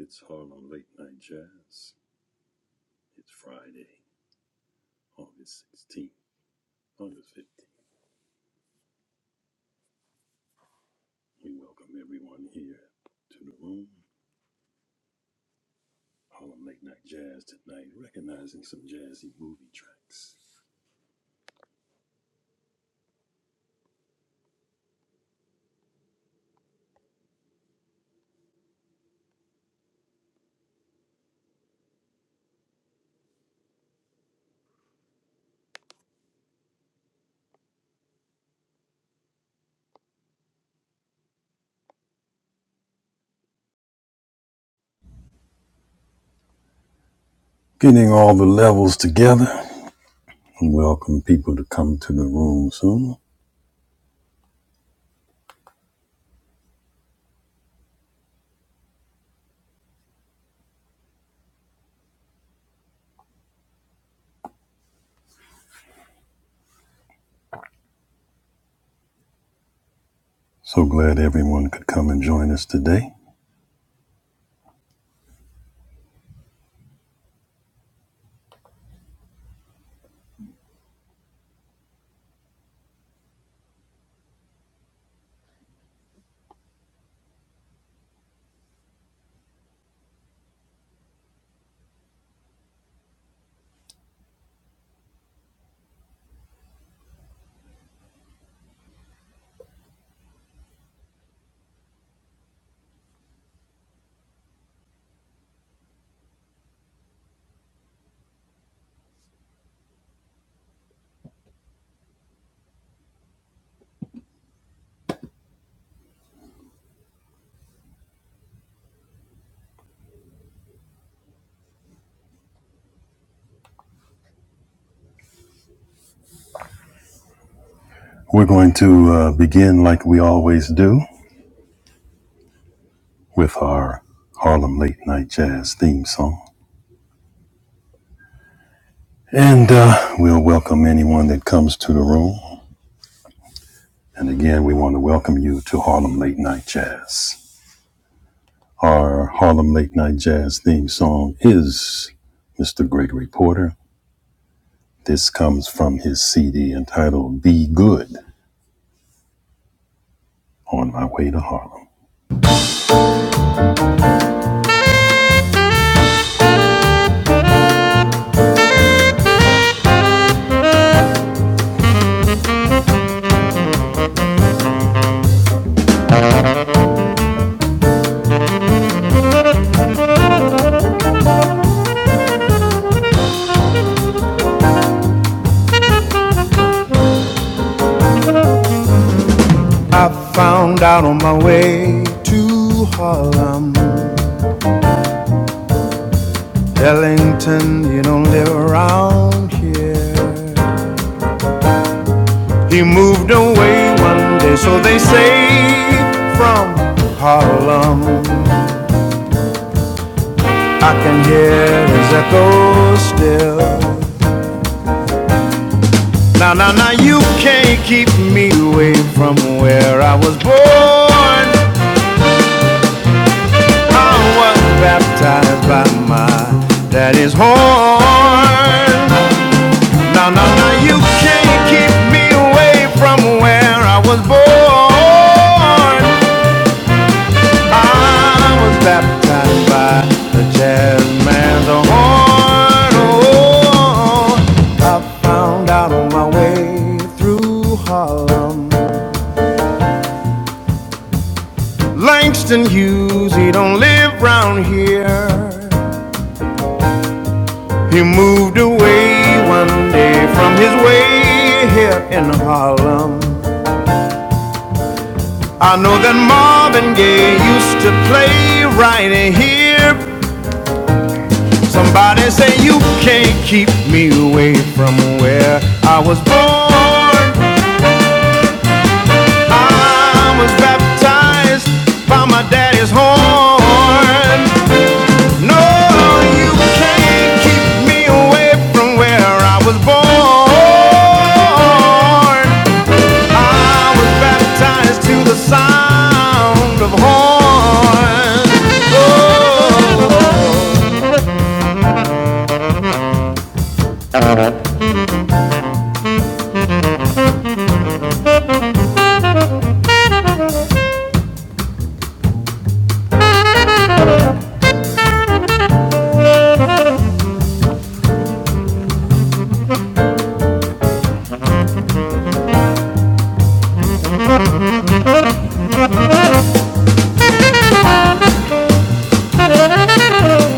It's Harlem Late Night Jazz. It's Friday, August 16th, August 15th. We welcome everyone here to the room. Harlem Late Night Jazz tonight, recognizing some jazzy movie tracks. Getting all the levels together. Welcome people to come to the room soon. So glad everyone could come and join us today. We're going to uh, begin like we always do with our Harlem Late Night Jazz theme song. And uh, we'll welcome anyone that comes to the room. And again, we want to welcome you to Harlem Late Night Jazz. Our Harlem Late Night Jazz theme song is Mr. Gregory Porter. This comes from his CD entitled Be Good on My Way to Harlem. I found out on my way to Harlem, Ellington, you don't live around here. He moved away one day, so they say, from Harlem. I can hear his echo still. Now, now, now, you can't keep me away from where I was born. I was baptized by my daddy's horn. Now, now, now, you can't keep me away from where I was born. I was baptized by the jazz man's horn. Oh, I found out on my way through Harlem. Langston Hughes, he don't live round here. He moved away one day from his way here in Harlem. I know that Marvin Gaye used to play right here Somebody say you can't keep me away from where I was born. I was baptized by my daddy's horn. No, you can't keep me away from where I was born. I was baptized to the sound of horn. Oh.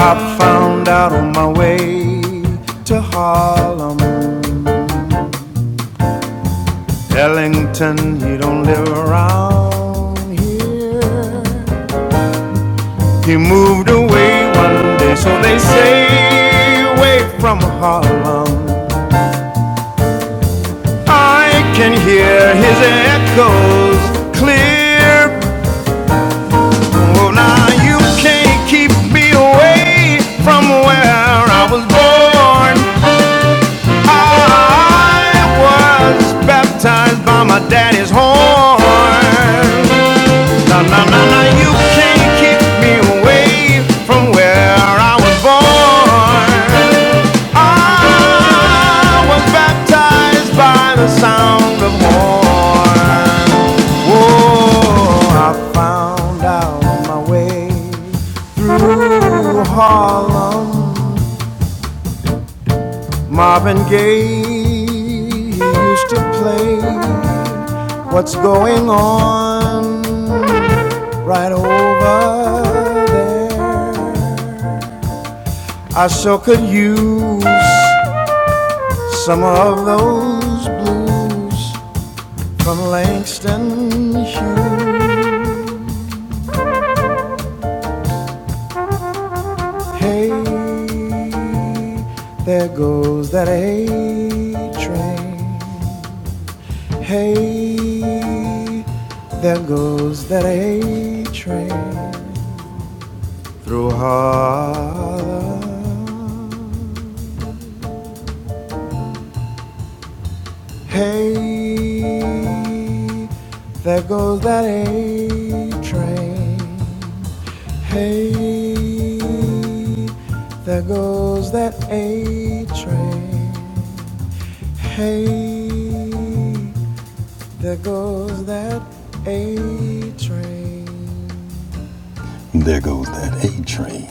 I found out on my way to Harlem. Ellington, he don't live around here. He moved away one day, so they say, away from Harlem. I can hear his echoes clear. Oh, now you can't keep me away from where I was born. I was baptized by my daddy's horn. Na na na na, you can't keep me away from where I was born. I was baptized by the sound of horn. Oh, I found out my way through Harlem. Marvin Gaye used to play What's Going On right over there. I so could use some of those blues from Langston Hughes. Hey, there goes that A train. Hey, there goes that A train through Harlem. Hey, there goes that A train. Hey, there goes that A train. Hey, there goes that A train. There goes that A train,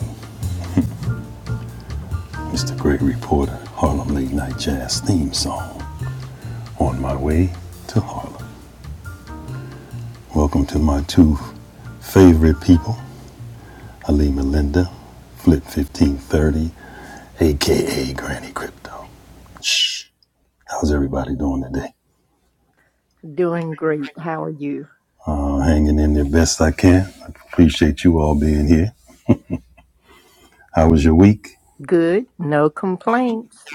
Mr. great reporter, Harlem Late Night Jazz theme song, On My Way to Harlem. Welcome to my two favorite people, Ali Melinda, Flip 1530, aka Granny Crypto. Shh. How's everybody doing today? Doing great. How are you? Uh, hanging in there best I can. I appreciate you all being here. How was your week? Good. No complaints.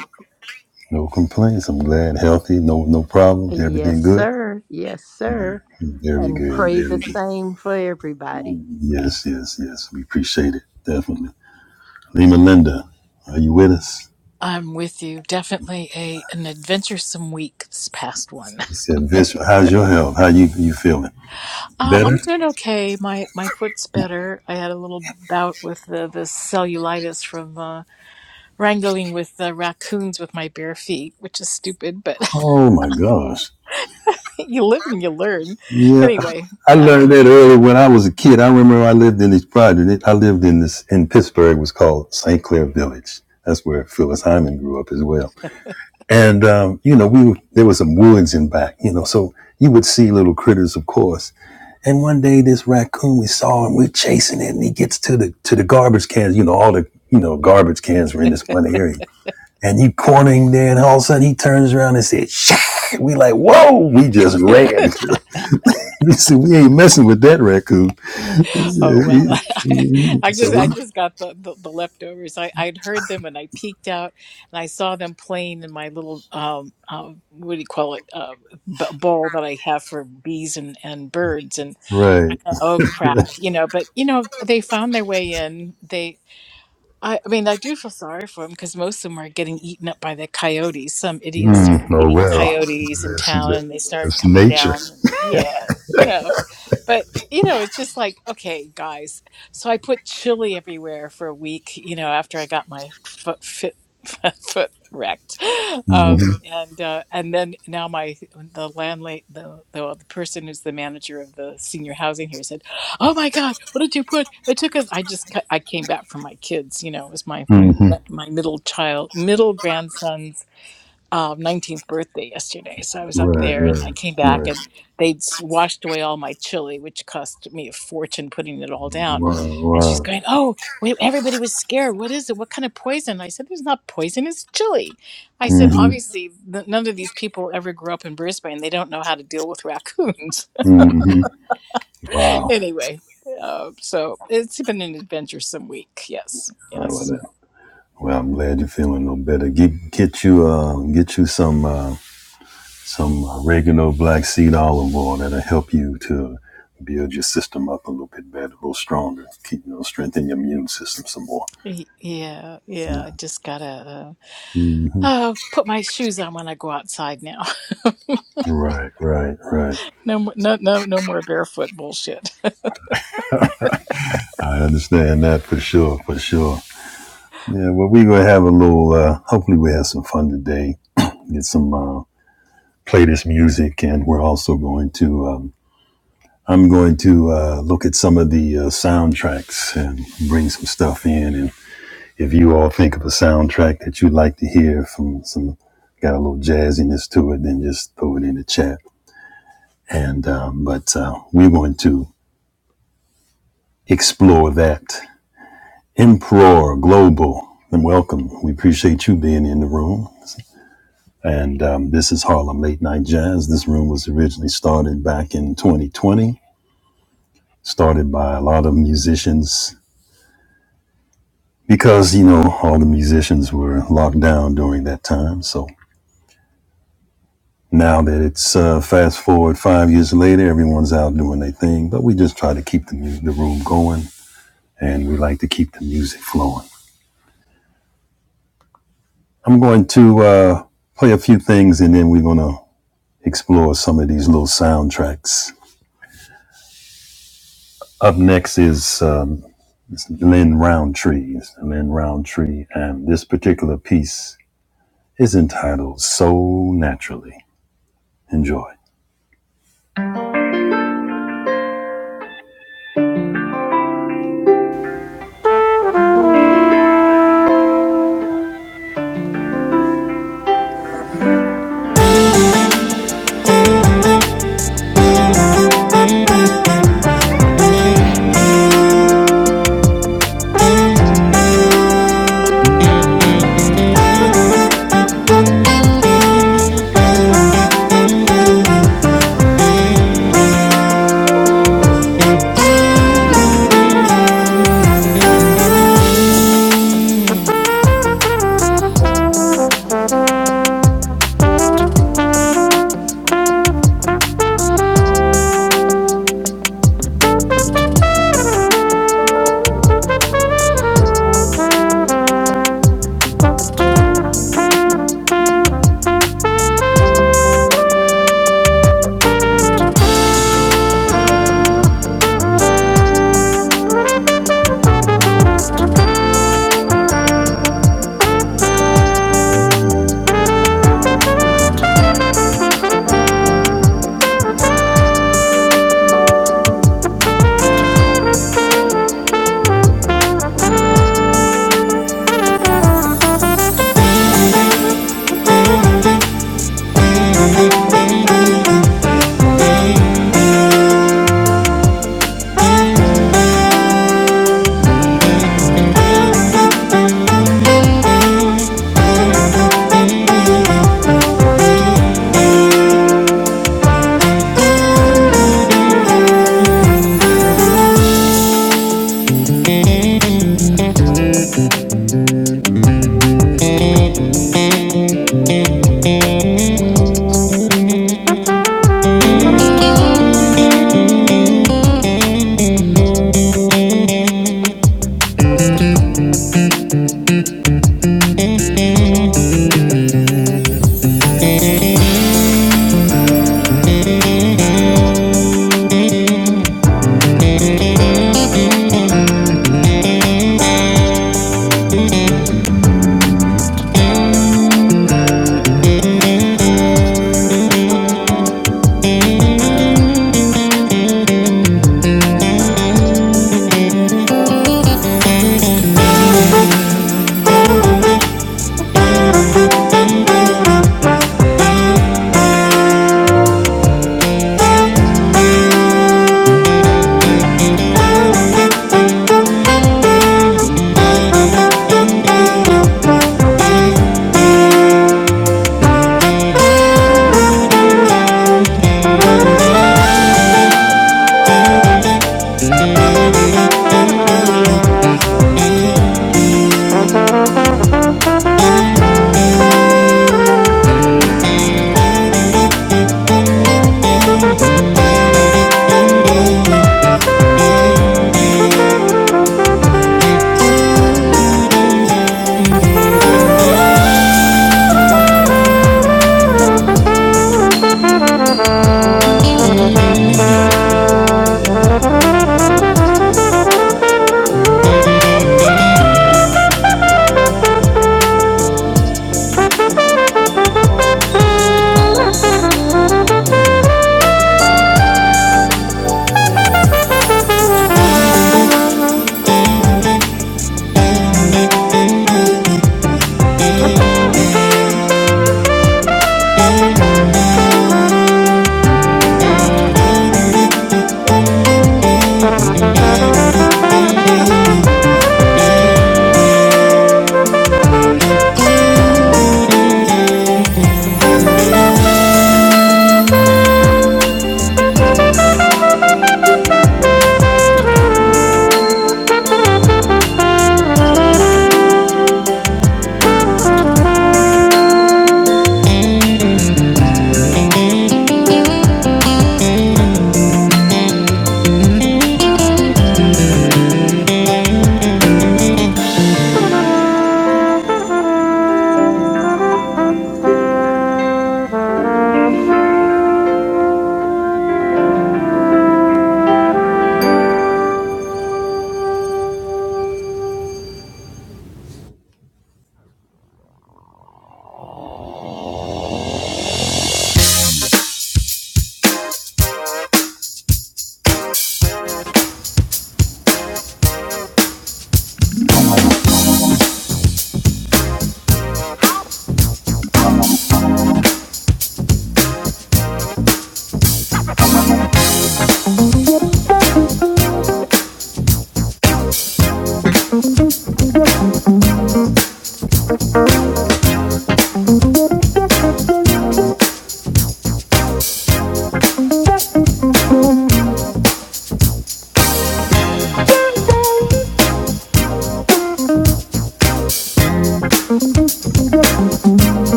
No complaints. I'm glad, healthy, no no problems. Yes, Everything good? sir. Yes, Very, sir. very And good, pray very the good. same for everybody. Yes, yes, yes. We appreciate it. Definitely. Lima Linda, are you with us? I'm with you. Definitely a an adventuresome week this past one. He said, Vince, how's your health? How you you feeling? Uh, I'm Better? doing okay. My my foot's better. I had a little bout with the, the cellulitis from uh, wrangling with the raccoons with my bare feet, which is stupid, but Oh my gosh. you live and you learn. Yeah. Anyway, I uh, learned that early when I was a kid. I remember I lived in this project. I lived in this in Pittsburgh. It was called St. Clair Village. That's where Phyllis Hyman grew up as well. And um, you know, we were, there was some woods in back, you know, so you would see little critters, of course. And one day, this raccoon we saw him, we're chasing it, and he gets to the to the garbage cans. You know, all the you know garbage cans were in this one area, and you corner him there, and all of a sudden he turns around and said, "Shh!" We like, whoa! We just ran. we said, we ain't messing with that raccoon. He Oh well, I, I So just I we- just got the, the, the leftovers. I I'd heard them and I peeked out and I saw them playing in my little um, um what do you call it uh, b- bowl that I have for bees and and birds and I right. thought oh crap you know but you know they found their way in. They I, I mean, I do feel sorry for them because most of them are getting eaten up by the coyotes. Some idiots started Oh feeding well, coyotes in that's town and they started that's coming nature. down. and- Yeah, you know. But, you know, it's just like, okay, guys. So I put chili everywhere for a week, you know, after I got my foot fit. foot wrecked um hmm and uh and then now my the landlady the, the well, the person who's the manager of the senior housing here said oh my god what did you put it took us i just ca- i came back from my kids you know it was my my middle child middle grandson's um, 19th birthday yesterday so i was up Right, there and right, i came back right. and they'd s- washed away all my chili which cost me a fortune putting it all down Wow, and she's wow. going oh wait everybody was scared what is it what kind of poison i said there's not poison it's chili i said hmm obviously th- none of these people ever grew up in brisbane they don't know how to deal with raccoons hmm Wow. anyway, uh, so it's been an adventuresome week. Yes, How about yes. that? Well, I'm glad you're feeling no better. Get get you uh get you some uh, some oregano black seed olive oil that'll help you to build your system up a little bit better, a little stronger. Keep you know, strengthen your immune system some more. Y- Yeah, yeah. I just gotta uh, uh, put my shoes on when I go outside now. Right, right, right. No, mo- no, no, no more barefoot bullshit. I understand that for sure, for sure. Yeah, well, we're gonna have a little. Uh, hopefully, we have some fun today. Get some uh, play this music, and we're also going to. um, I'm going to uh, look at some of the uh, soundtracks and bring some stuff in. And if you all think of a soundtrack that you'd like to hear from some, got a little jazziness to it, then just throw it in the chat. And um, but uh, we're going to explore that. Emperor Global, and welcome. We appreciate you being in the room. And um, this is Harlem Late Night Jazz. This room was originally started back in 2020, started by a lot of musicians because you know all the musicians were locked down during that time so now that it's uh, fast forward five years later everyone's out doing their thing but we just try to keep the, mu- the room going and we like to keep the music flowing i'm going to uh, play a few things and then we're going to explore some of these little soundtracks up next is um, lynn roundtree It's lynn roundtree and this particular piece is entitled so naturally enjoy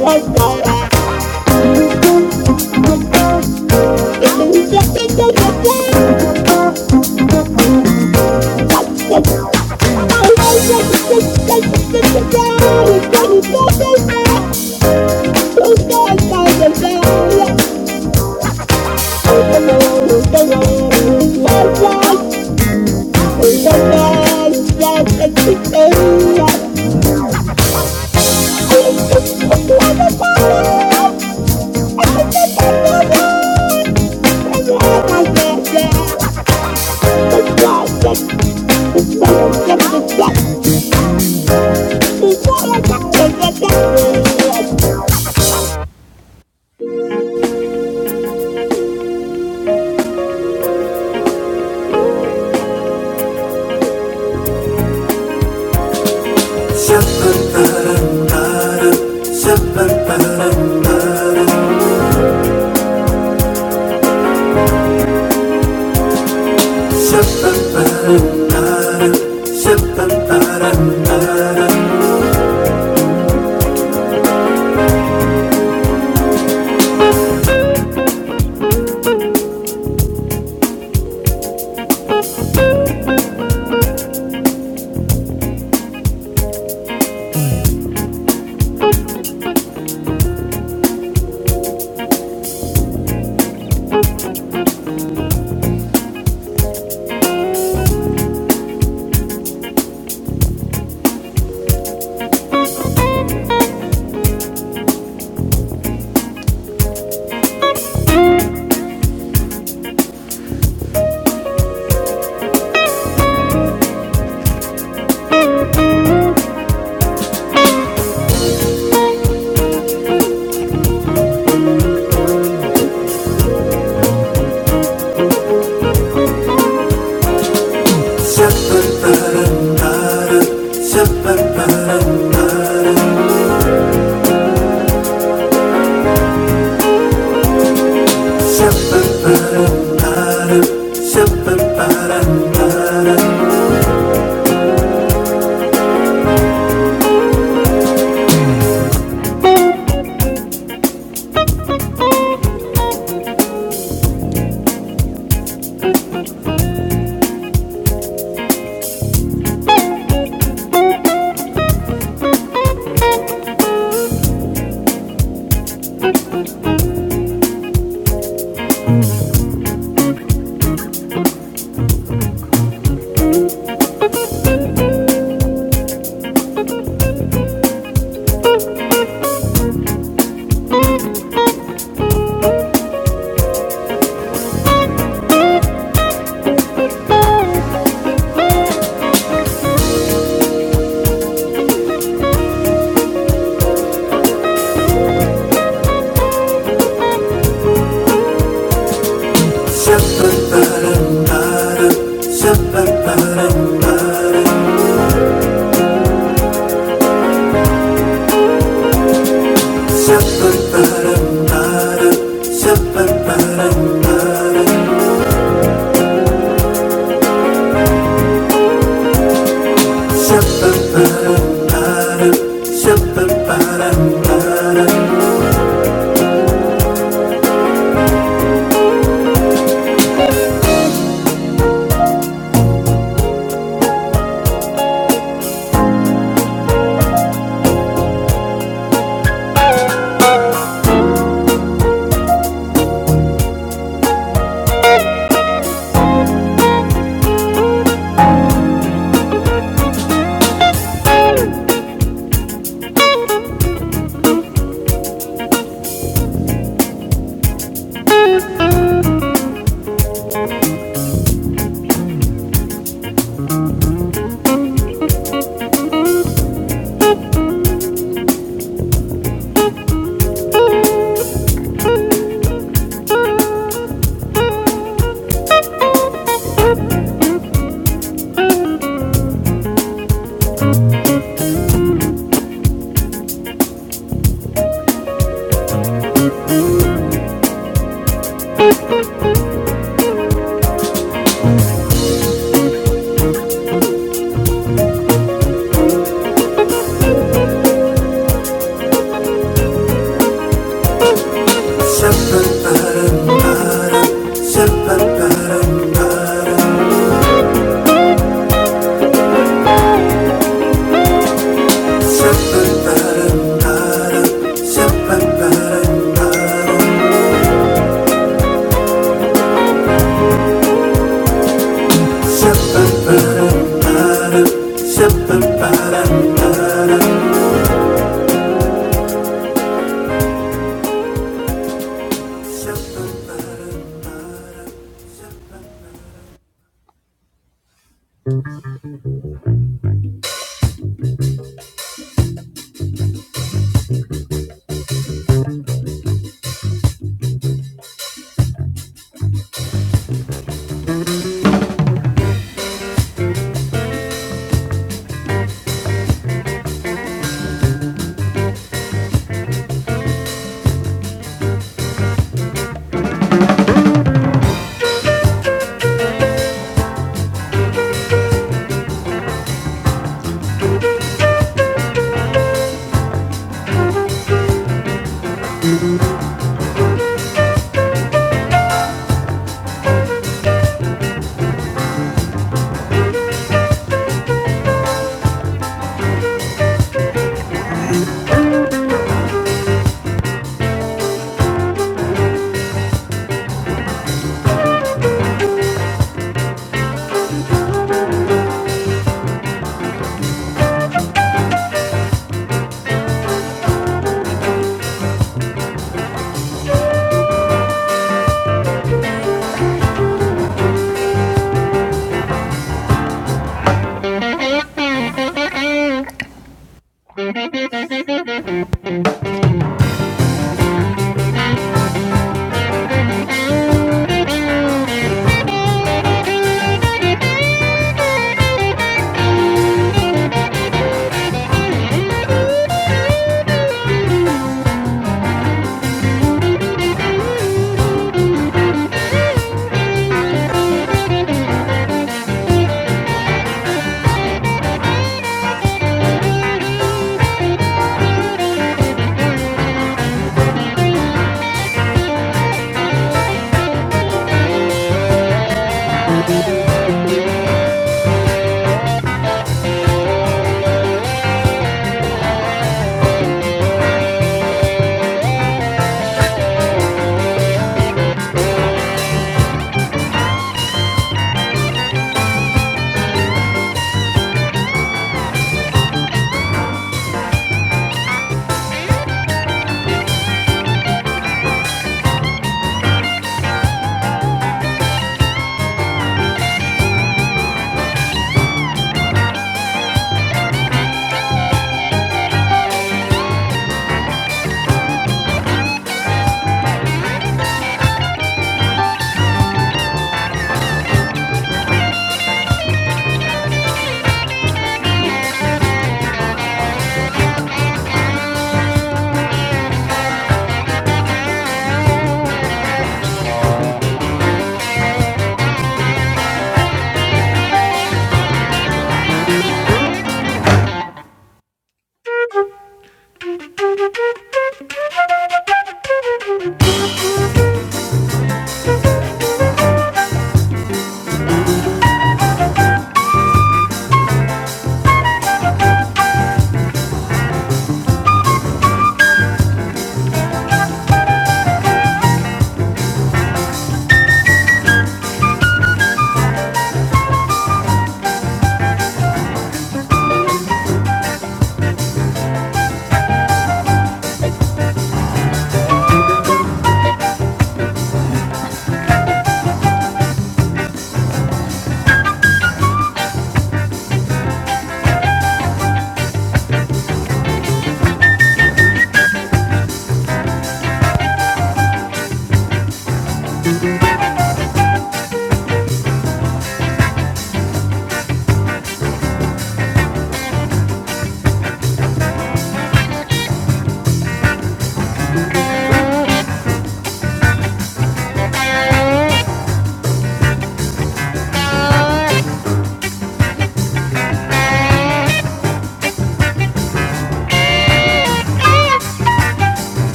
Like that. Yeah.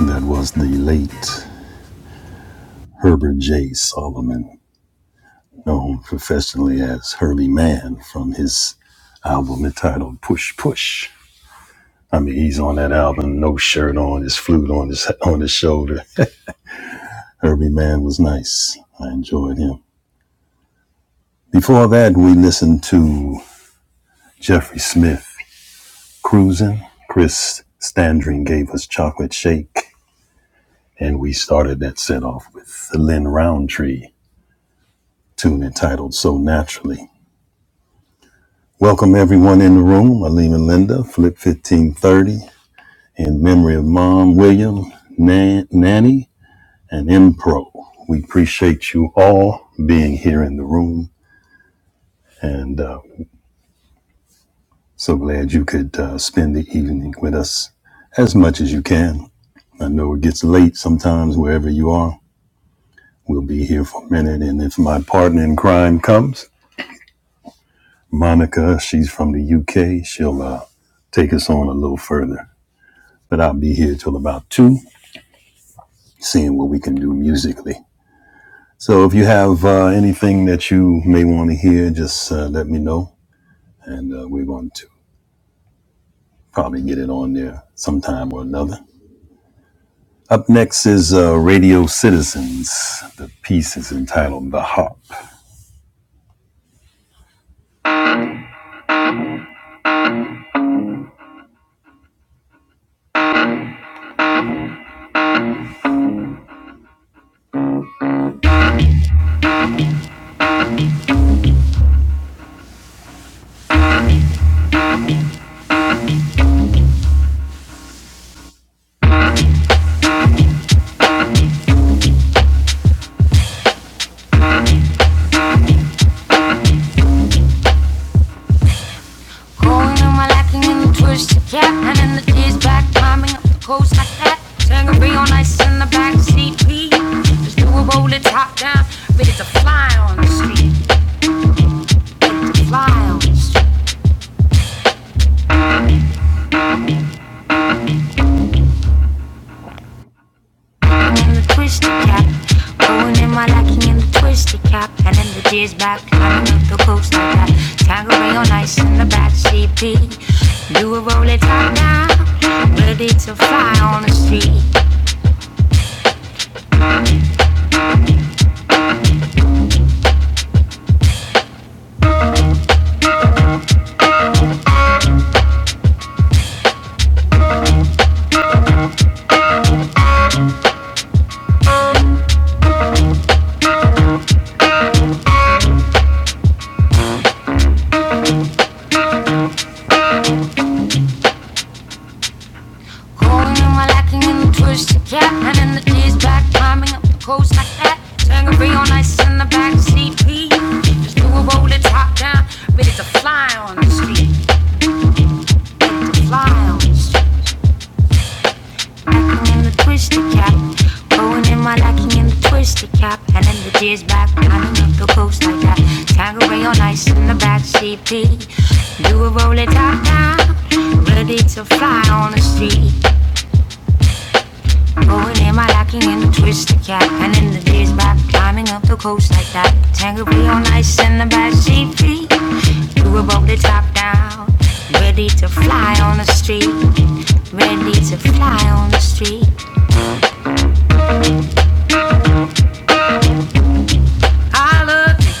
That was the late Herbert J. Solomon, known professionally as Herbie Mann, from his album entitled Push Push. I mean, he's on that album, no shirt on, his flute on his on his shoulder. Herbie Mann was nice. I enjoyed him. Before that, we listened to Jeffrey Smith, Cruisin'. Chris Standring gave us Chocolate Shake. And we started that set off with the Lynn Roundtree tune entitled So Naturally. Welcome everyone in the room, Aleem and Linda, Flip 1530, in memory of Mom, William, Nan- Nanny, and Impro. We appreciate you all being here in the room and uh, so glad you could uh, spend the evening with us as much as you can. I know it gets late sometimes wherever you are. We'll be here for a minute, and if my partner in crime comes, Monica, she's from the UK. She'll uh, take us on a little further. But I'll be here till about two, seeing what we can do musically. So if you have uh, anything that you may want to hear, just uh, let me know, and uh, we're going to probably get it on there sometime or another. Up next is uh, Radio Citizens. The piece is entitled "The Heart." Going on my lacking in the twisted cap, and in the tears back, climbing up the coast like that. Tangerine on ice in the back seat, please. Just do a roll it top down, ready to fly on the street, ready to fly on the street. I'm in the twisted cap, going in my lacking in the twisted cap, and in the tears back, climbing up the coast like that. Tangerine on ice in the back seat, please. Do a roll it top down, ready to fly on the street. Holding in my lacking in the twisted cap and in the knees back, climbing up the coast like that. Tangerine on ice in the back seat, please. Just do a roll the top down, ready to fly on the street. Ready to fly on the street. Lacking in the twisted cap. Going in my lacking in the twisted cap and in the tears back, climbing up the coast like that. Tangerine on ice in the back seat, please. Do a roll the top down, ready to fly on the street. Going in my locking in the twist the cat. And in the days back, climbing up the coast like that. Tango be on ice in the back seat feet. You above the top down. Ready to fly on the street. Ready to fly on the street. I look.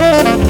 Thank you.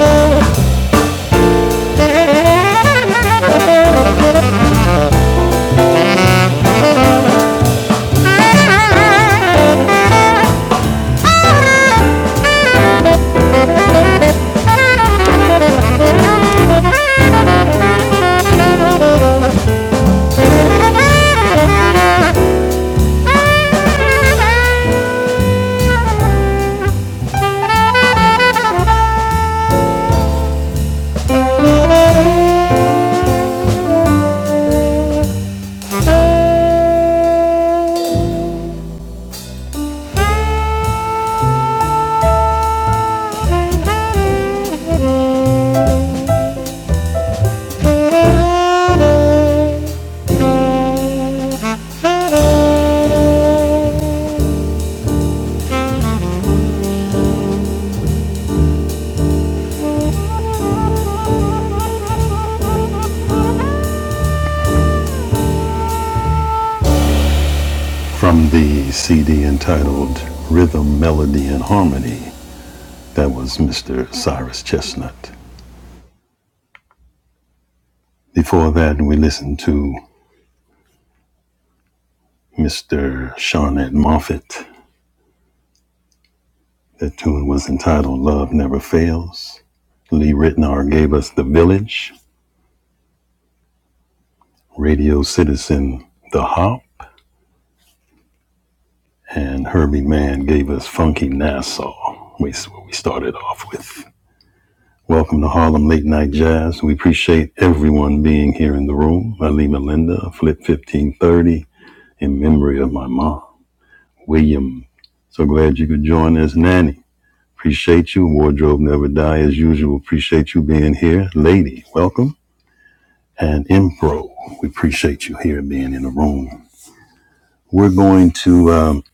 oh, you. Thank you. From the CD entitled Rhythm, Melody, and Harmony, that was Mr. Cyrus Chestnut. Before that, we listened to Mr. Seanette Moffett. The tune was entitled Love Never Fails. Lee Ritenour gave us The Village, Radio Citizen, The Hop. and Herbie Mann gave us Funky Nassau. which is what we started off with. Welcome to Harlem Late Night Jazz. We appreciate everyone being here in the room. Alima Linda, Flip 1530, in memory of my mom, William. So glad you could join us, Nanny. Appreciate you. Wardrobe Never Die, as usual. Appreciate you being here. Lady, welcome. And Impro, we appreciate you here being in the room. We're going to um,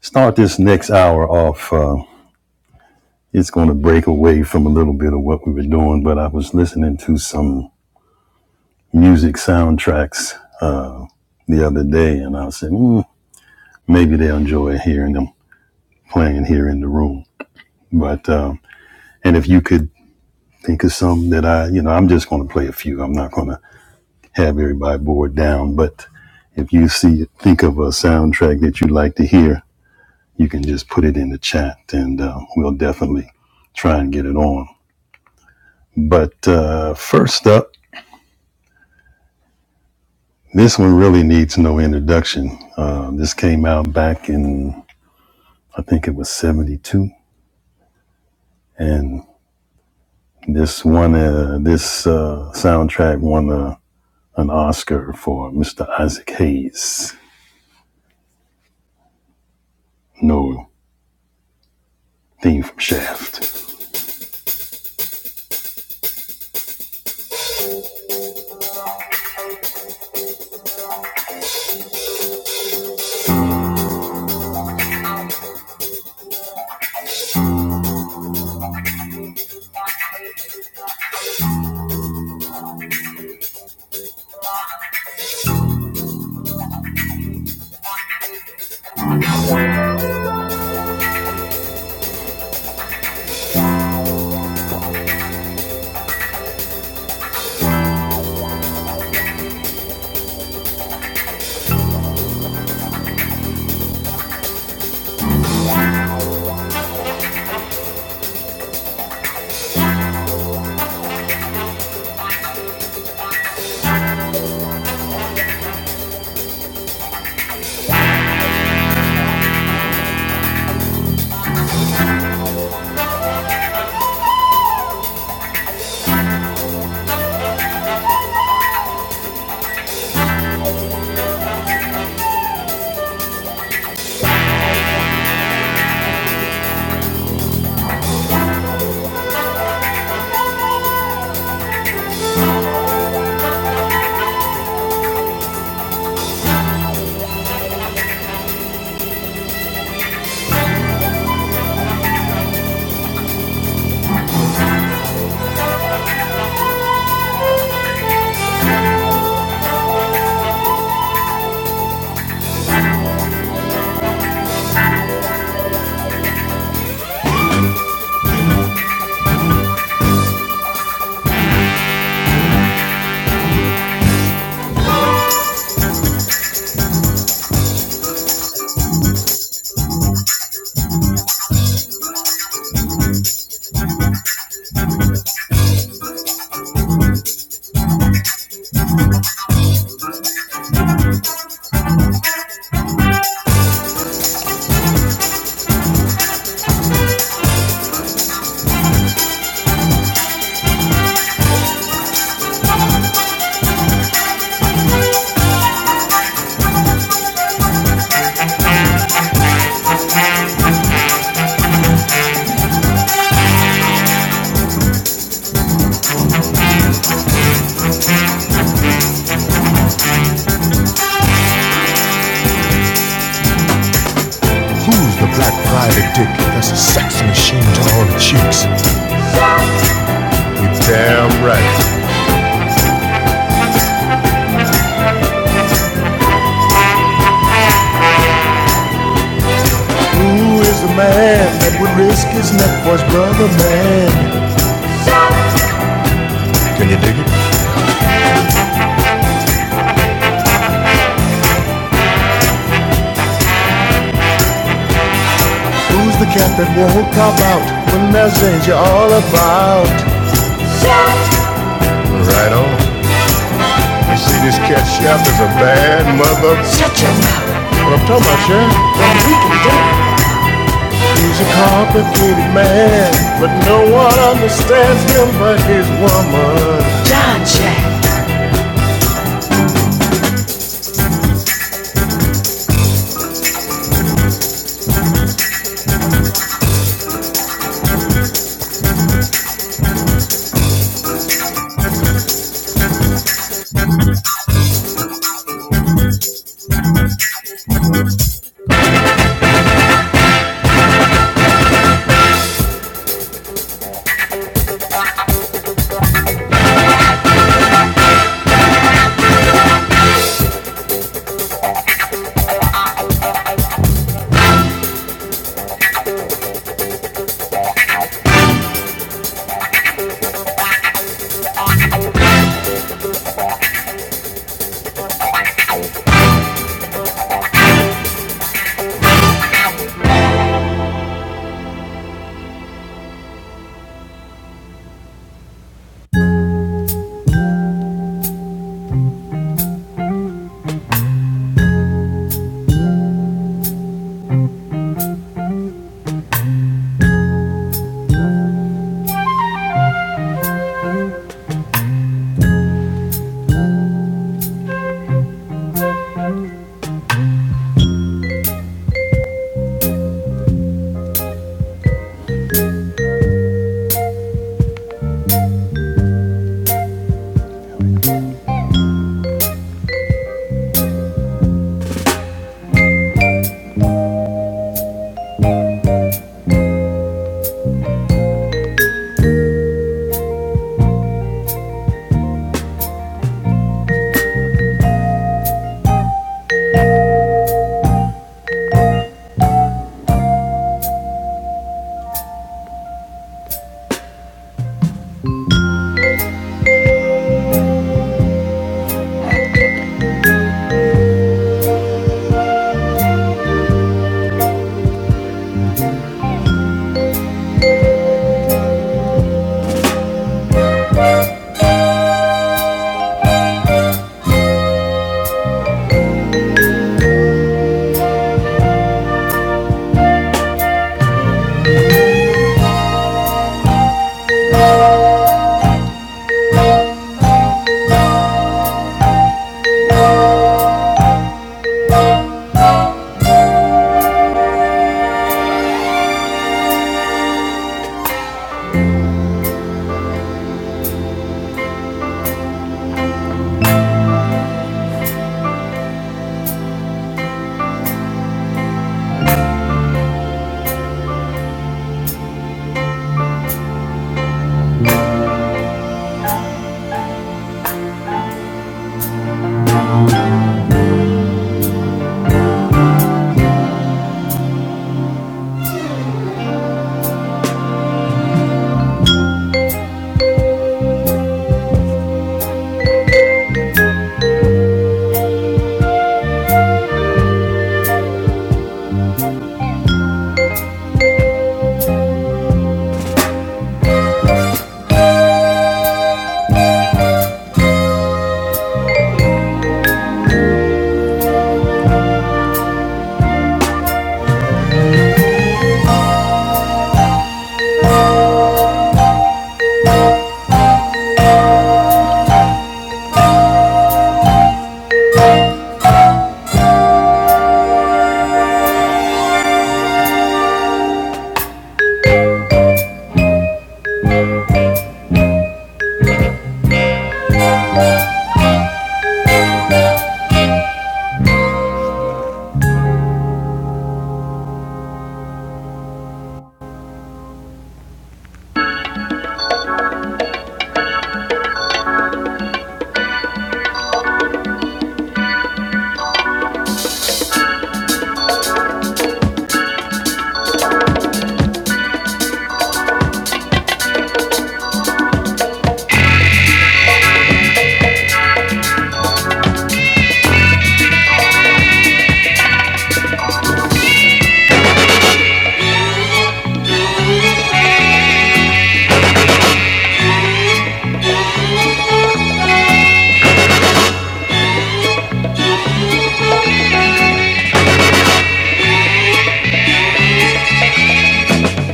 start this next hour off. uh, It's going to break away from a little bit of what we were doing, but I was listening to some music soundtracks uh, the other day, and I said, mm, maybe they'll enjoy hearing them playing here in the room. But um, and if you could think of some that I, you know, I'm just going to play a few. I'm not going to have everybody bored down, but if you see, think of a soundtrack that you'd like to hear, you can just put it in the chat, and uh, we'll definitely try and get it on. But uh, first up. This one really needs no introduction. Uh, this came out back in, I think it was 72. And this one, uh, this uh, soundtrack won uh, an Oscar for Mr. Isaac Hayes. No theme from Shaft. Who's the cat that won't cop out when there's danger all about? Right on. You see, this cat Shaft is a bad mother. That's what I'm talking about, Shaft. Well, we can do it. He's a complicated man, but no one understands him but his woman.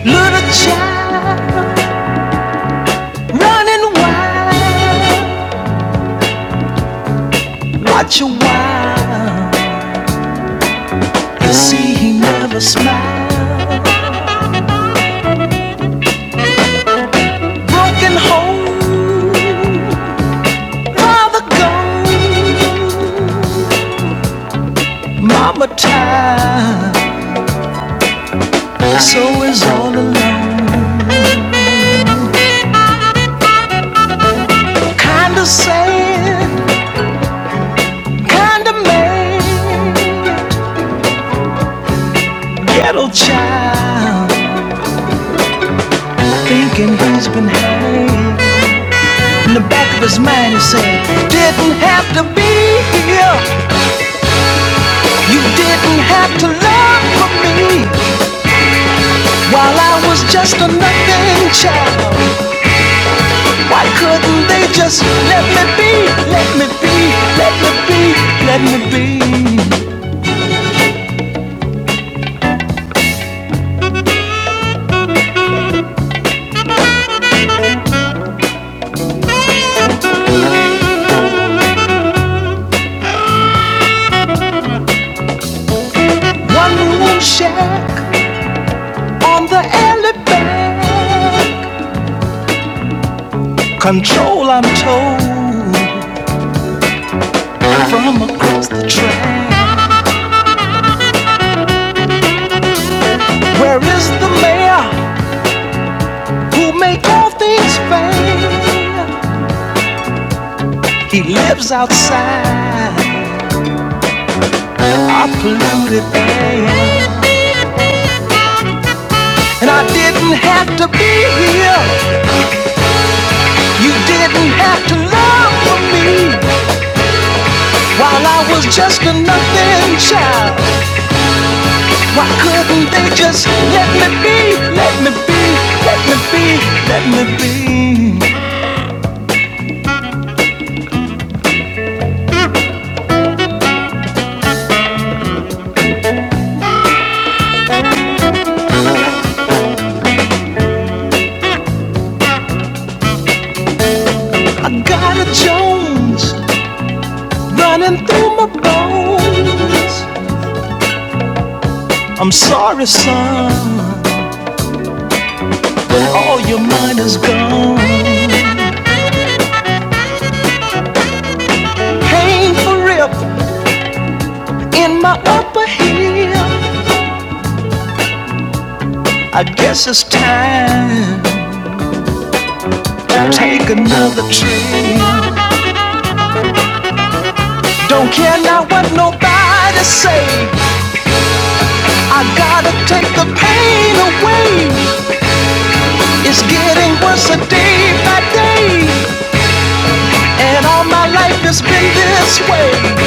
Little child running wild. Watch a while and see he never smiles. Broken home, father gone. Mama tired, so is all alone. Kinda sad, kinda mad. Ghetto child, thinking he's been had. In the back of his mind, he's saying, Didn't have to be here. You didn't have to love for me while I was just a nothing child. Why couldn't they just let me be? Let me be, let me be, let me be. One room shack on the alley back. Control, I'm told, from across the track. Where is the mayor? who make all things fair. He lives outside a polluted air. And I didn't have to be here. You didn't have to love for me. While I was just a nothing child. Why couldn't they just let me be? Let me be, let me be, let me be. I got a Jones running through my bones. I'm sorry, son. All your mind is gone. Painful rip in my upper heel. I guess it's time to take another trip. Don't care now what nobody say. I gotta take the pain away. It's getting worse a day by day. And all my life has been this way.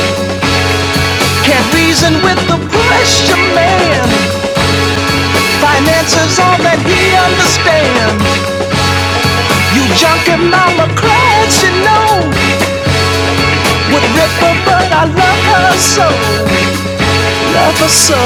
Can't reason with the pressure man. Finances all that he understands. You junkie mama cried, she know Would rip her, but I love her so Love her so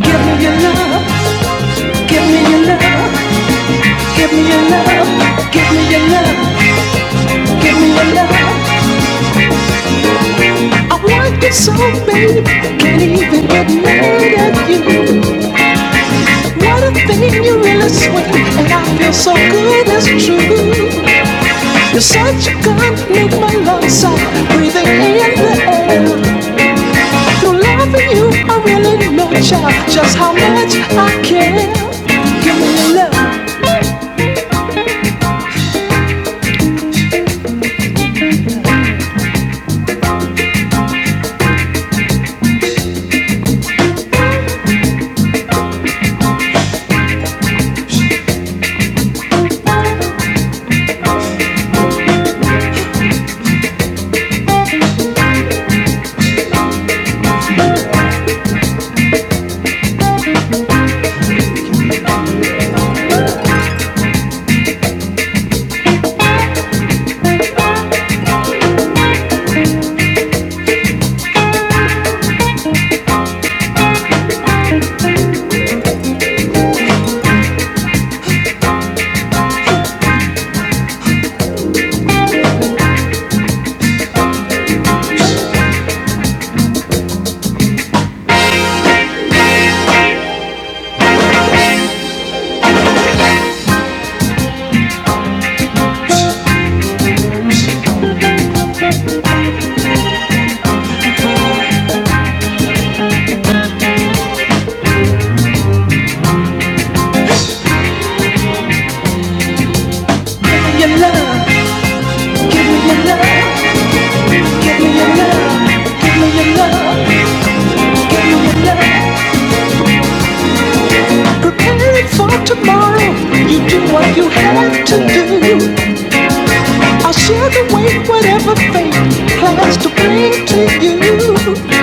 Give me your love, give me your love Give me your love, give me your love Give me your love I want you so, baby Can't even get mad at you What a thing you really swing And I feel so good, it's true You're such a gun, make my love soft Breathing in the air Through loving you, I really know, child, just how much I care. Give me love, give me your love, give me your love, give me your love, give me your love, give me your love. Preparing for tomorrow, you do what you have to do. I'll share the weight, whatever fate plans to bring to you.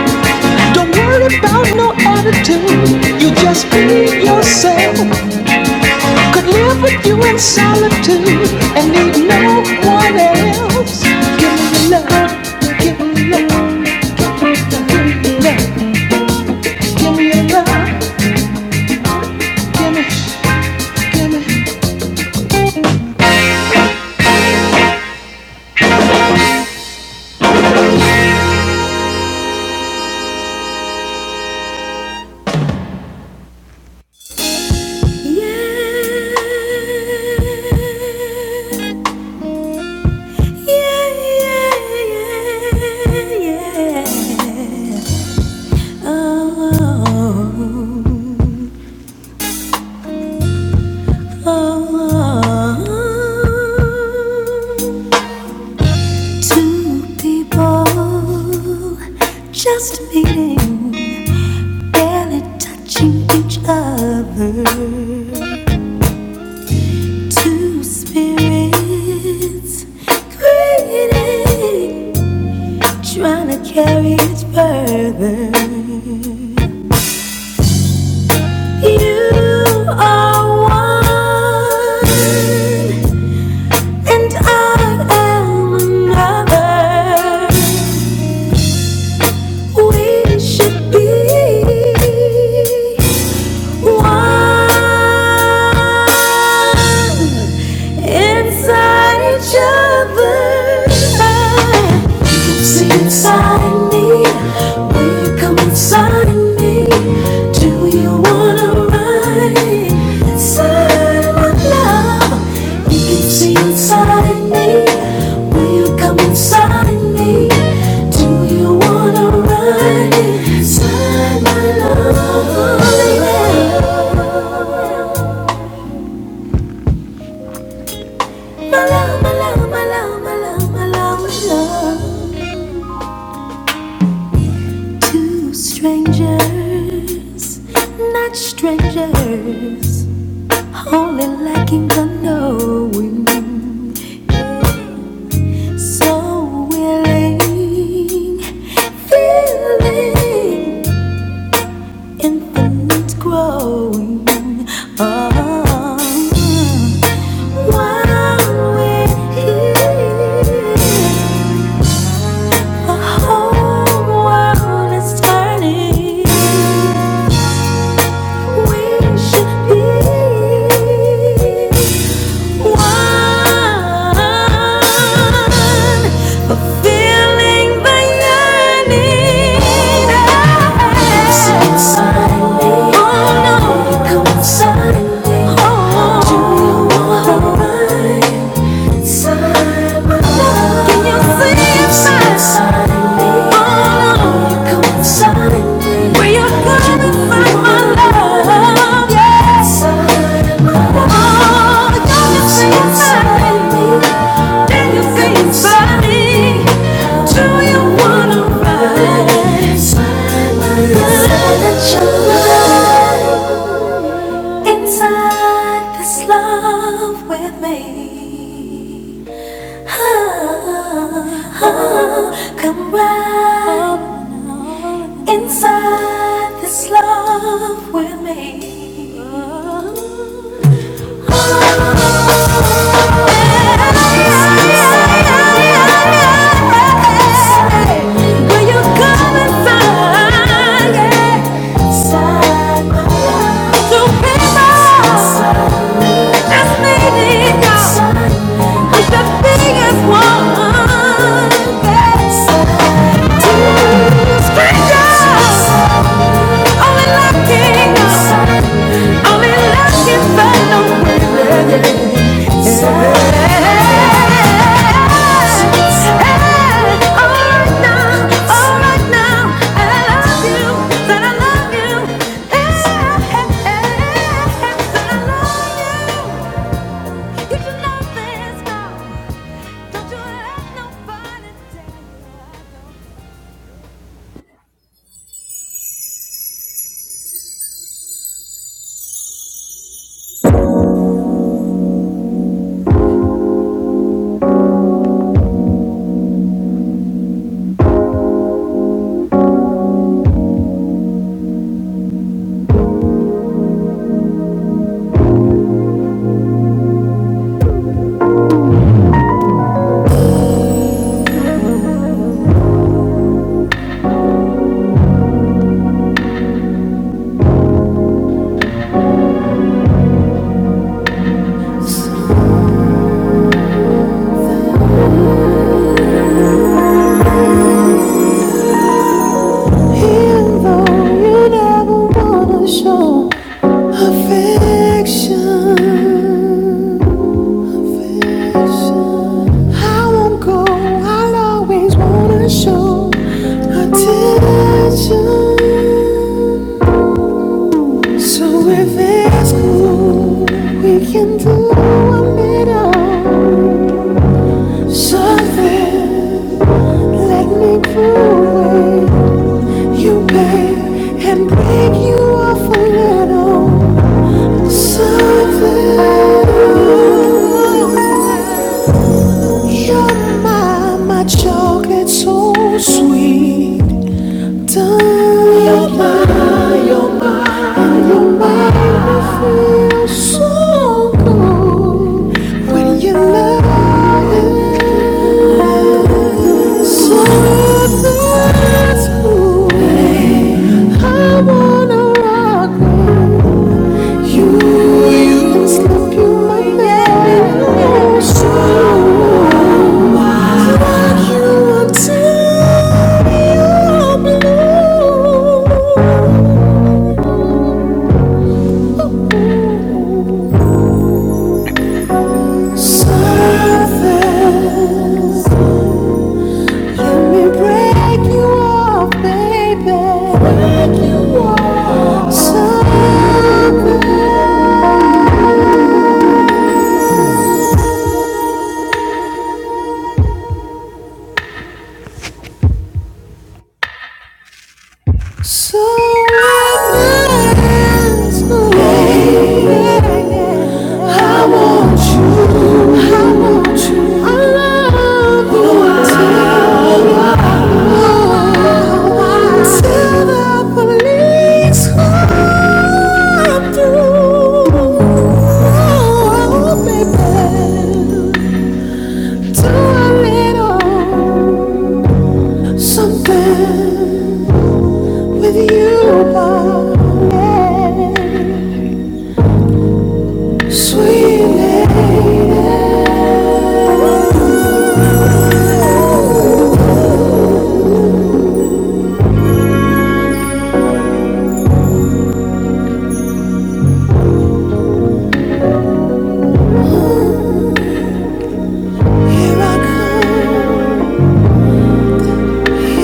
Don't worry about no attitude, you just be yourself. Could live with you in solitude and need no one else. Give me your love, give me your love, give me your love, give me your love, give me, give me. Oh, Just meeting, barely touching each other. Two spirits creating, trying to carry it further. You are one, and I am another. We should be one inside each other. See inside me, will you come inside me? Do you wanna ride inside my love? You can see inside me, will you come inside me? Do you wanna ride inside my love? My love, my love, my love, my love, my love, my love. Two strangers, not strangers, only lacking the knowing. So willing, feeling infinite growing. Oh, while we're here, the whole world is turning. We should be one, fulfilling the yearning. Oh no, inside me. Hold you, hold mine. Inside this love with me oh, Come right inside this love with me. Will you come inside? Yeah. Inside my love. To be mine. Just made it go. I'm the biggest one. Yes. Strangers, I'm in love kingdom. I'm in love kingdom. Let me grow you, babe, and break you off a little something. You're my, my chocolate, so sweet. You're my moon, love is something. I wanna rock you. You used to be my baby, so I you until you're blue, oh So I Won't you? I love you the police come through, oh baby. Do a little something with you.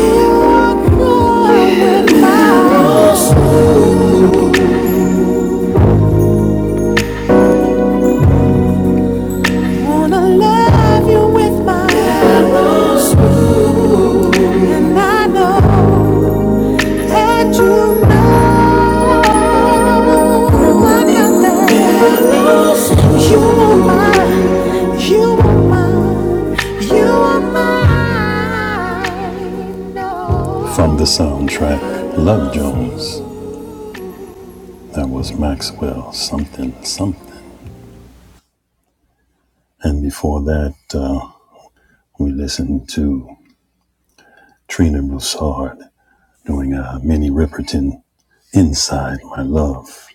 You're growing with my- I Wanna love you with my soul. and I know that you know I got that. You are mine. You are mine. You are mine. No. From the soundtrack Love Jones That was Maxwell something something. And before that, uh, we listened to Trina Broussard doing a Minnie Riperton Inside My Love.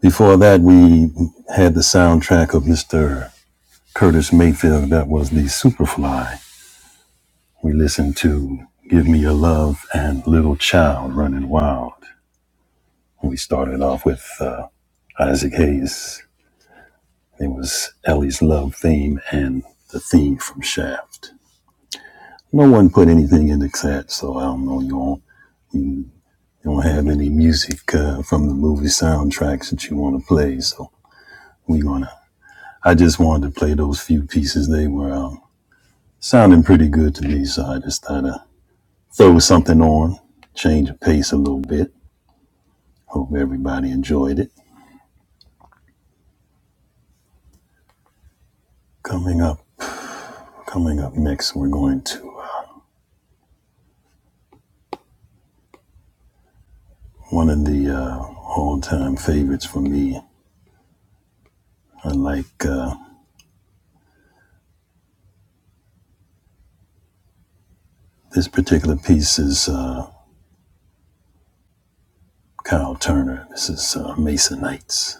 Before that, we had the soundtrack of Mr. Curtis Mayfield. That was the Superfly. We listened to Give Me Your Love and Little Child Running Wild. We started off with uh, Isaac Hayes. It was Ellie's Love theme and the theme from Shaft. No one put anything in the chat, so I don't know. You don't, you don't have any music uh, from the movie soundtracks that you want to play, so we gonna. I just wanted to play those few pieces. They were um, sounding pretty good to me, so I just thought i throw something on, change the pace a little bit. Hope everybody enjoyed it. Coming up, coming up next, we're going to uh, one of the uh, all-time favorites for me. I like uh, this particular piece is. Uh, Kyle Turner. This is uh, Mesa Nights.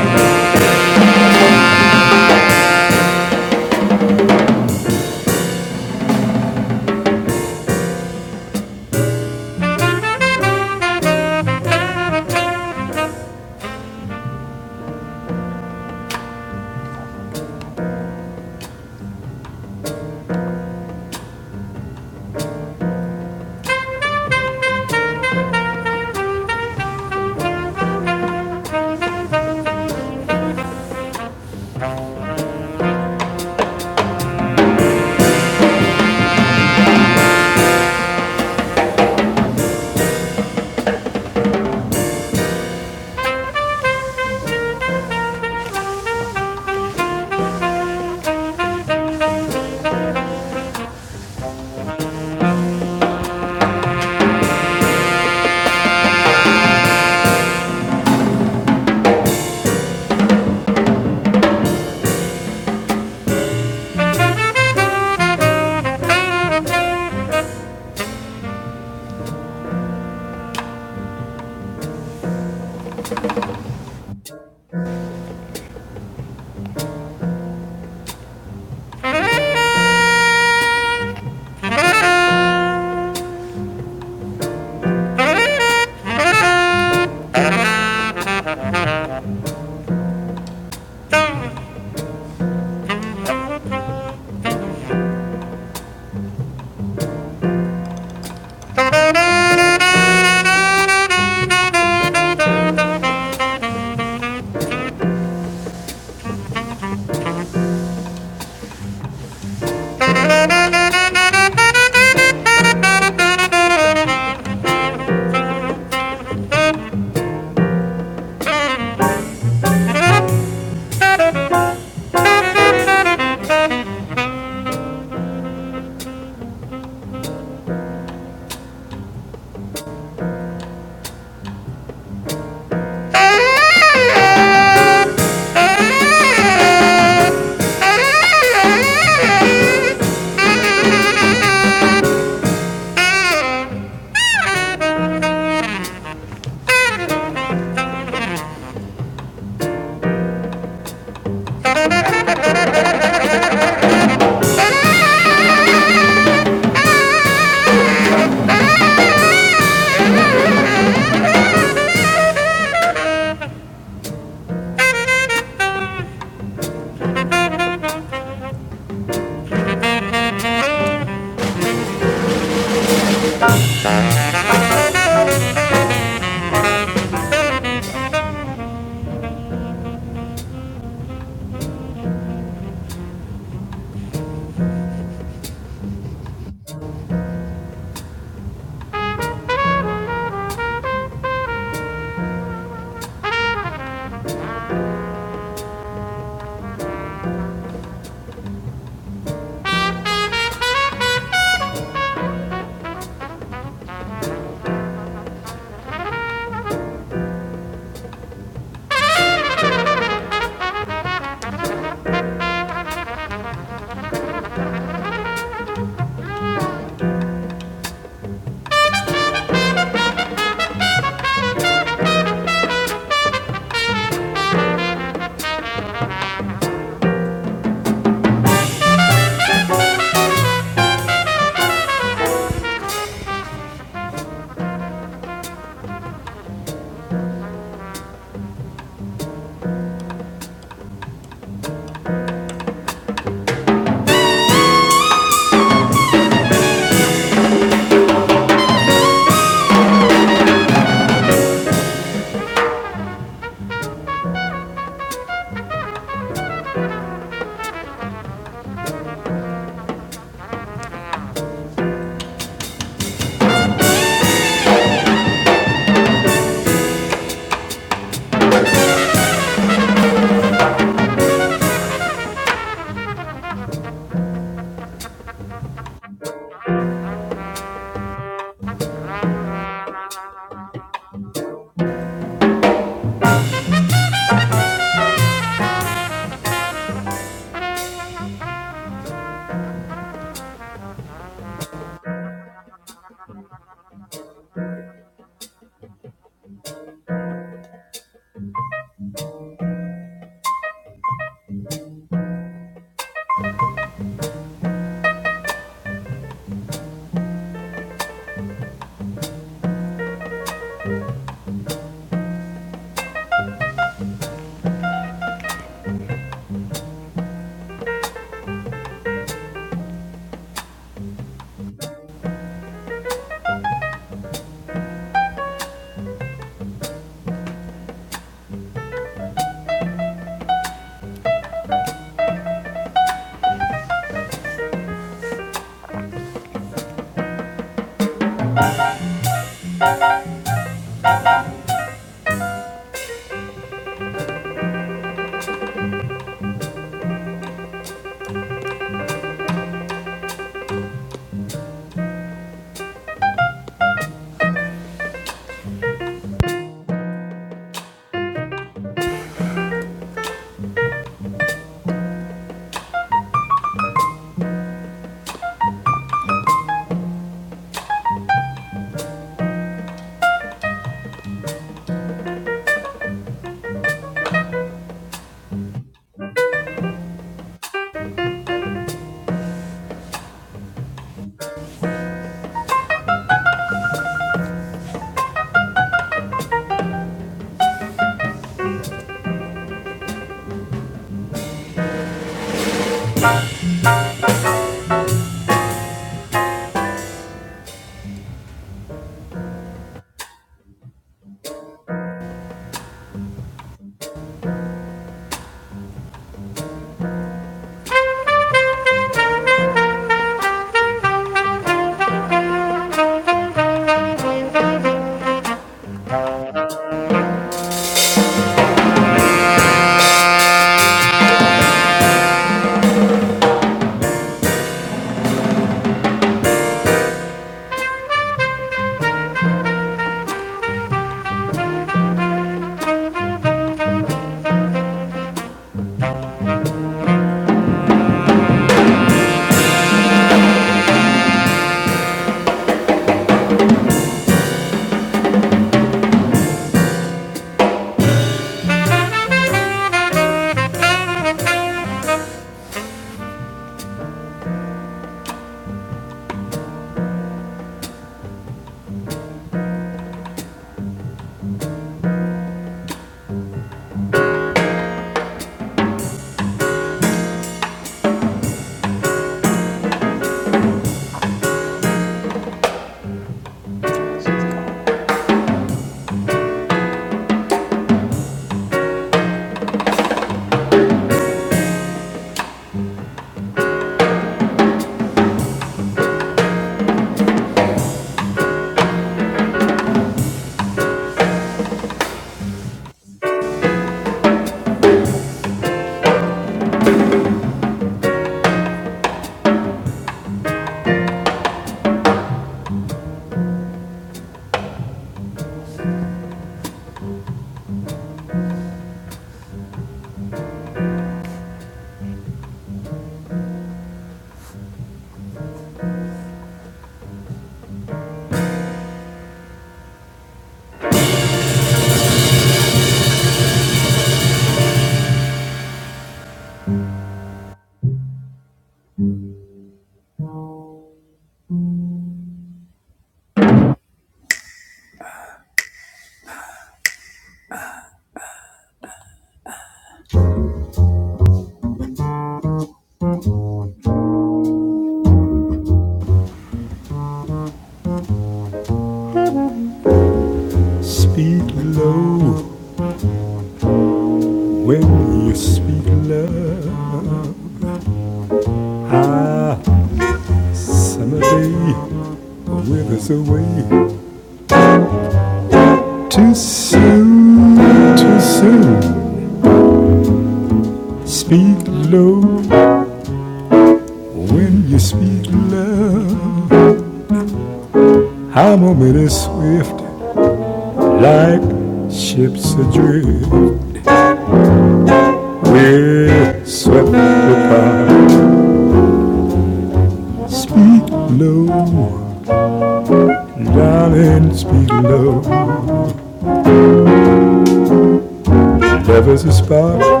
There was a spark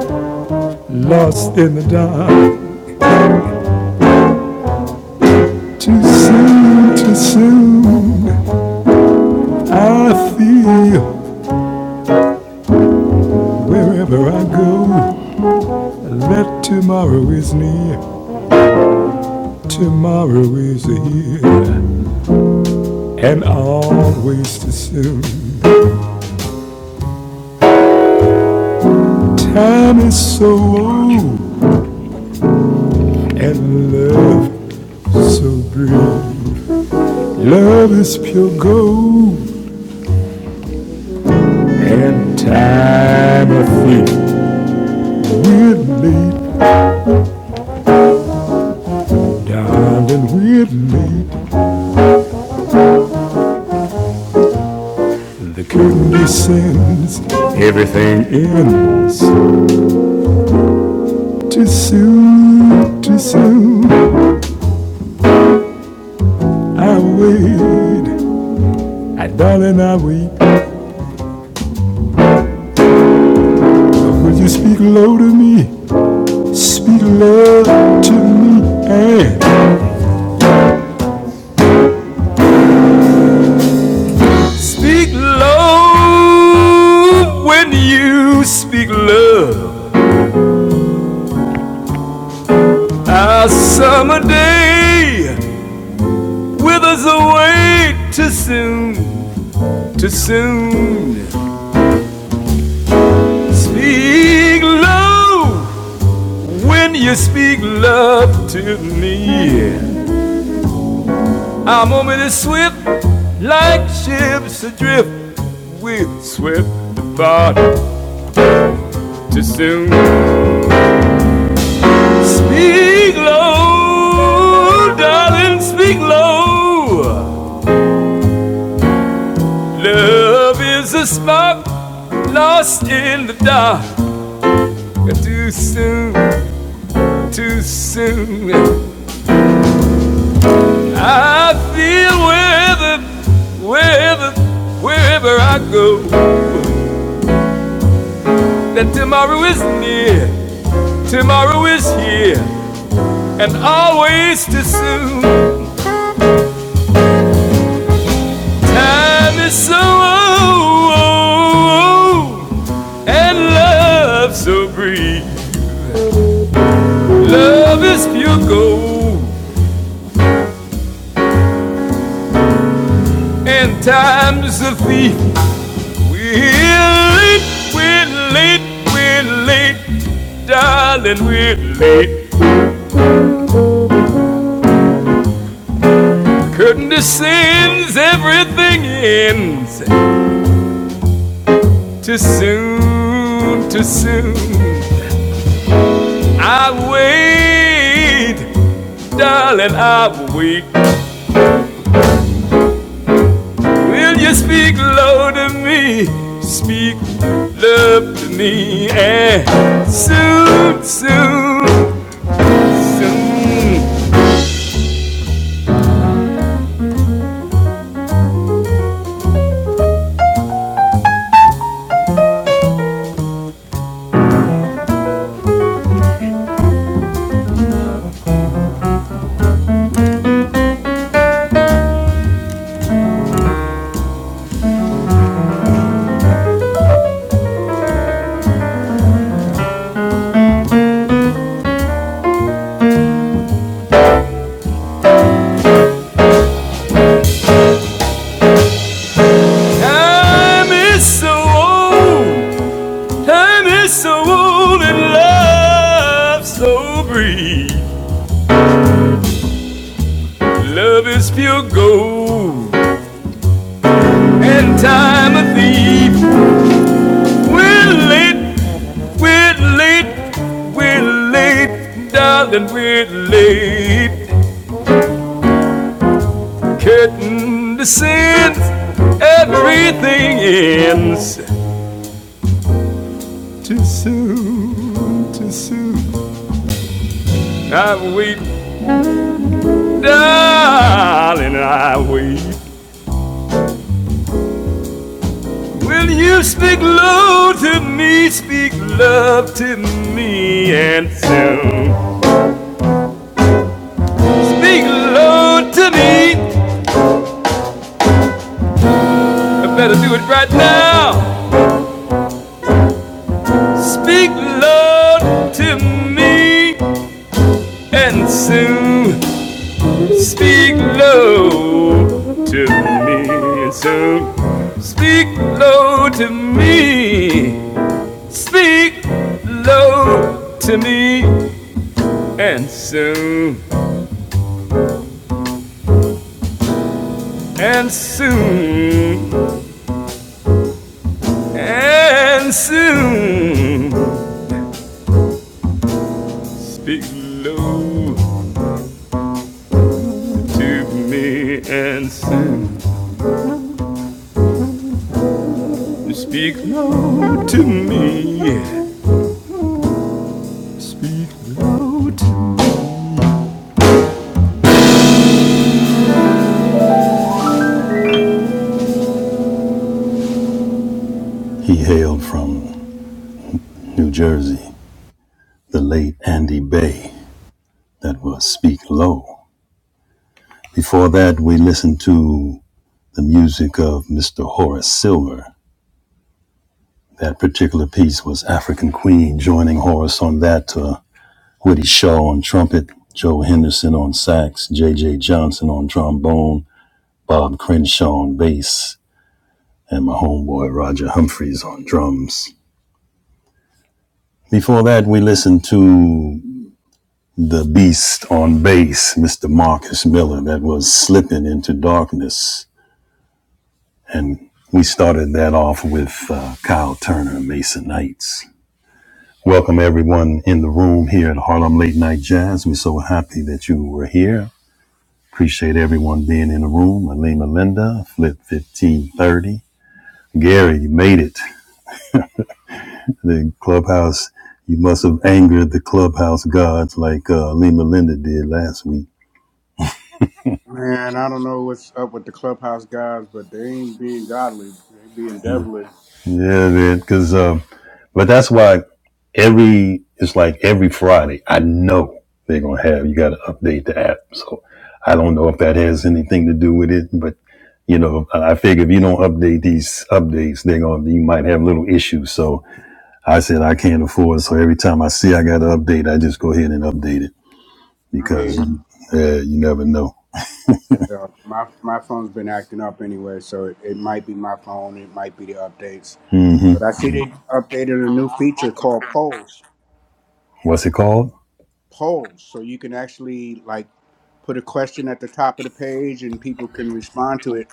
lost in the dark. Too soon, too soon. I feel wherever I go. Let tomorrow is near. Tomorrow is here. And always too soon. Time is so old and love is so brief. Love is pure gold and time a thief. We're late, darling, we're late. The curtain descends, it ends too soon, too soon. I wait, I darling, I wait. will you speak low to me? Speak love to me and Speak love when you speak love. Our summer day withers away too soon, too soon. Speak love when you speak love to me. Our moment is swift, like ships adrift. We're swift apart too soon. Speak low, darling, speak low. Love is a spark lost in the dark. soon, soon. I feel wherever, wherever, wherever I go, that tomorrow is near, tomorrow is here, and always too soon. And it's so old, and love so brief. Love is pure gold. And time's a thief. We're late, we're late, we're late. Darling, we're late. Curtain descends, everything ends. Too soon, too soon. I wait, darling, I wait. Will you speak low to me? Speak love to me. And soon, soon, soon. Time is so old, time is so old, and love so brief. Love is pure gold, and time a thief. We're late, we're late, we're late, darling, we're late. Curtain descends, everything ends too soon, too soon. I've waited Darling, I wait. Will you speak low to me? Speak love to me and soon. Speak low to me. I better do it right now. Speak low to me and soon. Speak low to me and soon. Speak low to me. Speak low to me and soon. And soon, and soon, speak low to me. He hailed from New Jersey, the late Andy Bay, that was Speak Low. Before that, we listened to the music of Mr. Horace Silver. That particular piece was African Queen, joining Horace on that, uh, Woody Shaw on trumpet, Joe Henderson on sax, J. J. Johnson on trombone, Bob Crenshaw on bass, and my homeboy Roger Humphreys on drums. Before that, we listened to the beast on bass, Mr. Marcus Miller, that was slipping into darkness. And we started that off with uh, Kyle Turner, Mason Knights. Welcome everyone in the room here at Harlem Late Night Jazz. We're so happy that you were here. Appreciate everyone being in the room. Alima Linda, Flip 1530. Gary, you made it. the clubhouse. You must have angered the clubhouse gods like uh, Lima Linda did last week. Man, I don't know what's up with the clubhouse guys, but they ain't being godly. They being devilish. Yeah, man. Because, um, but that's why every it's like every Friday. I know they're gonna have you got to update the app. So I don't know if that has anything to do with it, but you know, I figure if you don't update these updates, they're gonna you might have little issues. So I said I can't afford. it. So every time I see I got to update, I just go ahead and update it I hear because you. uh, you never know. Yeah. My my phone's been acting up anyway, so it, it might be my phone. It might be the updates. But I see they updated a new feature called polls. What's it called? Polls, so you can actually like put a question at the top of the page, and people can respond to it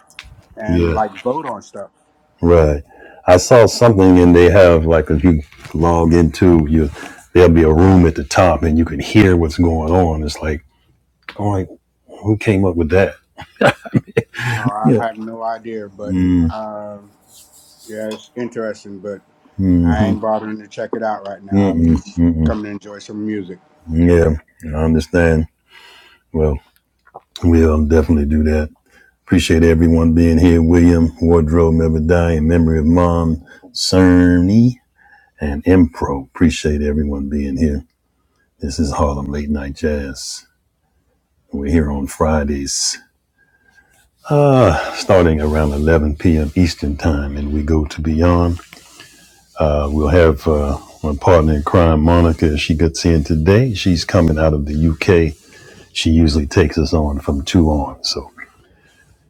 and Yeah. like vote on stuff. Right. I saw something and they have like if you log into you there'll be a room at the top and you can hear what's going on. It's like, all right, who came up with that? Uh, I Yeah. I have no idea, but um yeah, it's interesting. but. I ain't bothering to check it out right now. I'm Mm-mm, just mm-mm. coming to enjoy some music. Yeah. I understand. Well, we'll definitely do that. Appreciate everyone being here. William, Wardrobe, Never Die, in memory of Mom, Cerny, and Impro. Appreciate everyone being here. This is Harlem Late Night Jazz. We're here on Fridays uh, starting around 11 p.m. Eastern Time, and we go to beyond. Uh, we'll have uh, my partner in crime, Monica. She gets in today. She's coming out of the UK. She usually takes us on from two on. So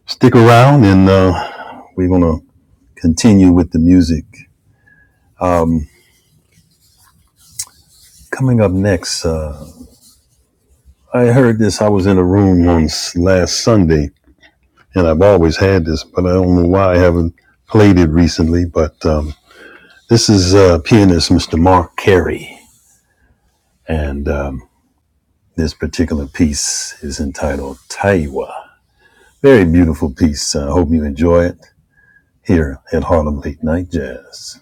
stick around, and uh, we're going to continue with the music. Coming up next, uh, I heard this. I was in a room once last Sunday, and I've always had this, but I don't know why I haven't played it recently. But um, this is uh, pianist Mr. Mark Carey. And um, This particular piece is entitled Taiwa. Very beautiful piece. I uh, hope you enjoy it here at Harlem Late Night Jazz.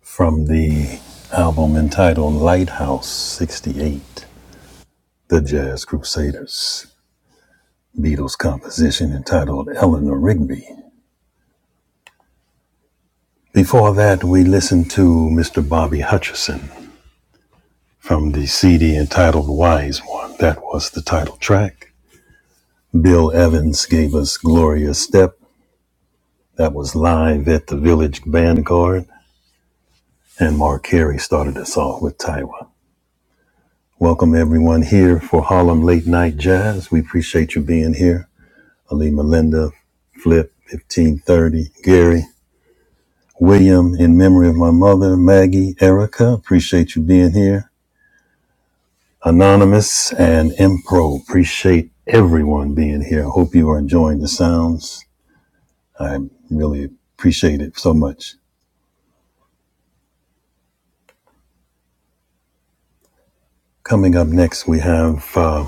From the album entitled Lighthouse 68, The Jazz Crusaders. Beatles composition entitled Eleanor Rigby. Before that, we listened to Mr. Bobby Hutcherson from the CD entitled Wise One. That was the title track. Bill Evans gave us Gloria Step That was live at the Village Vanguard, and Mark Carey started us off with Taiwa. Welcome everyone here for Harlem Late Night Jazz. We appreciate you being here. Ali Melinda, Flip, 1530, Gary, William, in memory of my mother, Maggie, Erica, appreciate you being here. Anonymous and Impro, appreciate everyone being here. Hope you are enjoying the sounds. I really appreciate it so much. Coming up next, we have uh,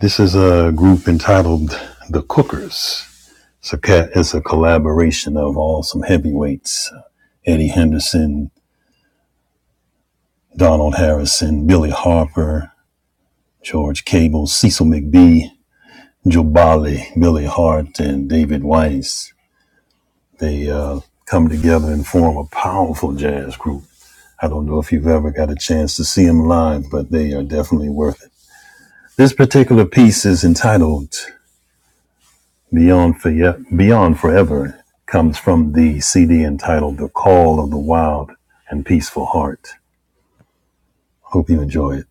This is a group entitled The Cookers. It's a, ca- it's a collaboration of all some heavyweights Eddie Henderson, Donald Harrison, Billy Harper, George Cable, Cecil McBee, Joe Bali, Billy Hart, and David Weiss. They uh, come together and form a powerful jazz group. I don't know if you've ever got a chance to see them live, but they are definitely worth it. This particular piece is entitled Beyond, Forye- Beyond Forever comes from the CD entitled The Call of the Wild and Peaceful Heart. Hope you enjoy it.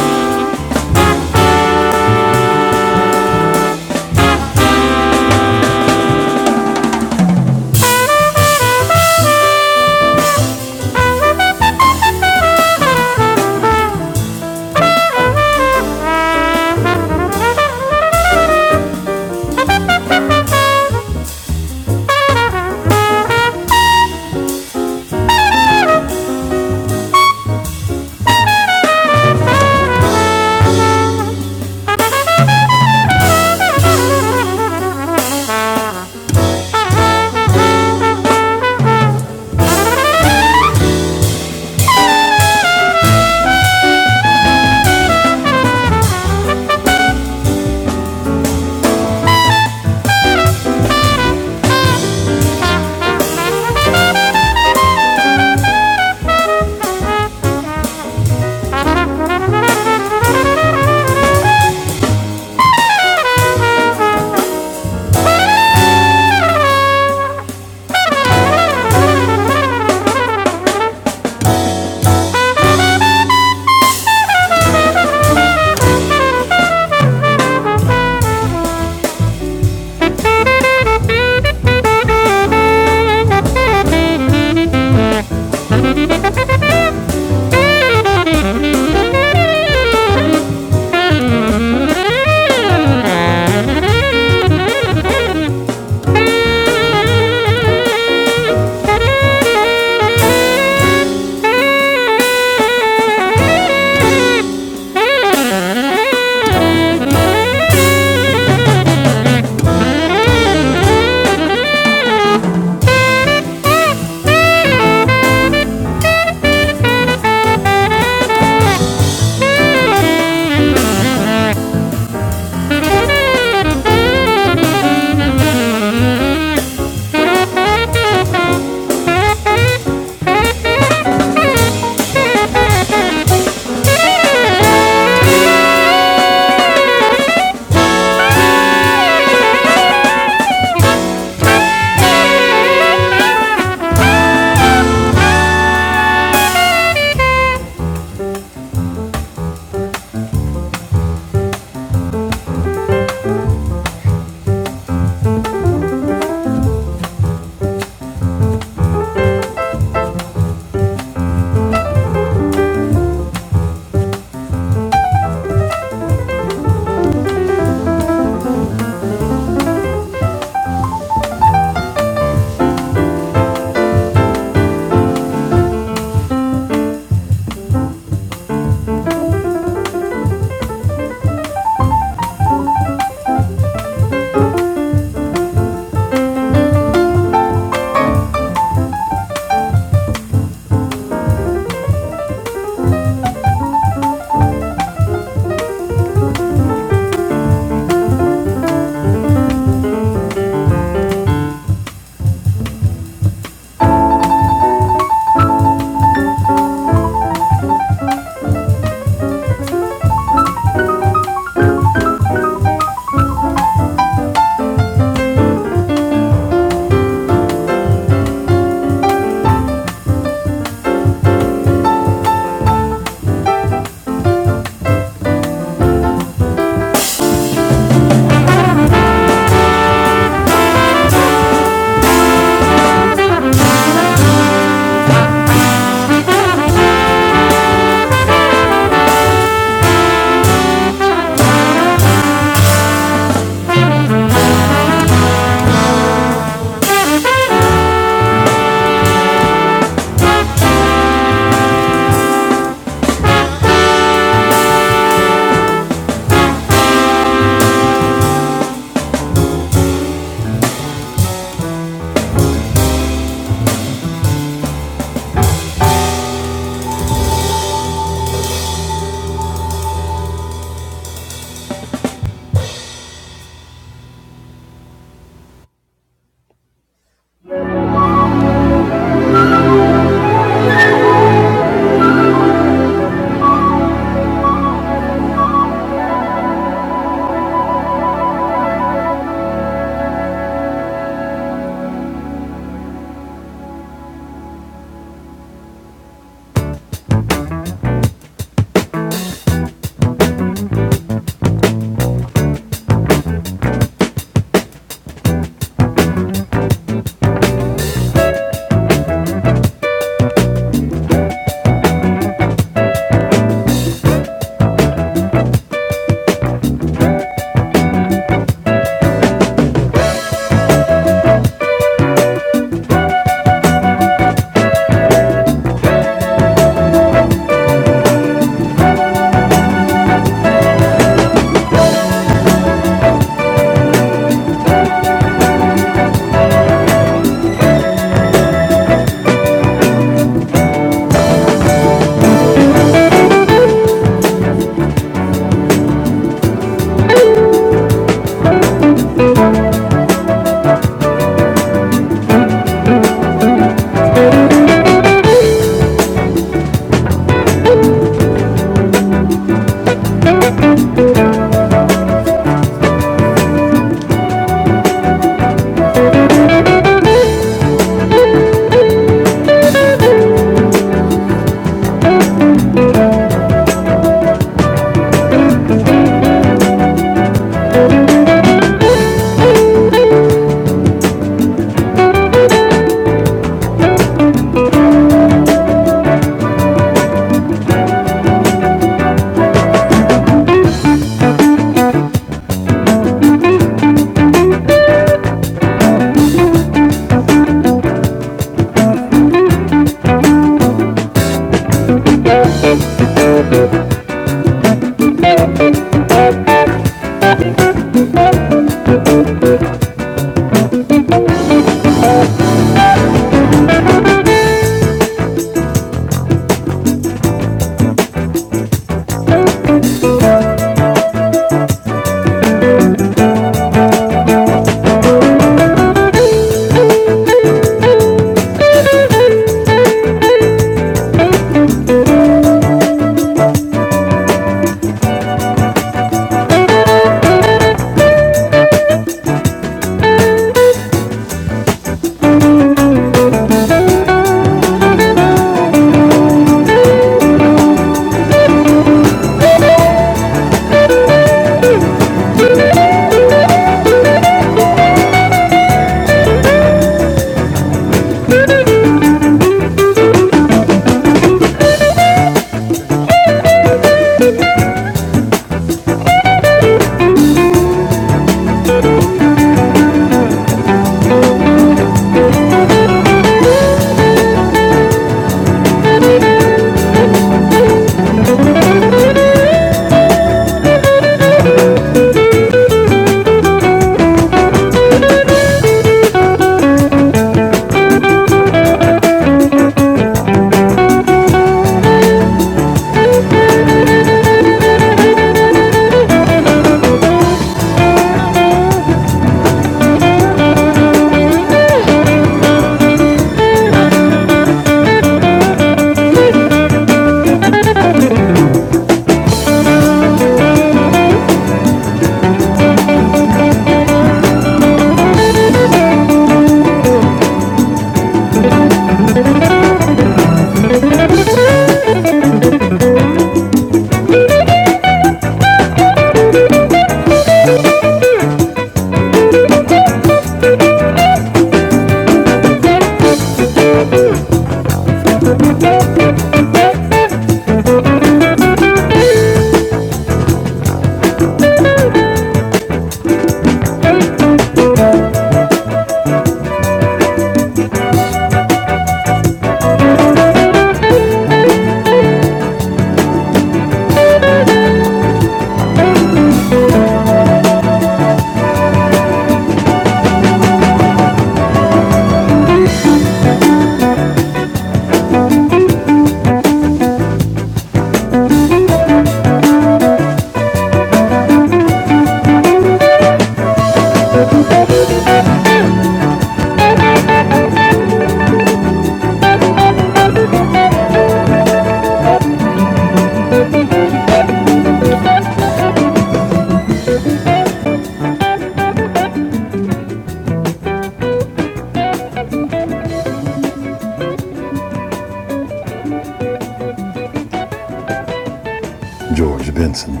George Benson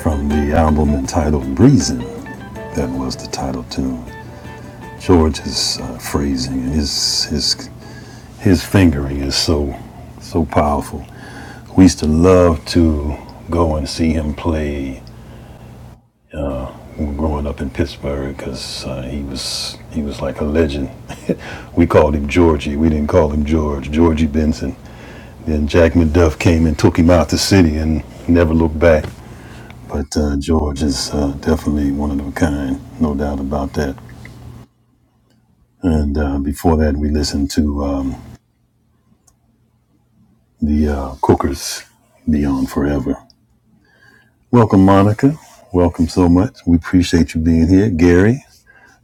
from the album entitled "Breezin." That was the title tune. George's uh, phrasing and his, his his fingering is so so powerful. We used to love to go and see him play growing up in Pittsburgh because uh, he was he was like a legend. we called him Georgie. We didn't call him George. Georgie Benson. Then Jack McDuff came and took him out the city and never looked back. But uh, George is uh, definitely one of a kind, no doubt about that. And uh, before that, we listened to um, the uh, Cookers, Beyond Forever. Welcome, Monica. Welcome so much. We appreciate you being here. Gary,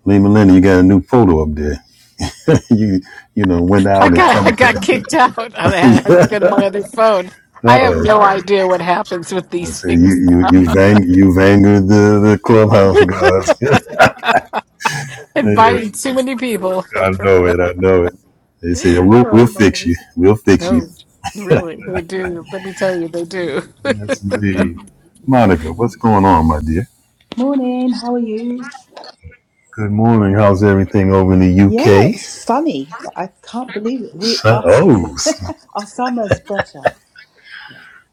Lee Melinda, you got a new photo up there. you you know went I out and got I come. got kicked out. I had uh to go to my other phone. I have oh. no idea what happens with I these say you things. you you vang you vanguard the, the clubhouse guys. Yeah, Inviting too many people. I know it. I know it. They say we'll we'll Oh, fix you. We'll fix you. Lord. no, really, they do. Let me tell you, they do. Yes, indeed. Monica, what's going on, my dear? Morning, how are you? Good morning. How's everything over in the Yeah, UK? it's sunny. I can't believe it. We So- are Oh, our summer's better.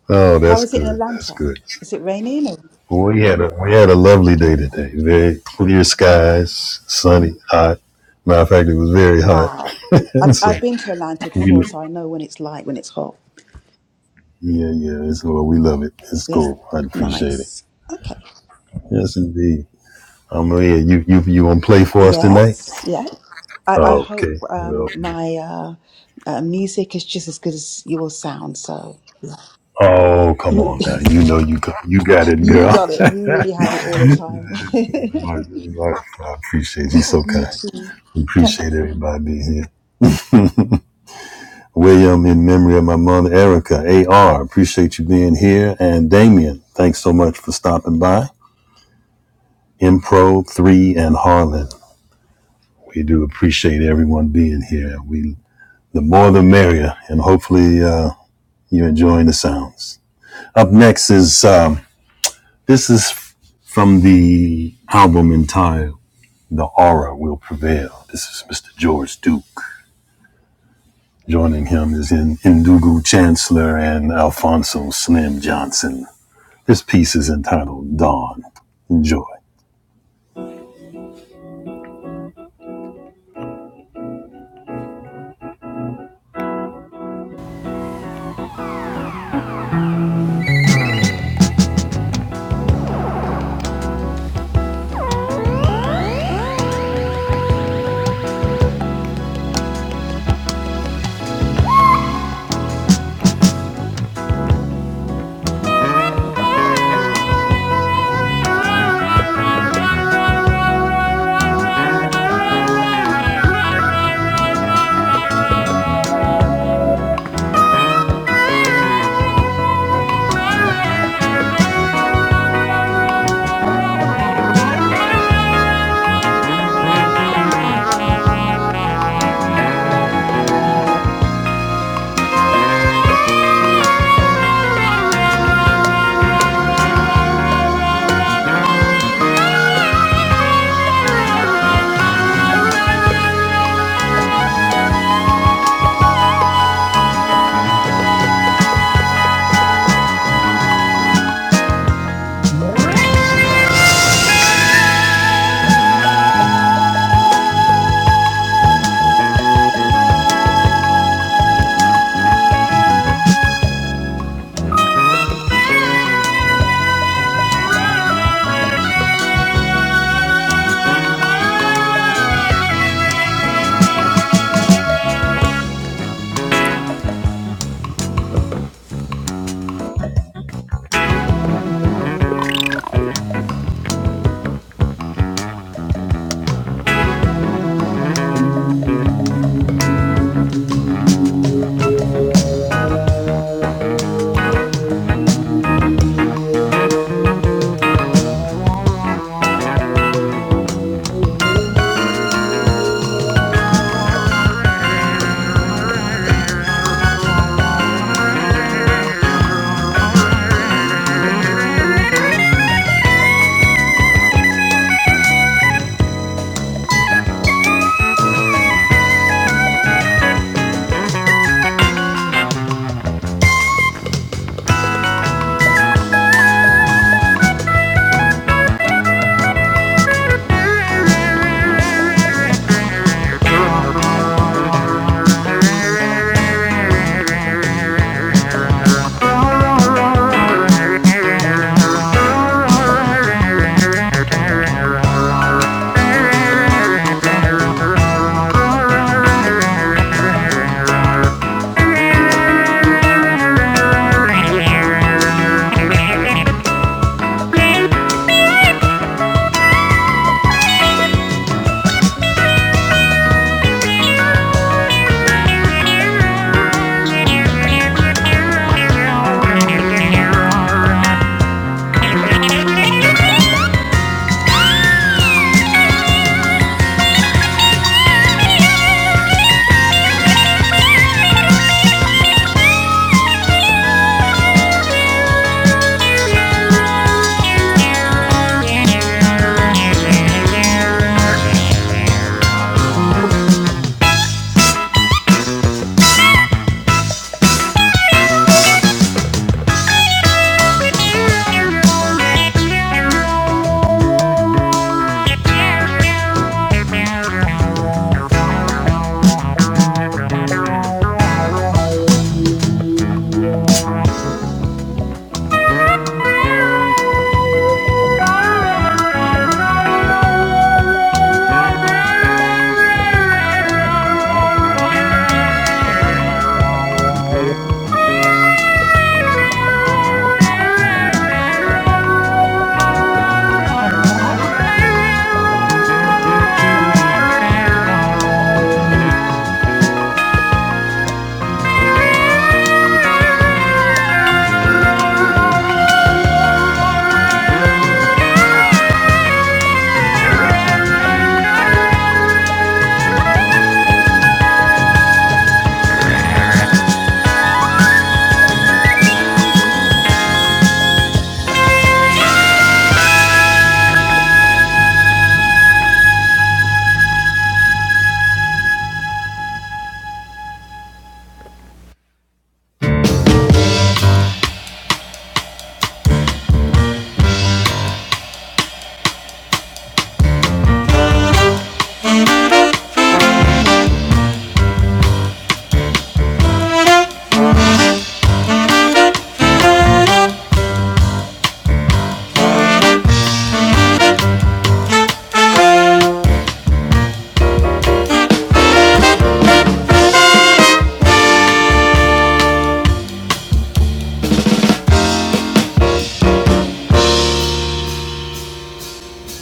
oh, How that's is it in good. That's Atlanta? good. Is it raining? Well, We had a we had a lovely Or, day okay. today. Very clear No. skies, sunny, hot. Matter of fact, it was very hot. Wow. I've so I've been to Atlanta we, before, so I know when it's light, when it's hot. yeah, yeah, it's well, we love it. It's Yeah. cool. I appreciate it. Nice. Okay. Yes, indeed. I'm yeah, you you you gonna play for us tonight? Yes. Yeah. I, I Oh, hope okay. Well, um, my uh, uh, music is just as good as your sound. So oh, come on now. You know you got you got it, you girl. got it. You really have it all the time. I, I- appreciate you. So You kind. too. But Appreciate everybody. being here. William, in memory of my mother, Erica, AR, appreciate you being here. And Damien, thanks so much for stopping by. Impro 3 and Harlan, we do appreciate everyone being here. We The more the merrier, and hopefully uh, you're enjoying the sounds. Up next is um, this is from the album entitled The Aura Will Prevail. This is Mr. George Duke. Joining him is in Indugu Chancellor and Alfonso Slim Johnson. This piece is entitled Dawn. Enjoy.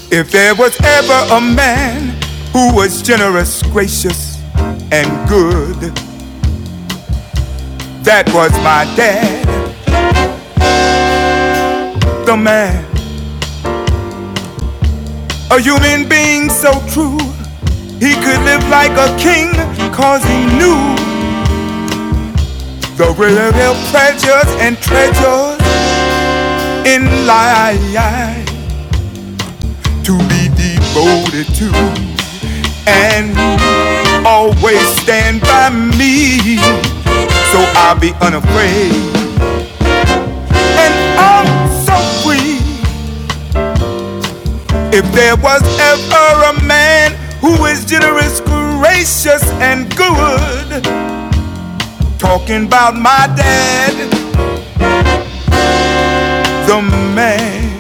If there was ever a man who was generous, gracious, and good, that was my dad, the man A human being so true, he could live like a king, cause he knew the real pleasures and treasures in life to be devoted to. And always stand by me, so I'll be unafraid. And I'm so free. If there was ever a man who is generous, gracious, and good, talking about my dad. the man.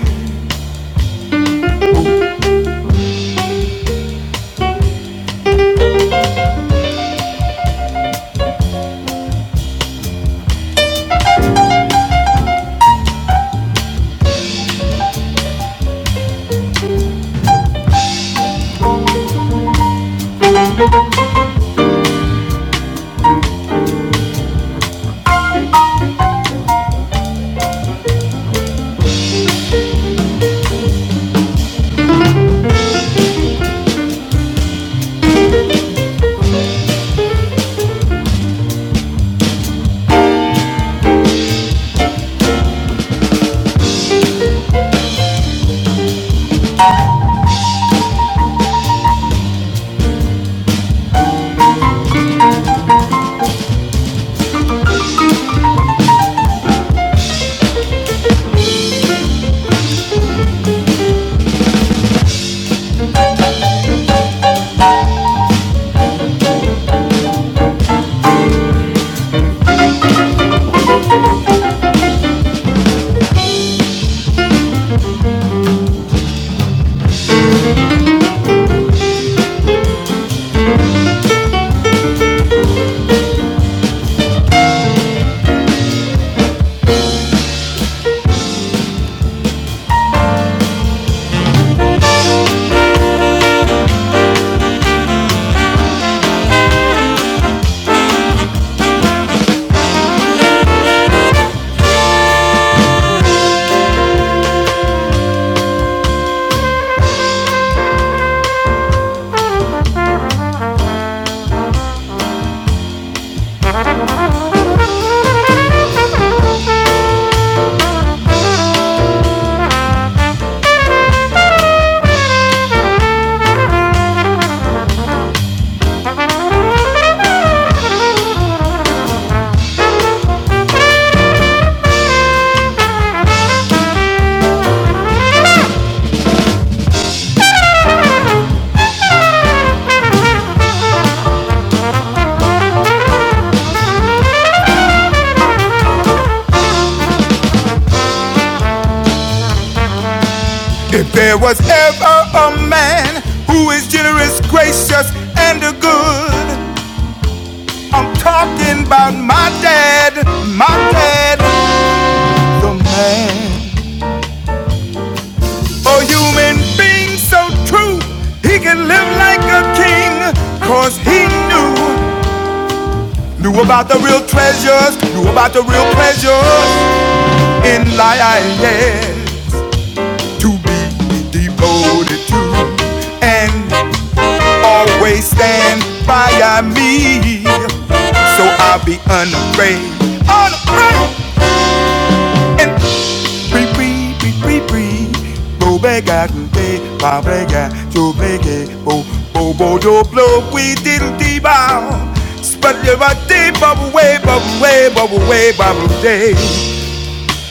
If there was ever a man who is generous, gracious, and a good, I'm talking about my dad, my dad, the man. A human being so true, he can live like a king, cause he knew, knew about the real treasures, knew about the real pleasures in life. To be devoted to and always stand by me, so I'll be unafraid, unafraid. Pri pri pri pri pri Bo bega kente Pa brega Jo brege Bo bo bo do blow We diddle dee bow Spread your body Bubble way bubble way bubble way bubble day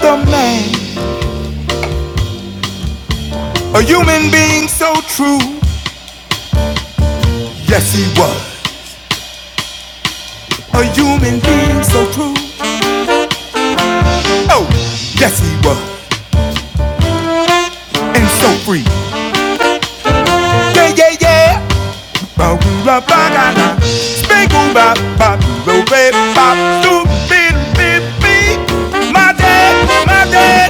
The man A human being so true Yes he was A human being so true Oh yes he was And so free Yeah yeah yeah My dad, my dad,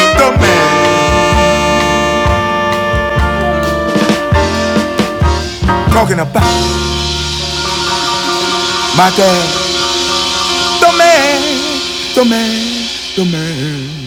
the man. Talking about my dad, the man, the man, the man.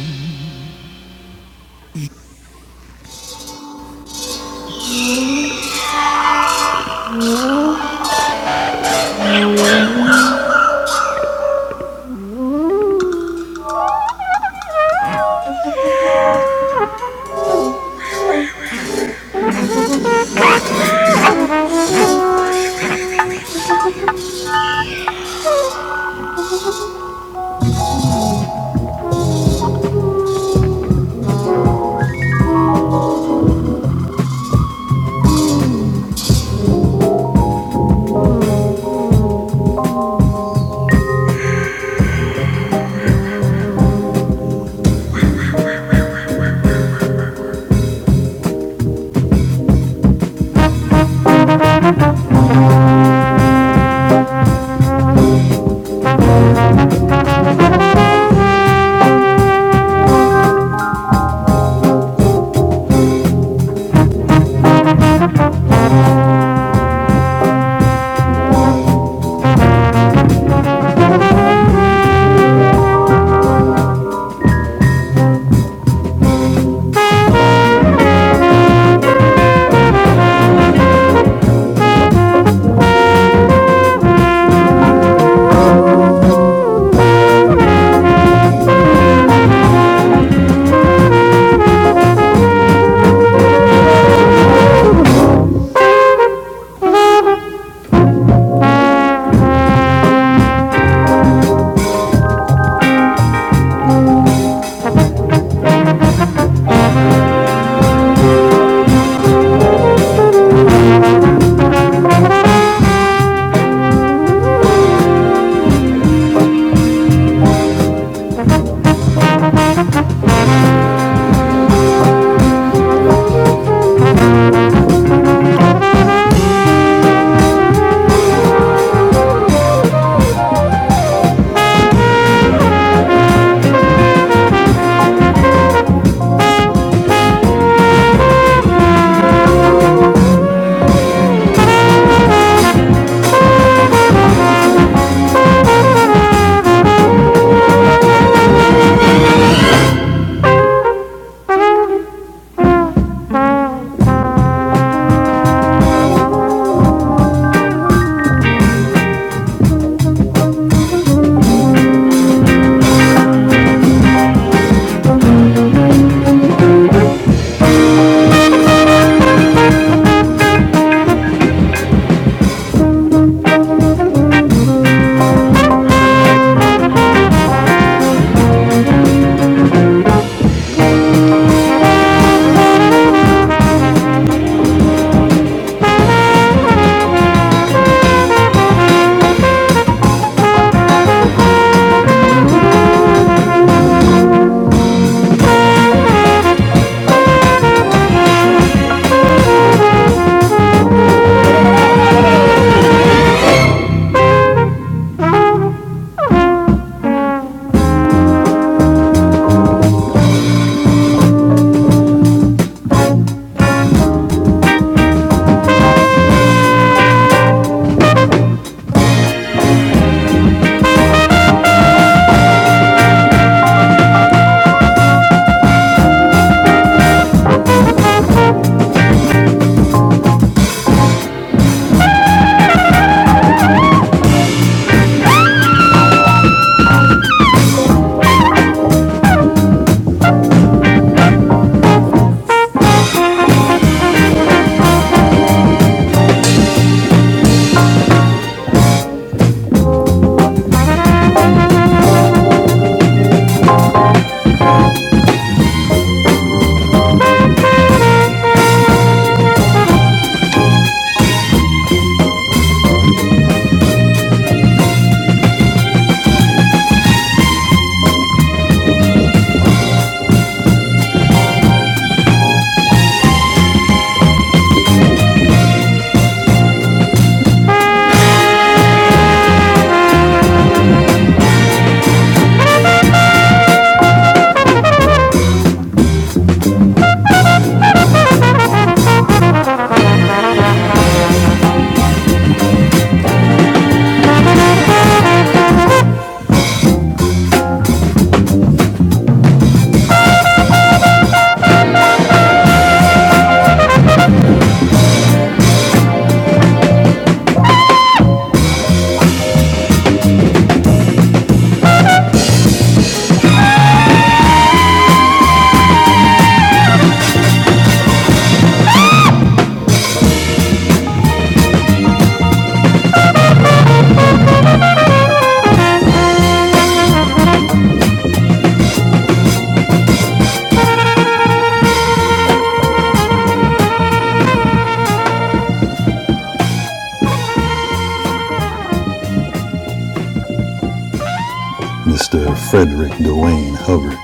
Mr. Frederick Dwayne Hubbard,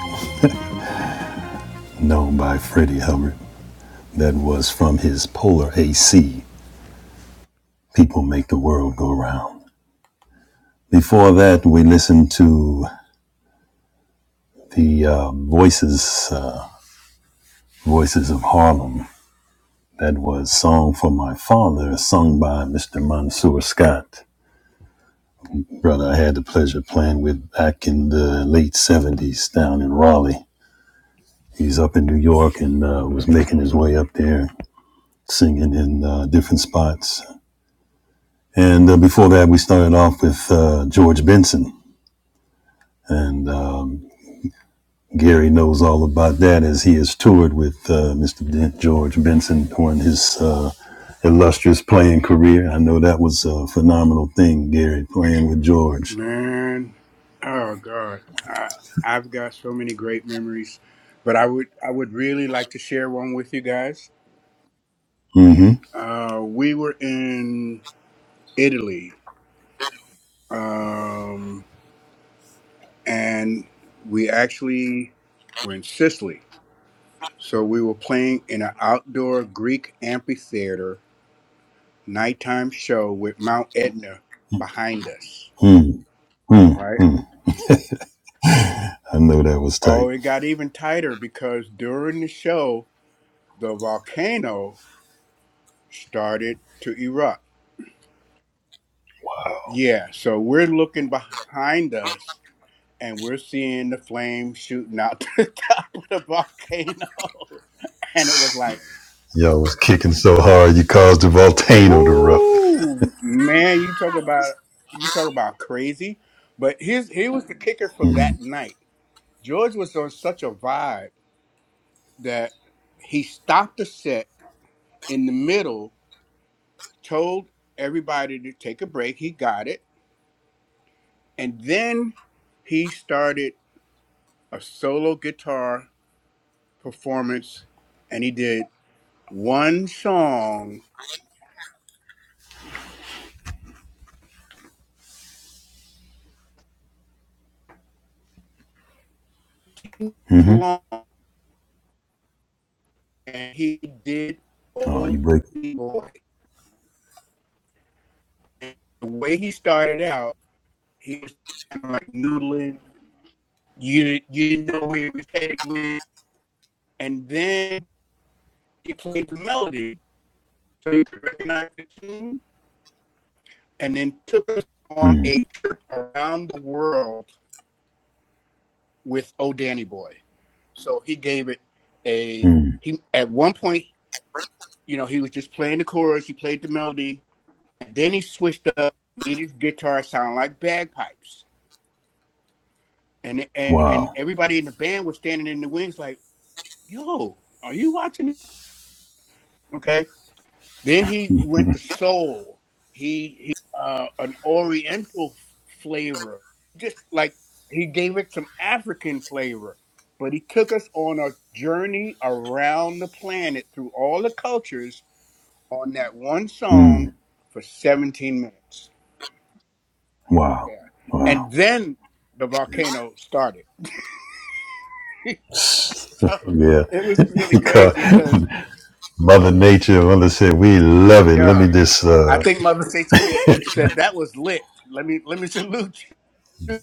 known by Freddie Hubbard, that was from his Polar AC, People Make the World Go Round. Before that, we listened to the uh, Voices, uh, Voices of Harlem That was Song for My Father, sung by Mr. Mansour Scott. Brother I had the pleasure of playing with back in the late 70s down in Raleigh. He's up in New York and uh, was making his way up there, singing in uh, different spots. And uh, before that, we started off with uh, George Benson. And um, Gary knows all about that as he has toured with uh, Mr. Ben- George Benson during his uh, illustrious playing career. I know that was a phenomenal thing, Gary, playing with George. Man, oh god, I, I've got so many great memories, but I would I would really like to share one with you guys. Uh, we were in Italy, um, and we actually were in Sicily. So we were playing in an outdoor Greek amphitheater nighttime show with Mount Etna behind us, right? I know that was Oh, tight. it got even tighter because during the show, the volcano started to erupt. Yeah, so we're looking behind us and we're seeing the flames shooting out the top of the volcano. And it was like, Y'all was kicking so hard you caused a volcano to erupt. woo, man, you talk about you talk about crazy. But here's here was the kicker for that night. George was on such a vibe that he stopped the set in the middle told everybody to take a break. He got it. And then he started a solo guitar performance and he did one song long and he did Oh, you old break. Dirty boy. And The way he started out, he was kind of like noodling. You you didn't know where he was headed with, and then he played the melody, so you could recognize the tune and then took us on a trip around the world with Oh Danny Boy. So he gave it a he at one point, you know, he was just playing the chorus, he played the melody, and then he switched up, made his guitar sound like bagpipes. And and and Wow. everybody in the band was standing in the wings like, yo, are you watching this? Okay Then he went to soul. He, he uh, an Oriental flavor, just like he gave it some African flavor. But he took us on a journey around the planet through all the cultures on that one song for 17 minutes. Yeah, Wow. and then the volcano started. so Yeah. it was really He called crazy because Mother Nature. Mother said, We love it. Let yeah, me just, I uh, think Mother Satan said said that was lit. Let me let me salute you.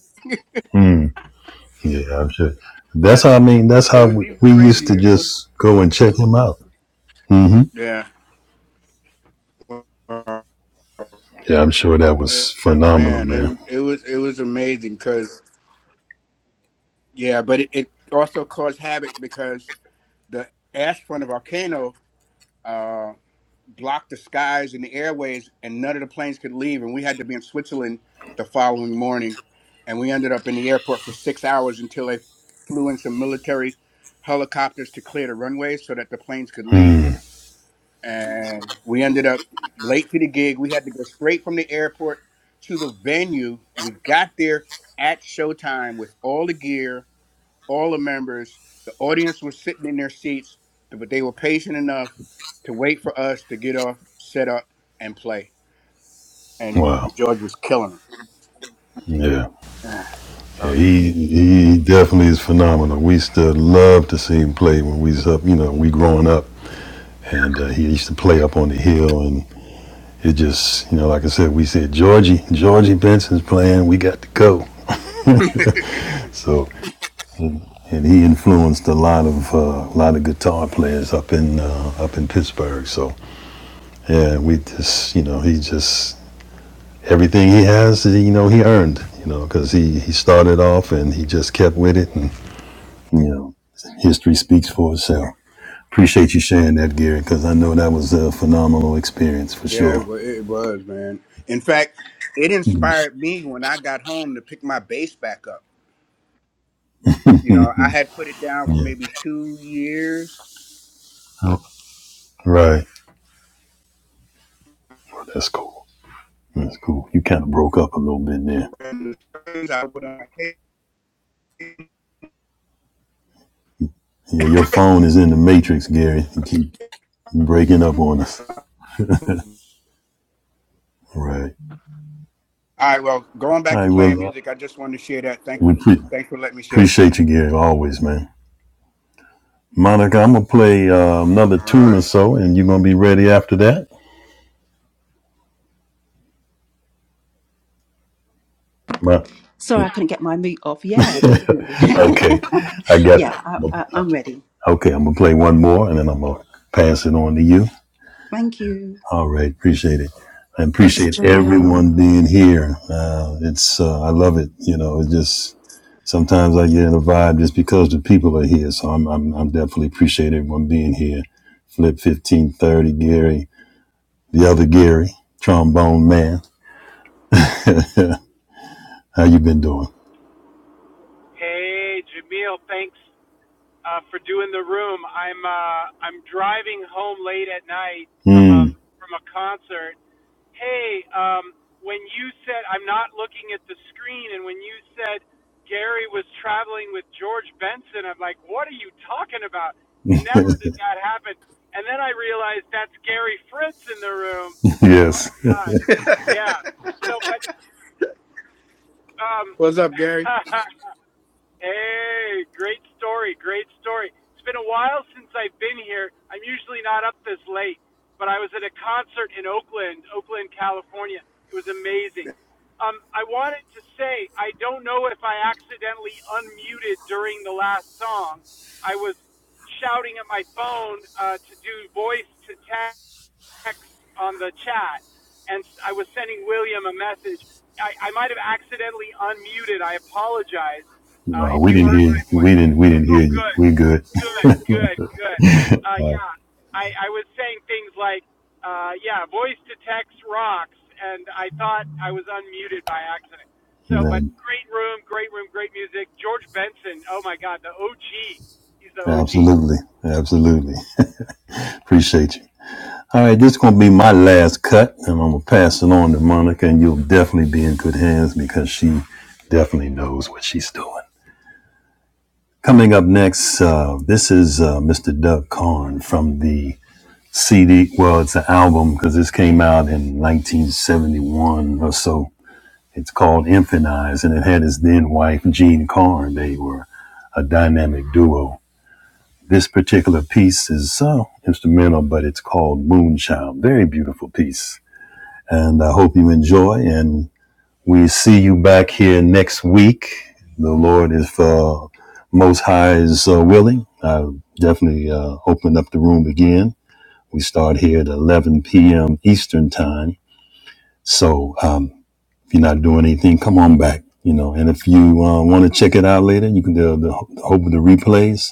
yeah, I'm sure. That's But how I mean, that's It how was we even we used to crazier. just go and check him out. Yeah. Uh, Yeah, I'm sure that was it- phenomenal, Man, man. it it was it was amazing because yeah, but it, it also caused havoc because the ash front of volcano uh, blocked the skies and the airways, and none of the planes could leave, and we had to be in Switzerland the following morning, and we ended up in the airport for six hours until they flew in some military helicopters to clear the runways so that the planes could leave. and we ended up late to the gig. We had to go straight from the airport to the venue. We got there at showtime with all the gear, all the members. The audience was sitting in their seats, but they were patient enough to wait for us to get off, set up, and play. And Wow. George was killing them. Yeah. yeah Uh, he he definitely is phenomenal. We still love to see him play when we was up, you know, we growing up, and uh, he used to play up on the hill, and it just, you know, like I said, we said Georgie, Georgie Benson's playing, we got to go. yeah, So, and he influenced a lot of uh, a uh, lot of guitar players up in uh, up in Pittsburgh. So, yeah, we just, you know, he just everything he has, you know, he earned, you know, because he he started off and he just kept with it and You know, history speaks for itself. Appreciate you sharing that, Gary, because I know that was a phenomenal experience for yeah, it sure. wa- it was, man. In fact, it inspired me when I got home to pick my bass back up You know, I had put it down for maybe two years. Right. That's cool. That's cool. You kind of broke up a little bit there. And I would, uh, hey, Yeah, your phone is in the matrix, Gary. You keep breaking up on us. All Right. right, well, going All back to right. playing Well, music, I just wanted to share that. Thanks, we pre- thanks for letting me share. appreciate you, Gary, always, man. Monica, I'm gonna play uh, another All tune or right. so, and you're gonna be ready after that. My- sorry, I couldn't get my mute off. Yeah, definitely. okay, I got. yeah, I, I, I'm ready. Okay, I'm gonna play one more and then I'm gonna pass it on to you. Thank you. All right, appreciate it. I appreciate everyone being here. Uh, it's uh, I love it. You know, it's just sometimes I get in a vibe just because the people are here. So I'm I'm, I'm definitely appreciate everyone being here. Flip fifteen thirty, Gary, the other Gary, trombone man. How you been doing? Hey, Jamil, thanks uh, for doing the room. I'm uh, I'm driving home late at night from a from a concert. Hey, um, when you said I'm not looking at the screen, and when you said Gary was traveling with George Benson, I'm like, what are you talking about? Never did that happen. And then I realized that's Gary Fritz in the room. Oh yes. my gosh. Yeah. So, but What's up, Gary? um, Hey, great story, great story. It's been a while since I've been here. I'm usually not up this late, but I was at a concert in Oakland, Oakland, California. It was amazing. Um, I wanted to say I don't know if I accidentally unmuted during the last song. I was shouting at my phone uh, to do voice to text text on the chat, and I was sending William a message. I, I might have accidentally unmuted. I apologize uh, No, if we you didn't heard hear. my You. voice. We didn't. We didn't hear Oh, you. good, We good. good, good, good. Uh, yeah, I, I was saying things like, uh, yeah, voice to text rocks, and I thought I was unmuted by accident. So, but No, great room, great room, great music. George Benson, oh my God, the OG. He's the OG. absolutely, absolutely. Appreciate you. All right, this is gonna be my last cut, and I'm gonna pass it on to Monica, and you'll definitely be in good hands because she definitely knows what she's doing. Coming up next, uh, this is uh, Mr. Doug Karn from the CD. Well, it's an album because this came out in 1971 or so. It's called Infant Eyes, and it had his then wife Jean Karn. They were a dynamic duo. This particular piece is uh, instrumental, but it's called Moonchild. Very beautiful piece. and I hope you enjoy. And we see you back here next week. The Lord, if uh, Most High is uh, willing, I definitely uh, open up the room again. We start here at 11 p.m. Eastern time. So um, if you're not doing anything, come on back. You know, and if you uh, want to check it out later, you can do the hope of the replays.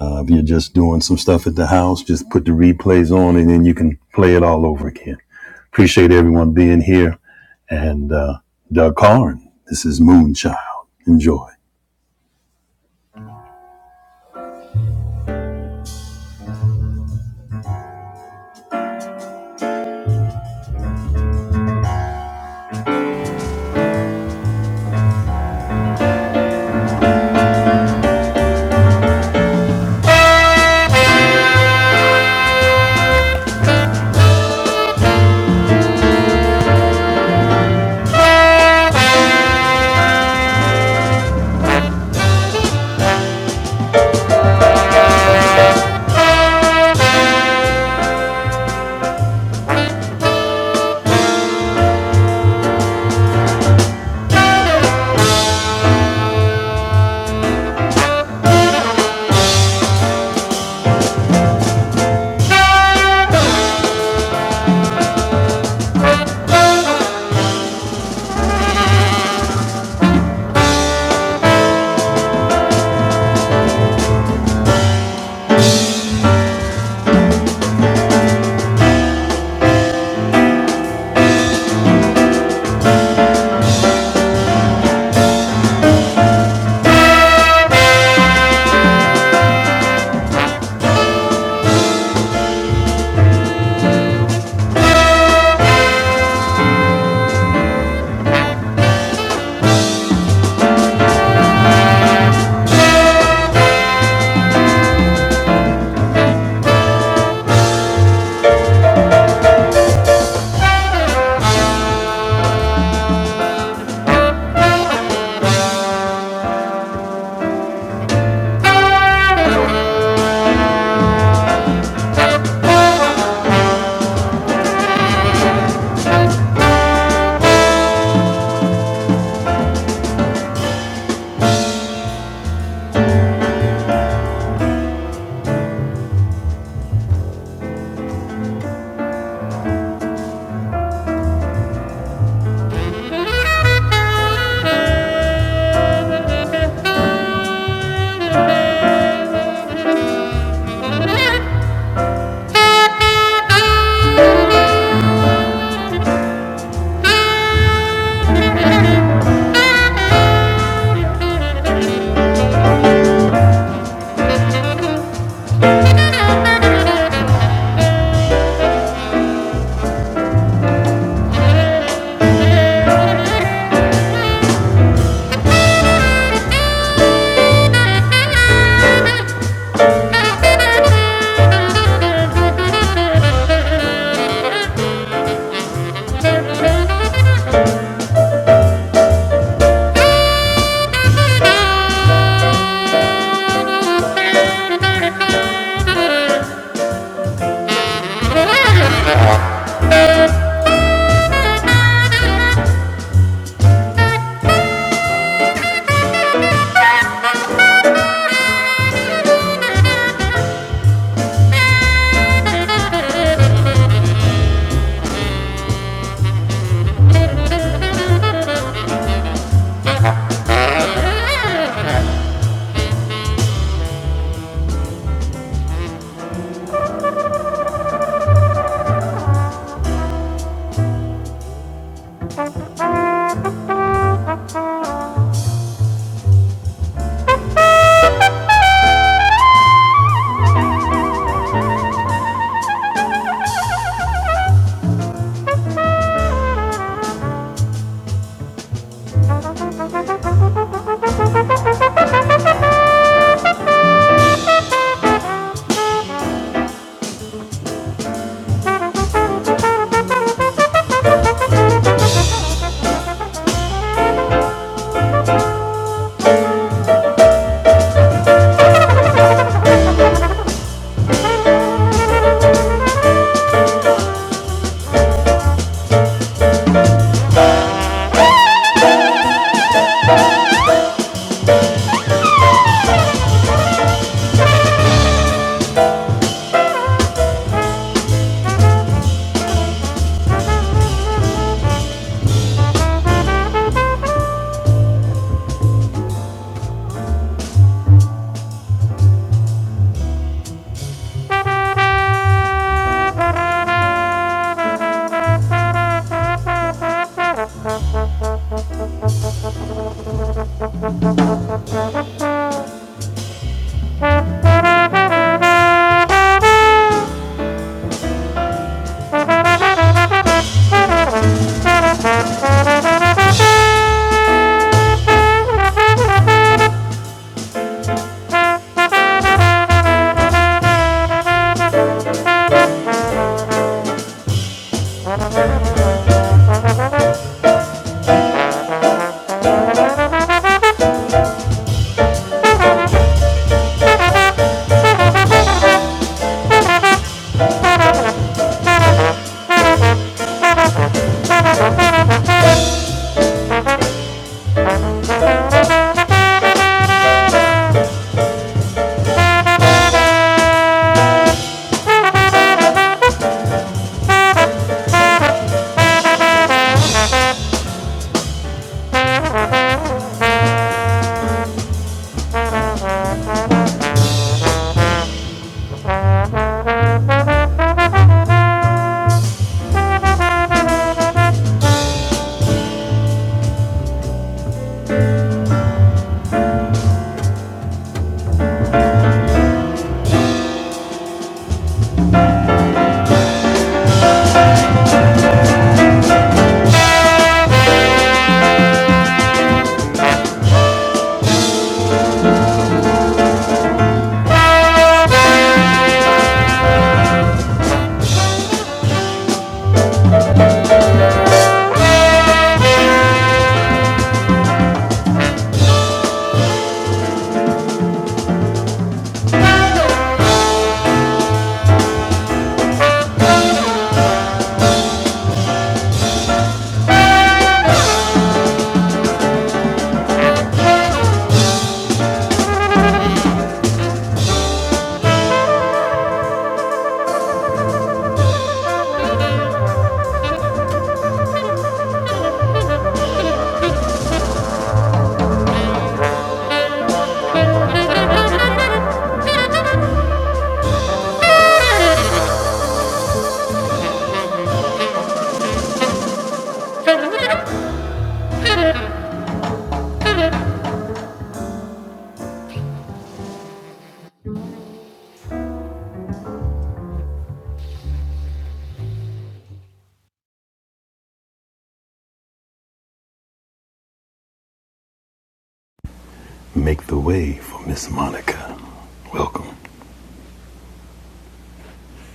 Uh, if you're just doing some stuff at the house, just put the replays on, and then you can play it all over again. Appreciate everyone being here and uh, Doug Carn. This is Moonchild. Enjoy.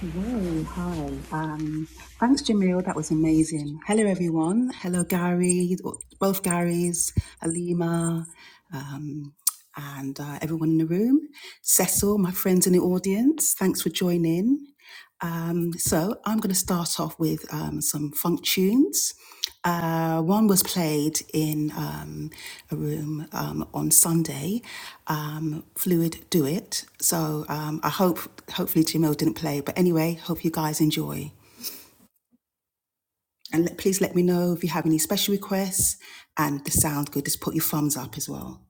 Hello, hi. Um, thanks, Jamil. That was amazing. Hello, everyone. Hello, Gary, both Garys, Alima, um, and uh, everyone in the room. Cecil, my friends in the audience, thanks for joining. Um, so I'm going to start off with um, some funk tunes. Uh, one was played in um, a room um, on Sunday. Um, Fluid, do it. So um, I hope, hopefully, Jamil didn't play. But anyway, hope you guys enjoy. And let, please let me know if you have any special requests. And the sound good. Just put your thumbs up as well.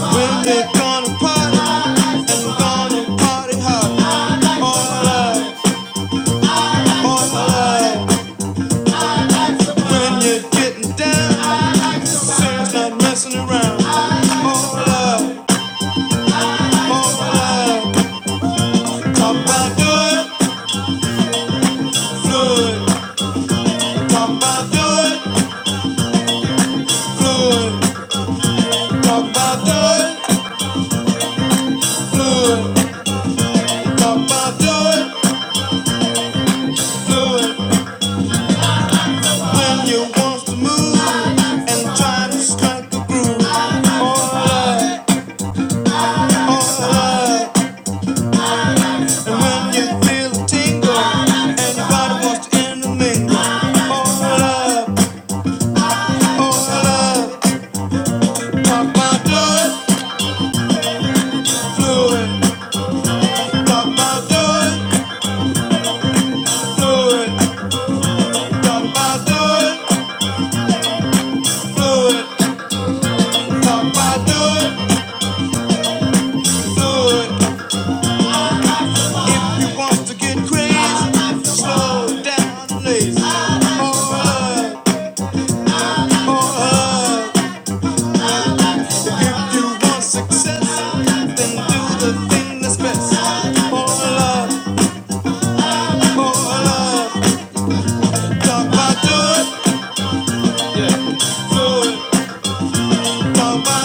We're gonna party, and we're gonna party hard all night, all night. When you're getting down, Sam's not messing around. More love, more love. Talk about doing fluid. Talk about doing fluid. Talk about doing fluid. Talk about doing fluid. When you want to move and try to strike the groove. More love, more love. And when you feel a tingle and your body wants to intermingle. More love. Talk about do it, do it, talk about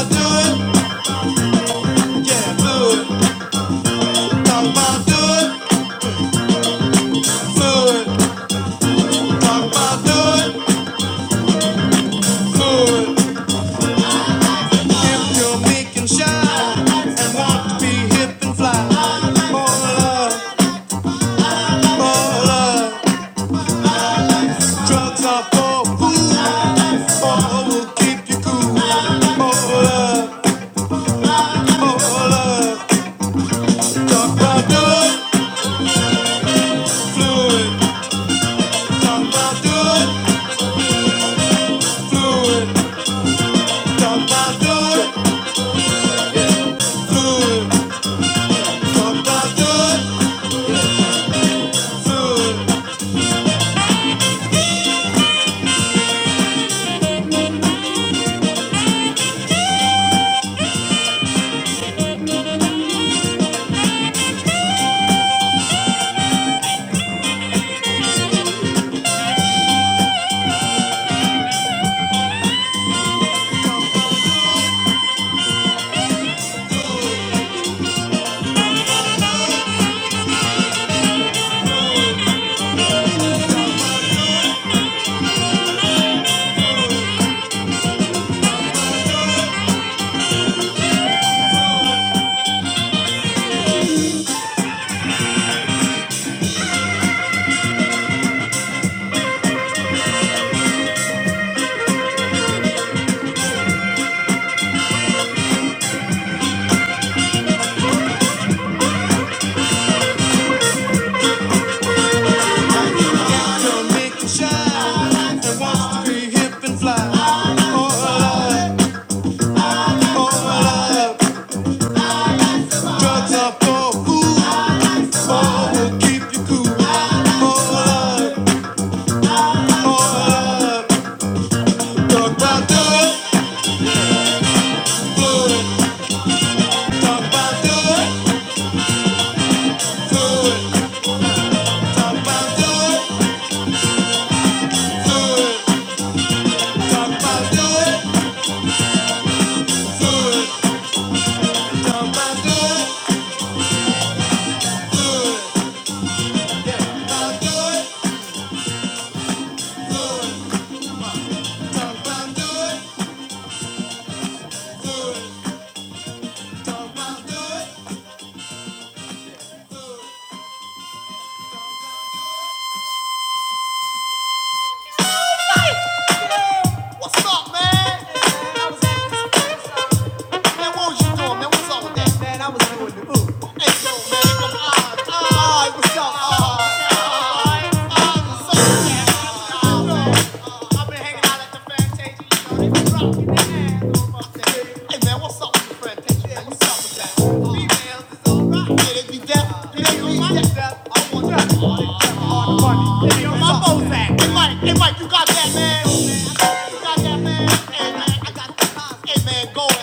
do it, yeah, do Talk about good, good. Talk about good, good. If you're meek and and want to be hip and fly, more love, more love. Drugs are for fools. More will keep you cool. More love, more love. Talk about good, fluid. Talk about good, fluid. Talk about good, fluid. Talk about good, fluid. Don't make me shy. I want to be hip and fly. Oh, I love, oh, Drugs are for fools. Oh, will keep you cool. Oh, I love, oh, I love. Talk about doing fluid. Talk about doing fluid. Talk about doing fluid. Talk about doing fluid. Talk about doing fluid. Talk about doing fluid. Talk about doing, talk about What's up, man? Man, I was at- man, what was you doing, man? What's up with that? Man, I was doing the ooh. Hey, yo, man, come on. Ah, what's up? Ah.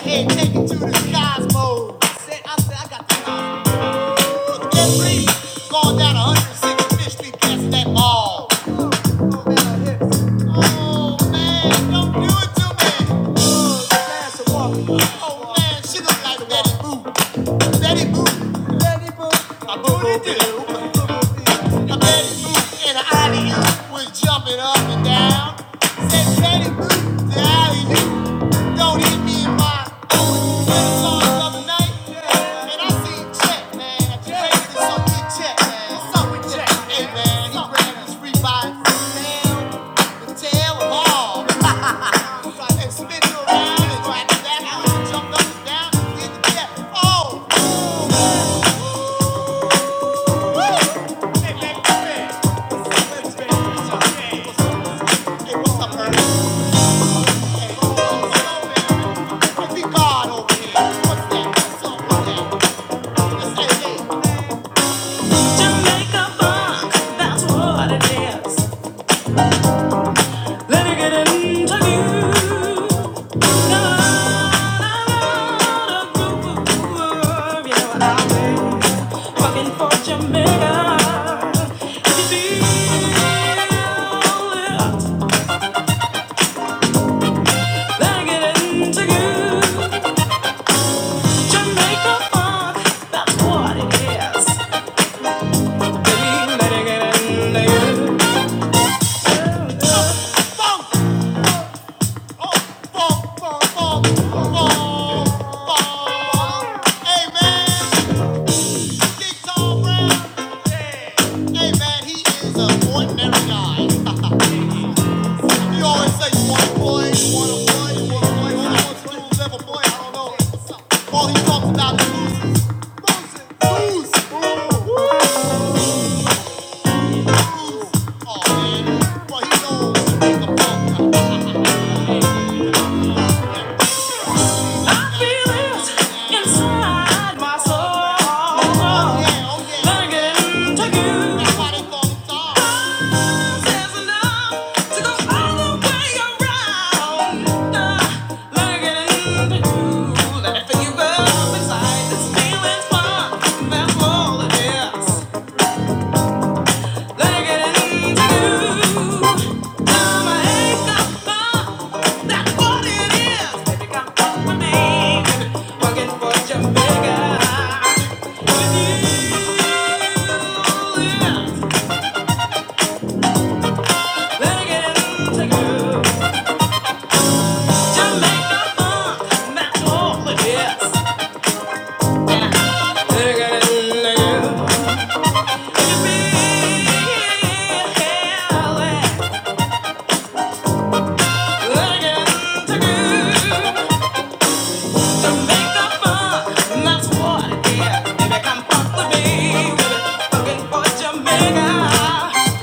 Take it to the skies I said, I said, I got the hospital. Every going down 165th Street, that's that mall. Jumping up and down, said Betty Boo, the alley don't hit me in my Jamaica funk, that's what it is. Let me get into you. Got a lot of groove, you know I Working for Jamaica. If you feel it, then get into you. Jamaica funk, that's what it is. Baby, let it get into you. Funk, oh, funk, funk, funk, funk, funk. Hey, man, Big Tom Brown. Hey, man, he is an ordinary guy. I Oh, Well, feel it inside my soul, Oh, yeah, oh, yeah. to you. Jamaica. Let it get into you. Jamaica.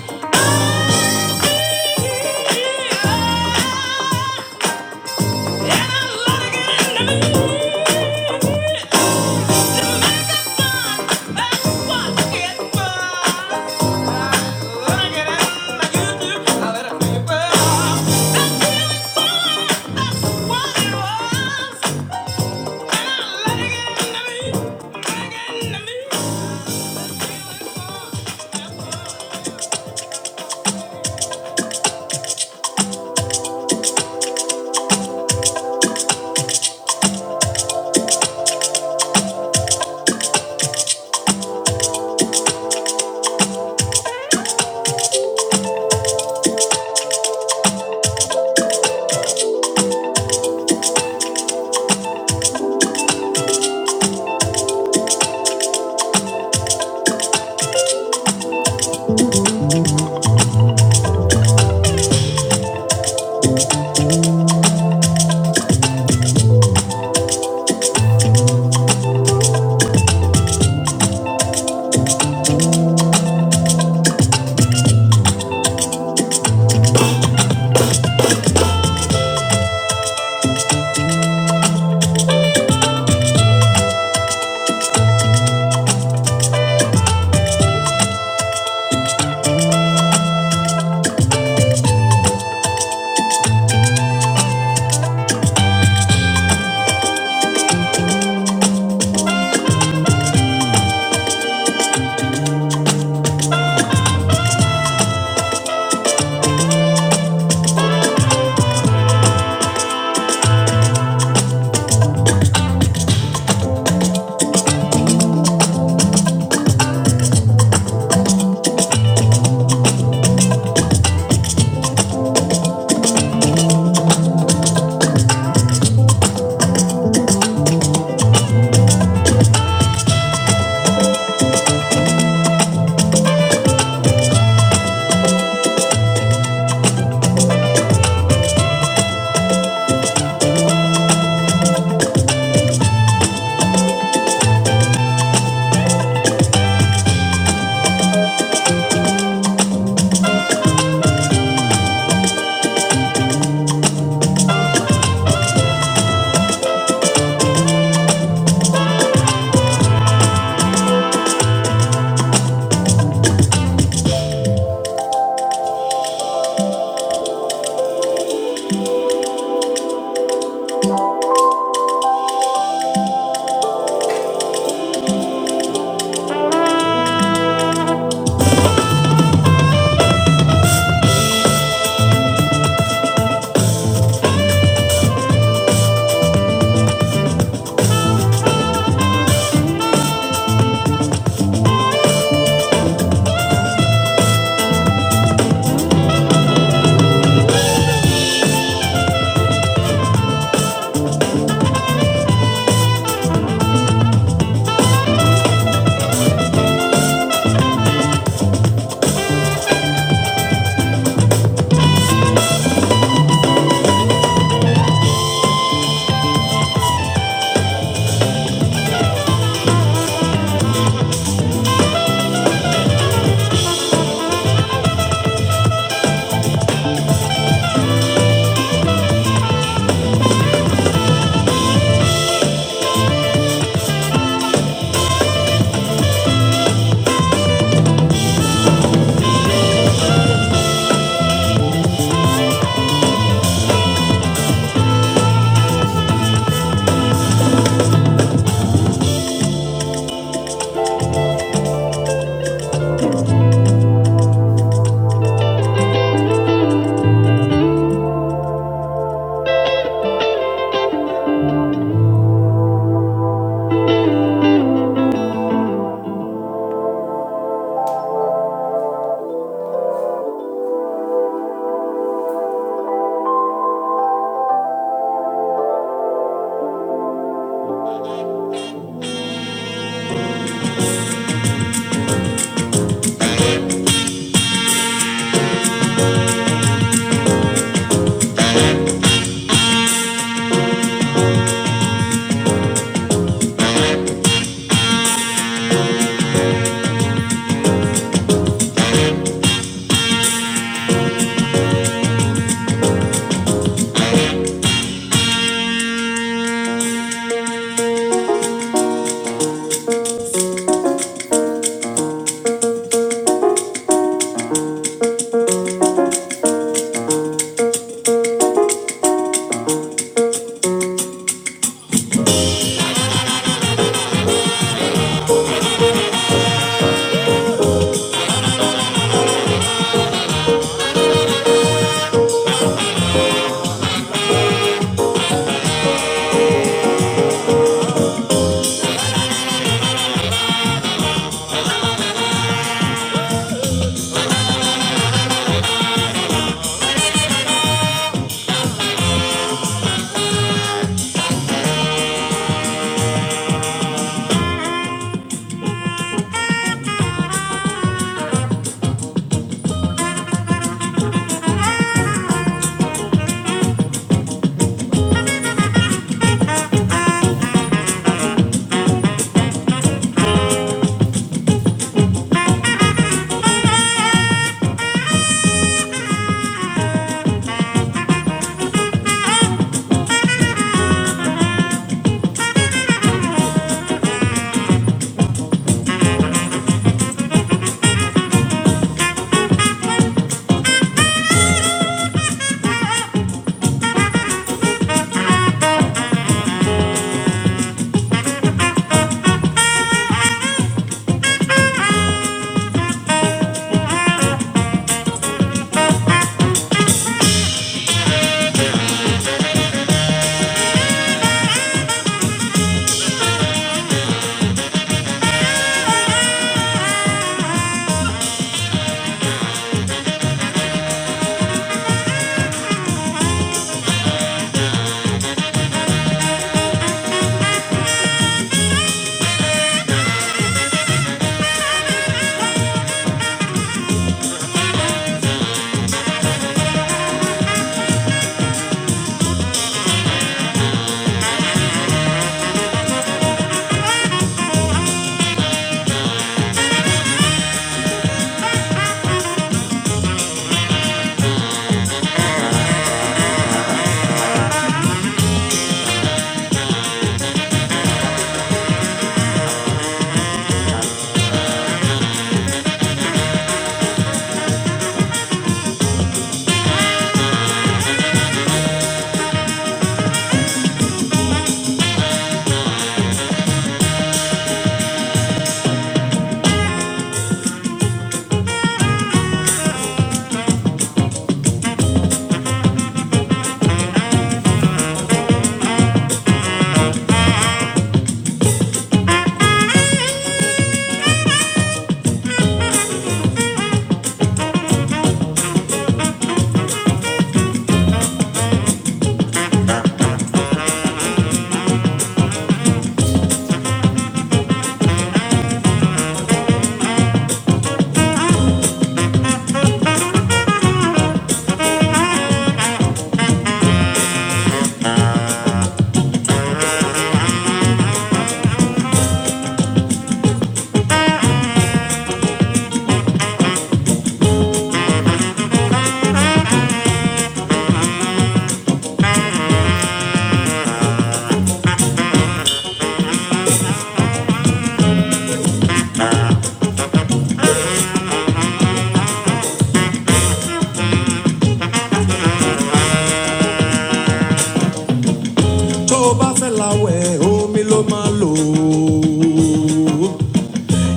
tó o bá fẹ́ la wẹ̀ omi ló máa lò ó.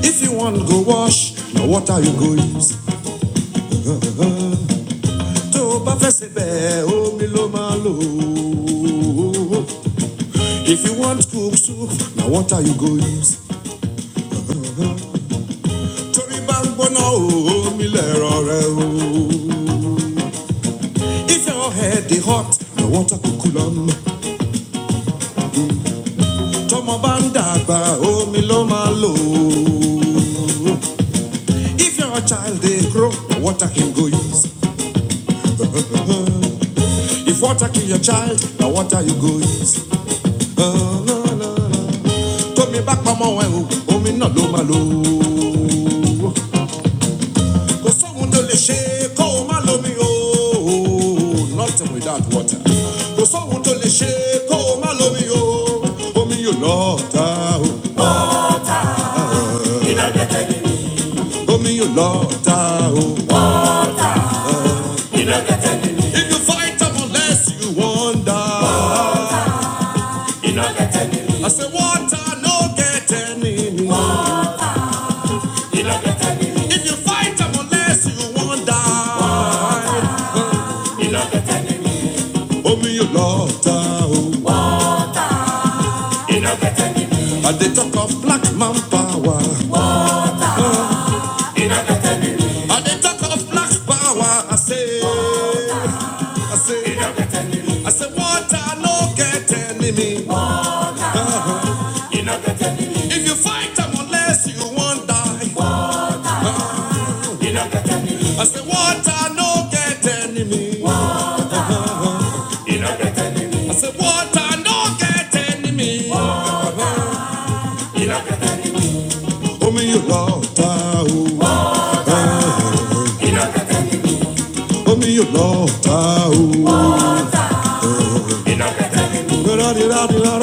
if you wan go wash na water you go use. tó o bá fẹ́ sebẹ̀ omi ló máa lò ó. If you want cook soup, now what are you go use? Torí bá ń gbóná o, omi lẹ̀rọ rẹ o. If your head is hot, now water go cool am. Tọ́mọ bá ń dàgbà, omi ló máa lò If your child they grow, na water him go use. If water kill your child, now what are you go use. Tómi bá pamọ́ ẹ̀ o, omi náà ló máa lò ó. kò sóhun tó lè ṣe kó o nothing without water kò sóhun tó lè ṣe kó o má lómi o omi yóò lọ if you fight am unless you wonder. iná kẹtẹ get any. I say water no get any mi. iná kẹtẹ ni mi. if you fight am unless you wonder. iná kẹtẹ get any. Oh yóò lọ ta o. I dey talk of black man power. On the talk of black power, I say, I say, I say, water no get enemy. If you fight them unless you won't die. I say, water no get enemy. I say, water no get enemy. Omi you lota o, omi you lota o. Ra ra ra ra ra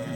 Thank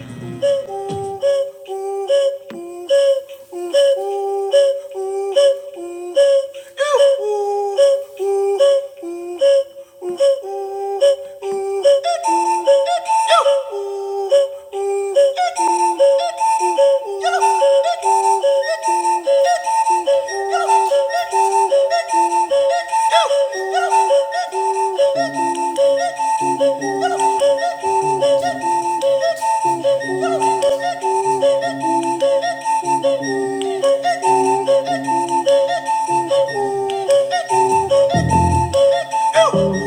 you. Thank you.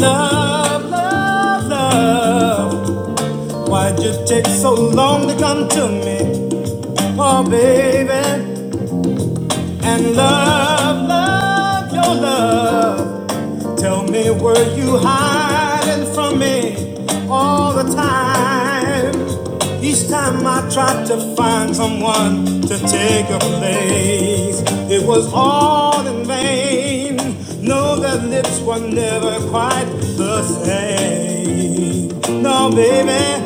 Love, love, love. Why'd you take so long to come to me? Oh, baby. And love, love, your love. Tell me, were you hiding from me all the time? Each time I tried to find someone to take your place, it was all in vain. No, their lips were never quite the same. No, baby,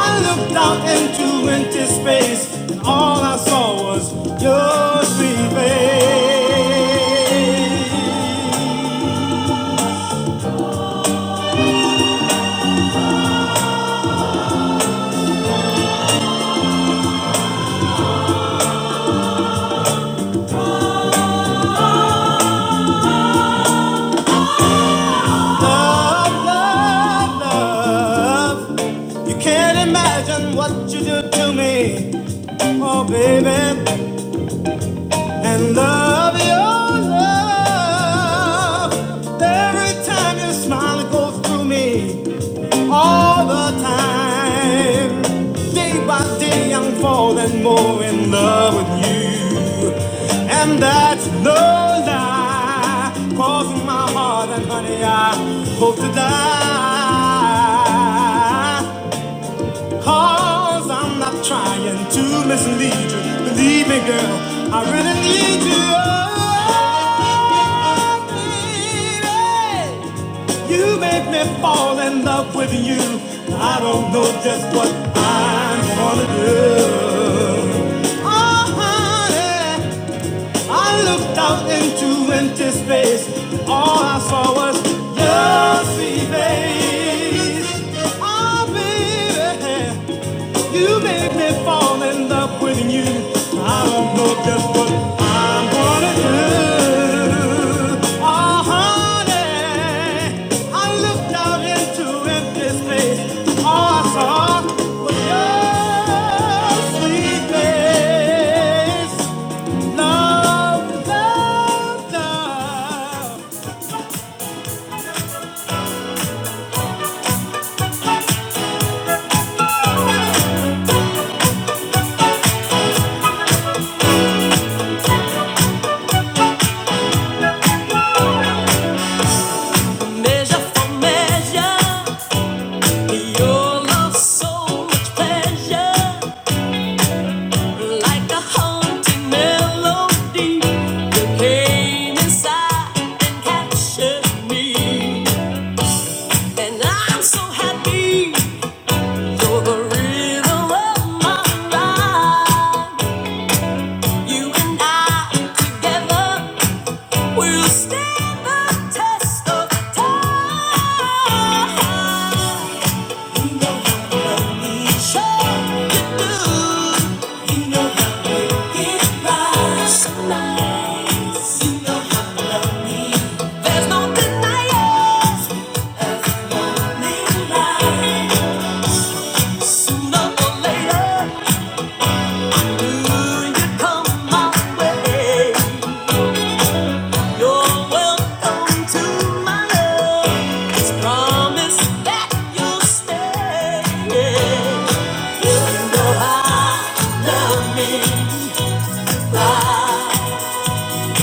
I looked out into empty space, and all I saw was your sweet face. Love, love, love. You can't imagine what you did to me, oh baby. And love, your love. Every time your smile goes through me. all the time. Day by day, I'm falling more in love with you. And that's no lie, cause in my heart, and honey, I hope to die. Cause I'm not trying to mislead you. Believe me, girl, I really need you. Oh, baby. You make me fall in love with you. I don't know just what I'm gonna do. Oh, honey, I looked out into empty space. All I saw was your sweet face. Oh, baby, you make me fall in love with you. I don't know just what I'm gonna do. Oh, honey, I looked out into empty space. All I saw was your sweet face. Love, love, love. Measure for measure, your love so much pleasure. Like a haunting melody, you came inside and captured me. And I'm so happy you're the rhythm of my life. You and I together will stand the test of time. You know how to love each other. You do. You know how to make it right. So nice. You know how to love me. There's no denying.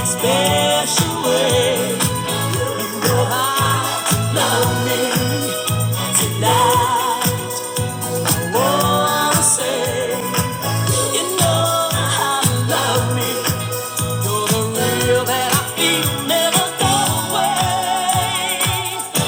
Special way, you know I love me tonight. Oh, I say. You know how you love me. You're the real that I feel. Never go away.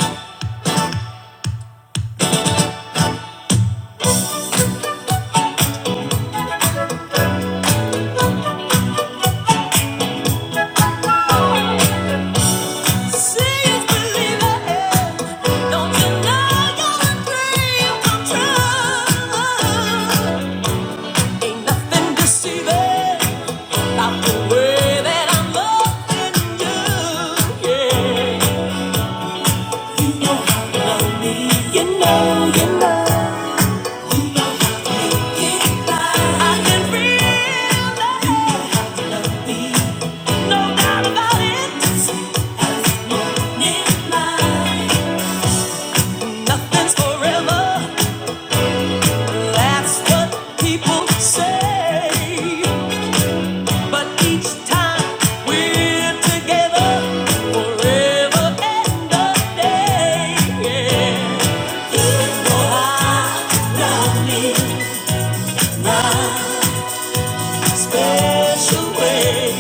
See you believe it. Don't deny your dream come true. Ain't nothing deceiving about the way that I'm loving you. Yeah, love me. You know, you know. Nothing's forever. That's what people say. But each time we're together, forever and a day. Oh, I love me my special way.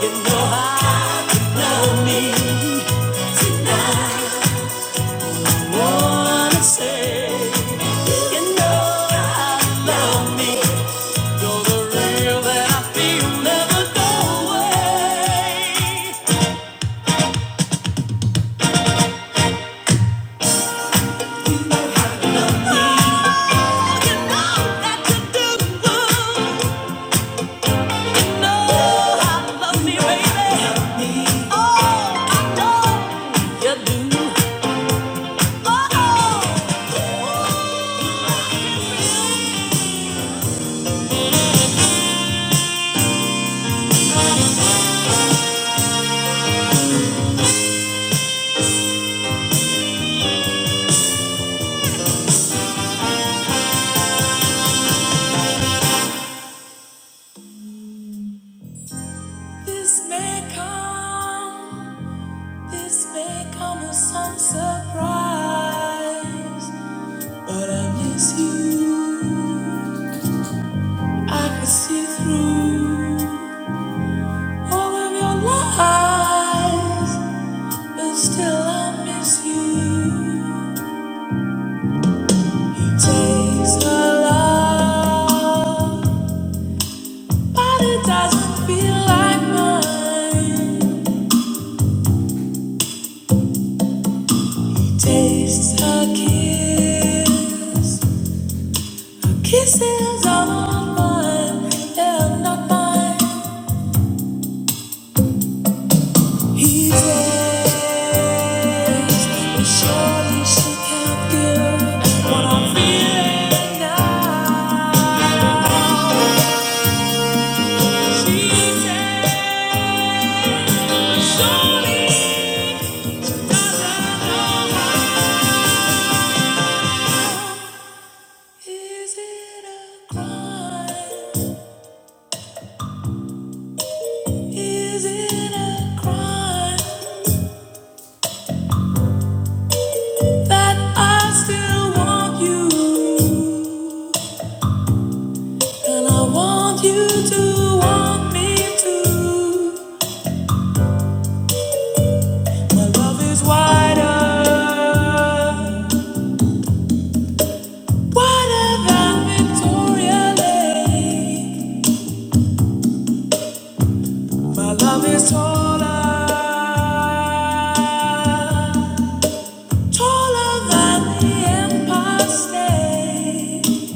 You know I, you know me. Wanna say, you know I love me. You're the real that I feel, never go away. Oh, you know that you do. You know I love me, baby. Oh, I know you do. Oh, oh, This may come, this may come as some surprise. But I miss you. I can see through all of your lies. But still, I miss you. It takes a love, but it doesn't feel like mine. It tastes a kiss. Kisses are not mine, they're not mine. He takes, but surely she can't give what I'm feeling now. She says, surely my love is wider, wider than Victoria Lake. My love is taller. Taller than the Empire State,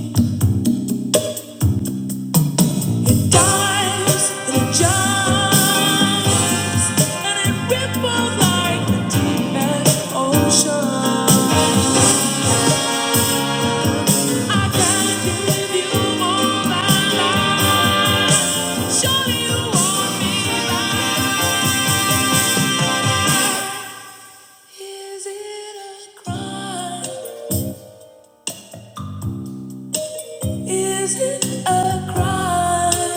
it dives it jumps, and it ripples like the deepest ocean. I can give you all my life. Surely you want me back. Is it a crime? Is it a crime?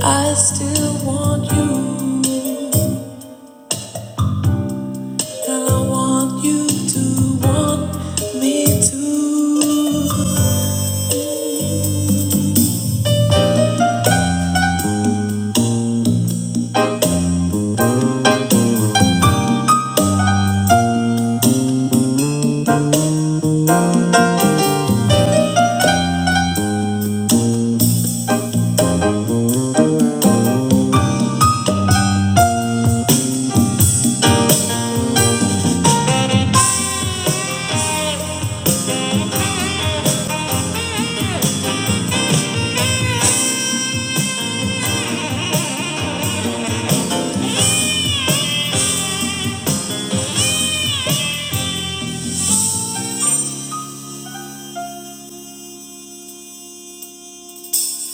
I still want you. And I want you to want me too.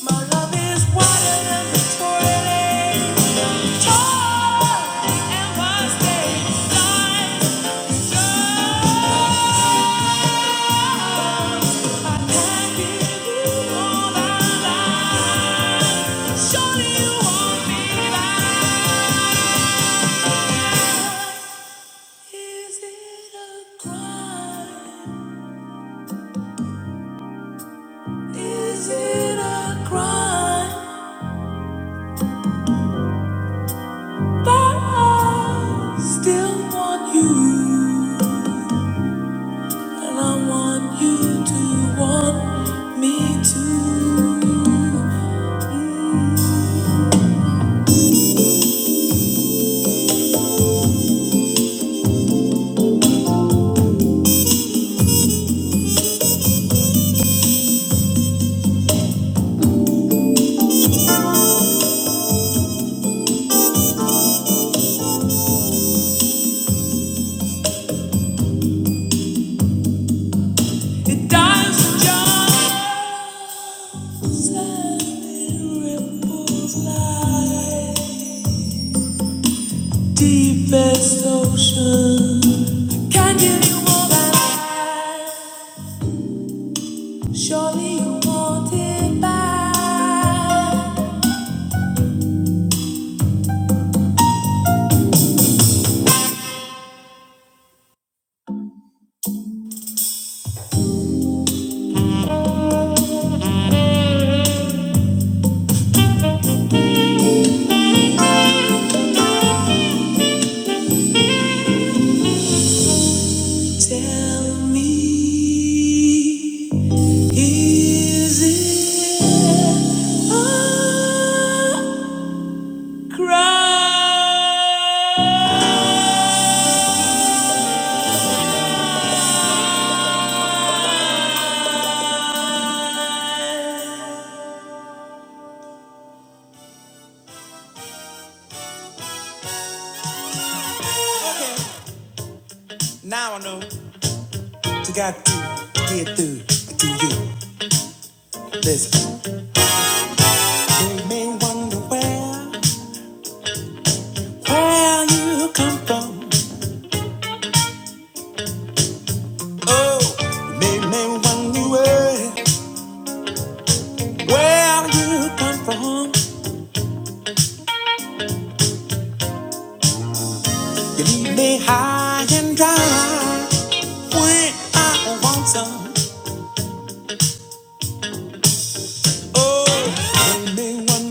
My love is wider than Victoria, taller than the Empire State I can't give you all I like. Surely you want me back. Is it a crime? Is it a crime that I still want you? And I want you to want me too. It dies just and it ripples like deepest ocean. I Can't give you all that I. Surely you want it back. Tell me, is it a crime? Okay. Now I know what you got to get through to you. Listen, you may wonder where, where I come from, where you come from. You leave me high and dry when I want some. Oh, you may wonder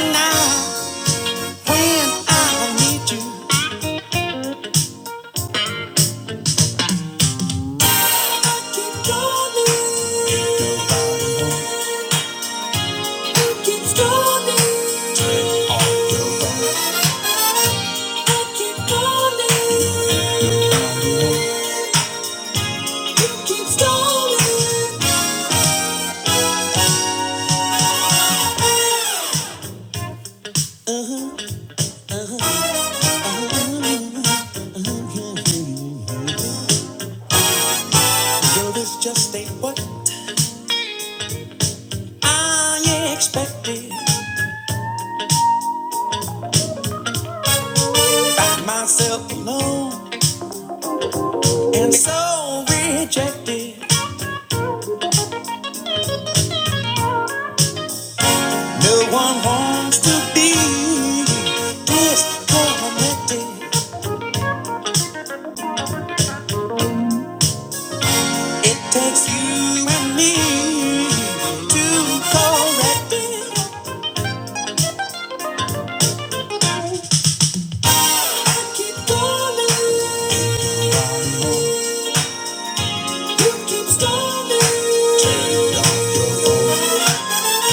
now. Just ain't what I expected. By myself alone, and so rejected. No one wants to be this. It takes you and me to correct it. I keep calling, you keep stalling.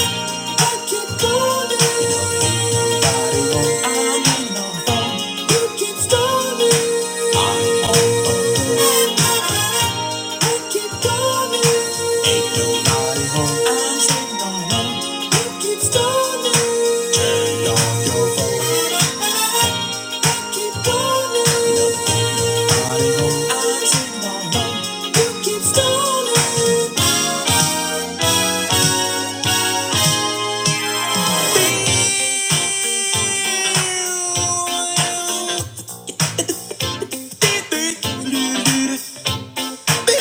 Keep stalling. But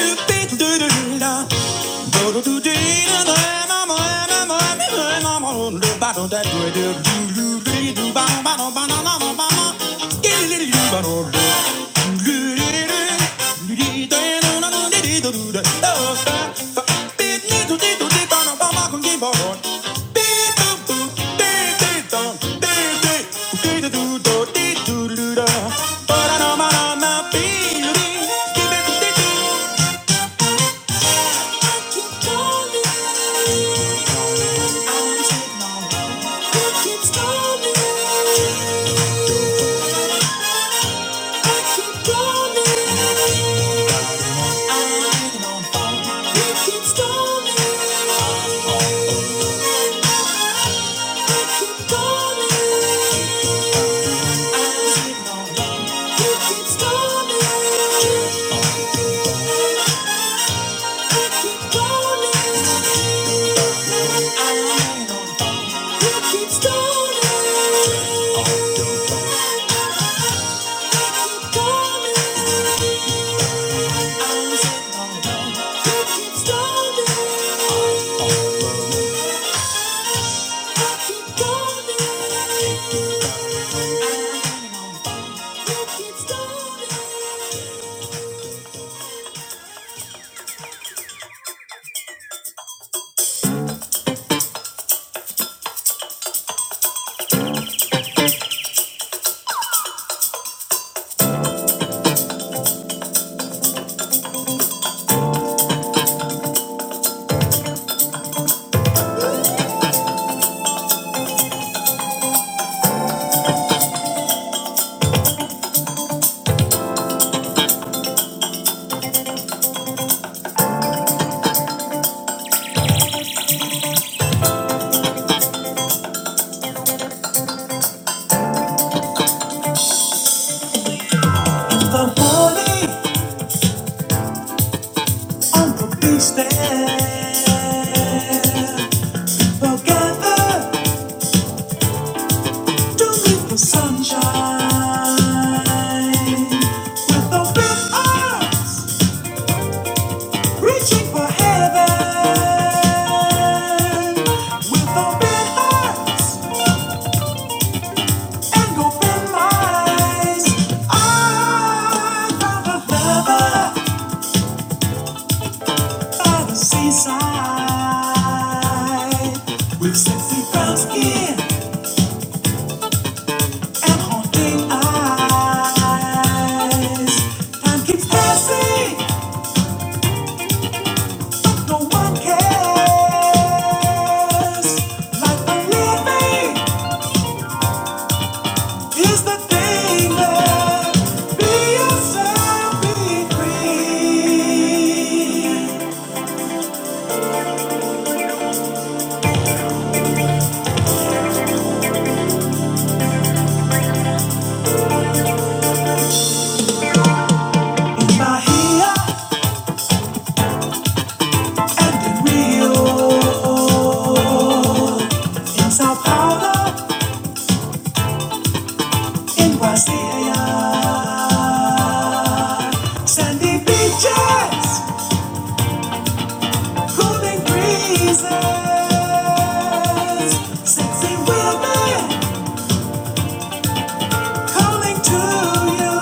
I know my mama, baby. Keep stalling. If I'm falling, I'm the beach there. Together to live for sunshine. With open arms, reaching for heaven. With open hearts and open minds. I'm a lover. by the seaside with sexy brown skin and haunting eyes. Time keeps passing, no one cares. Life I'm living is the thing that be yourself, be free. In Bahia and in Rio, in Sao Paulo. It was the air. Sandy beaches, cooling breezes, sexy women calling to you.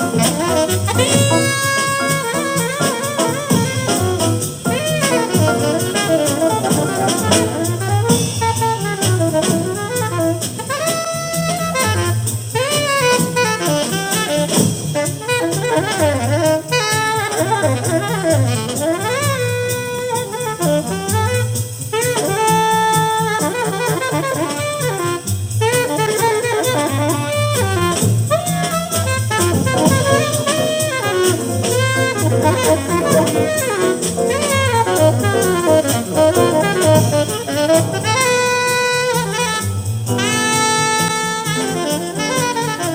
Oh, you. Thank you. Thank you.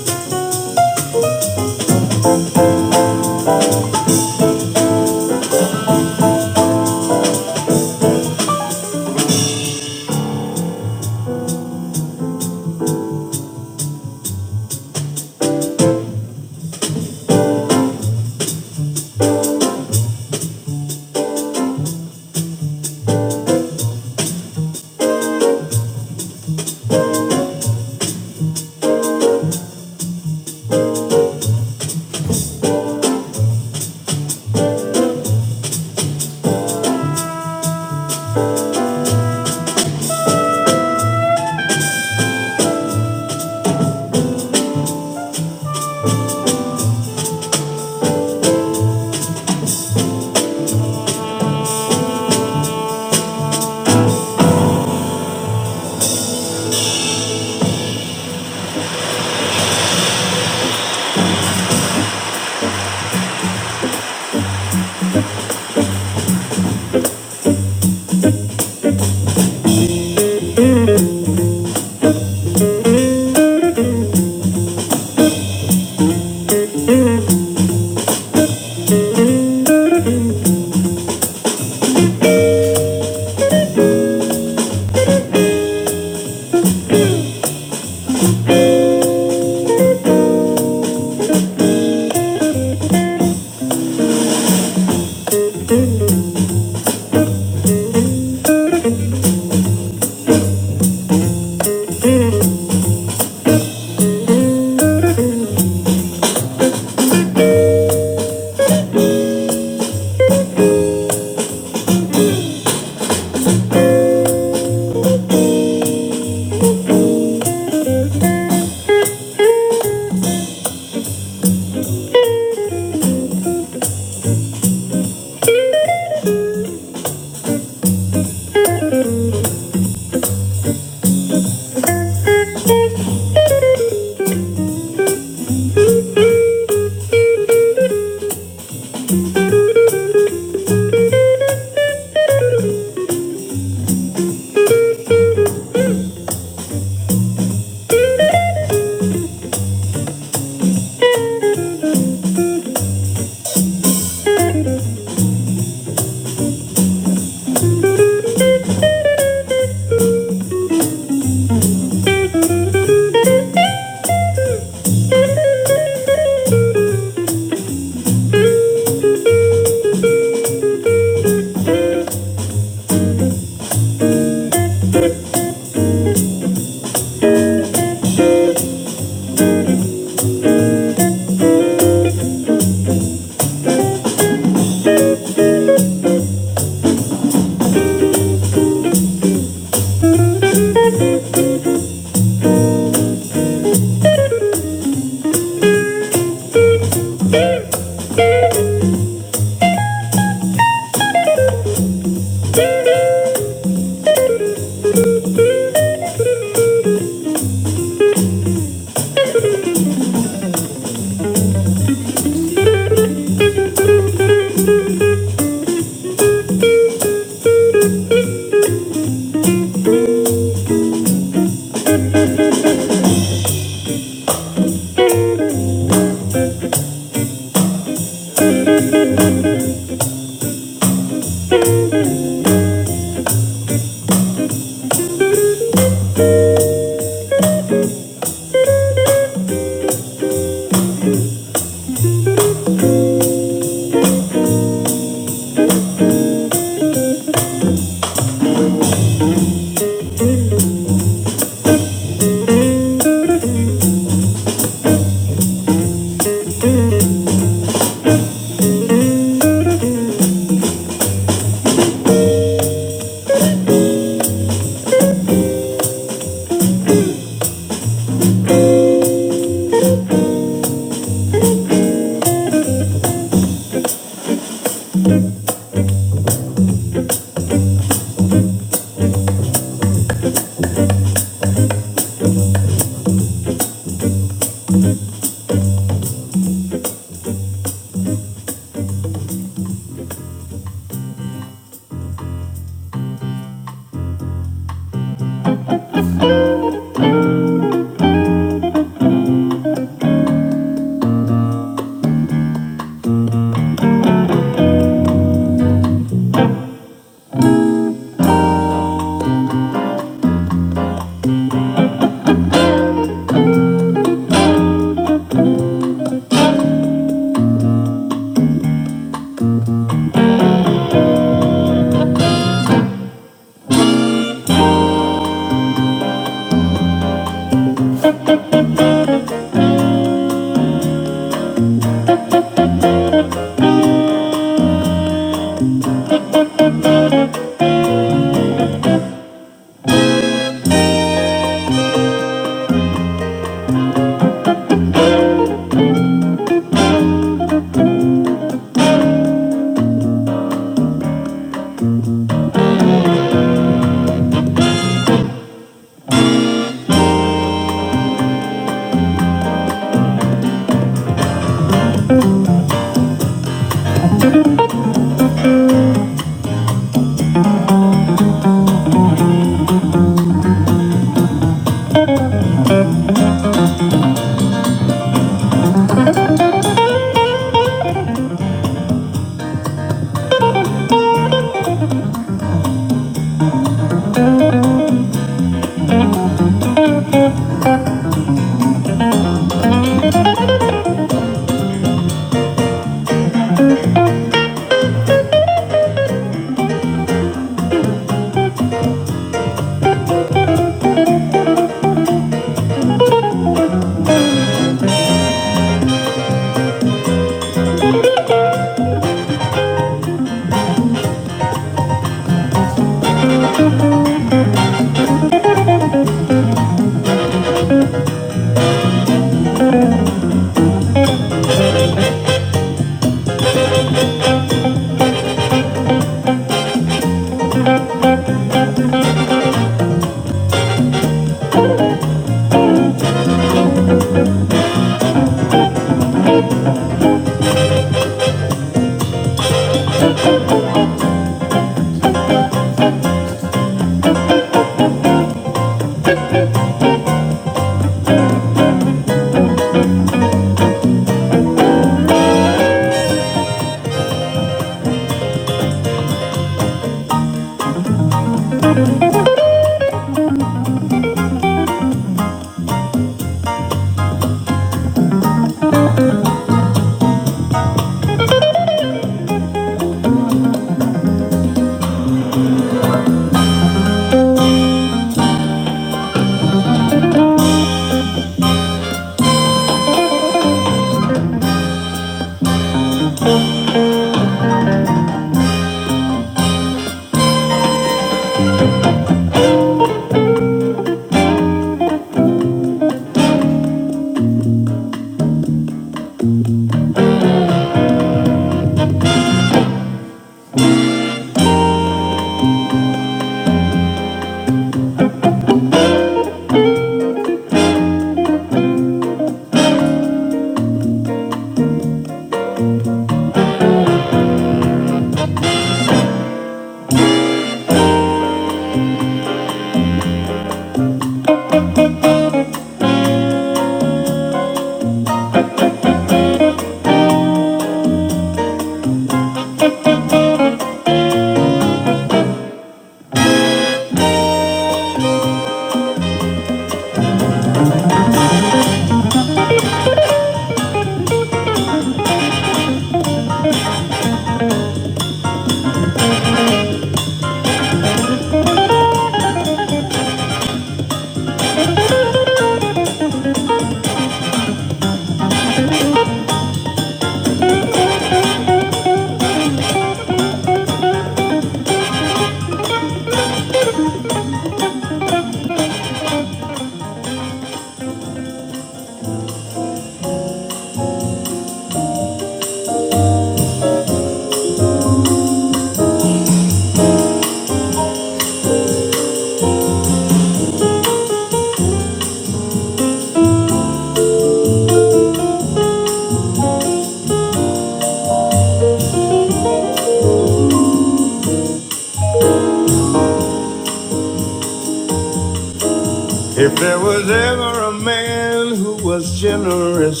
If there was ever a man who was generous,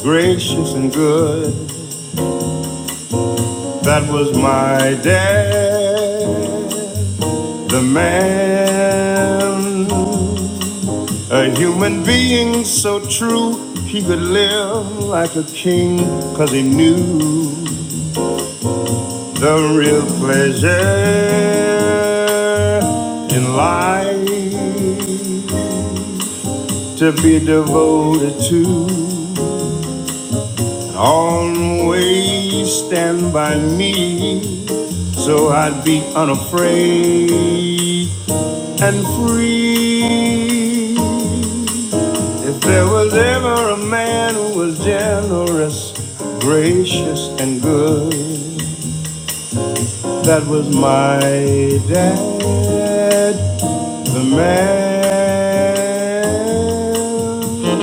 gracious, and good, in life, stand by me, so I'd be unafraid and free. If there was ever a man who was generous, gracious, and good, that was my dad. The man,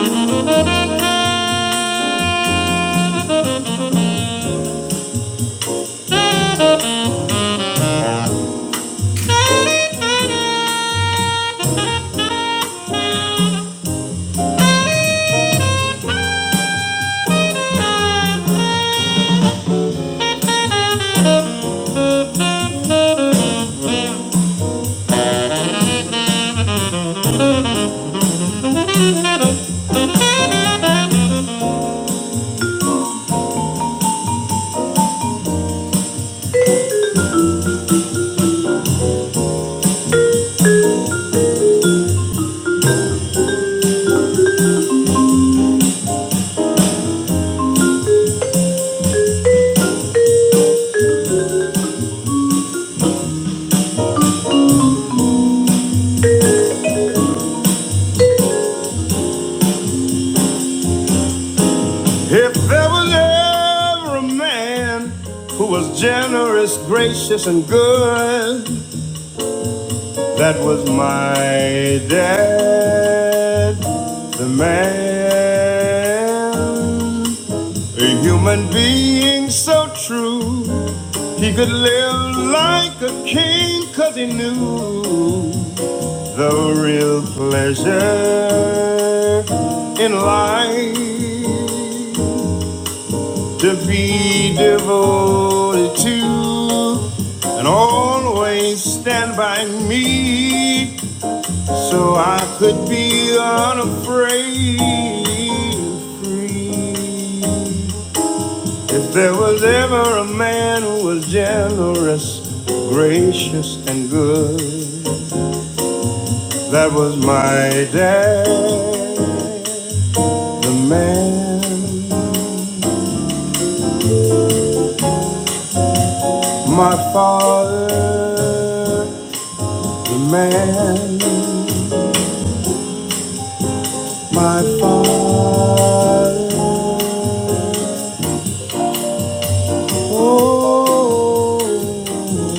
if there was ever a man who was generous, gracious, and good, that was my dad. The man, a human being so true, he could live like a king, cause he knew a real pleasure in life. to be devoted to and always stand by me so I could be unafraid free. If there was ever a man who was generous, gracious, and good, that was my dad, the man, my father, the man. My father, oh,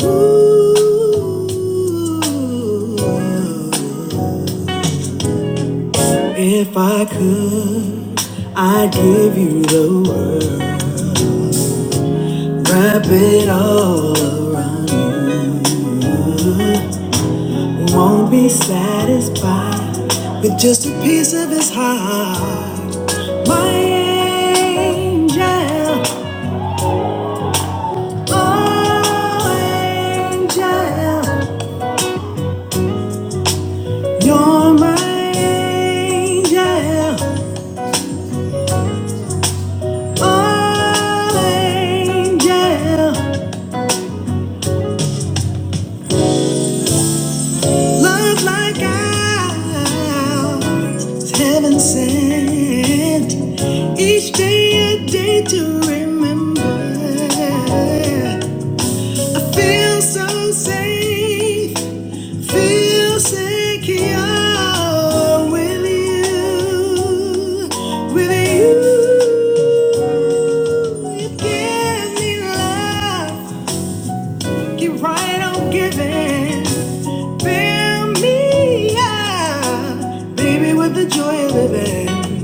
ooh, if I could, I'd give you the world. Wrap it all up. Won't be satisfied with just a piece of his heart. My angel, oh angel. You're my angel, oh angel. Love like ours, heaven sent. Each day a day to remember. I feel so safe. Feel secure with you, with you. You give me life, keep right on giving. Fill me up, baby, with the joy of living.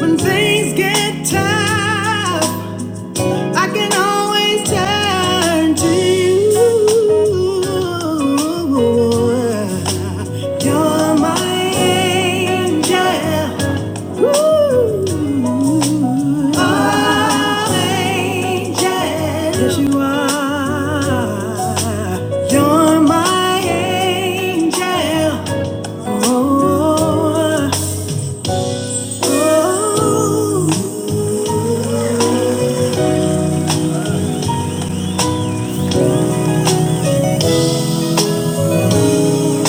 When things get tough. I can always turn to you. You're my angel. Ooh. Oh, angel. Yes, you are. You're my angel. Oh, oh, oh. oh.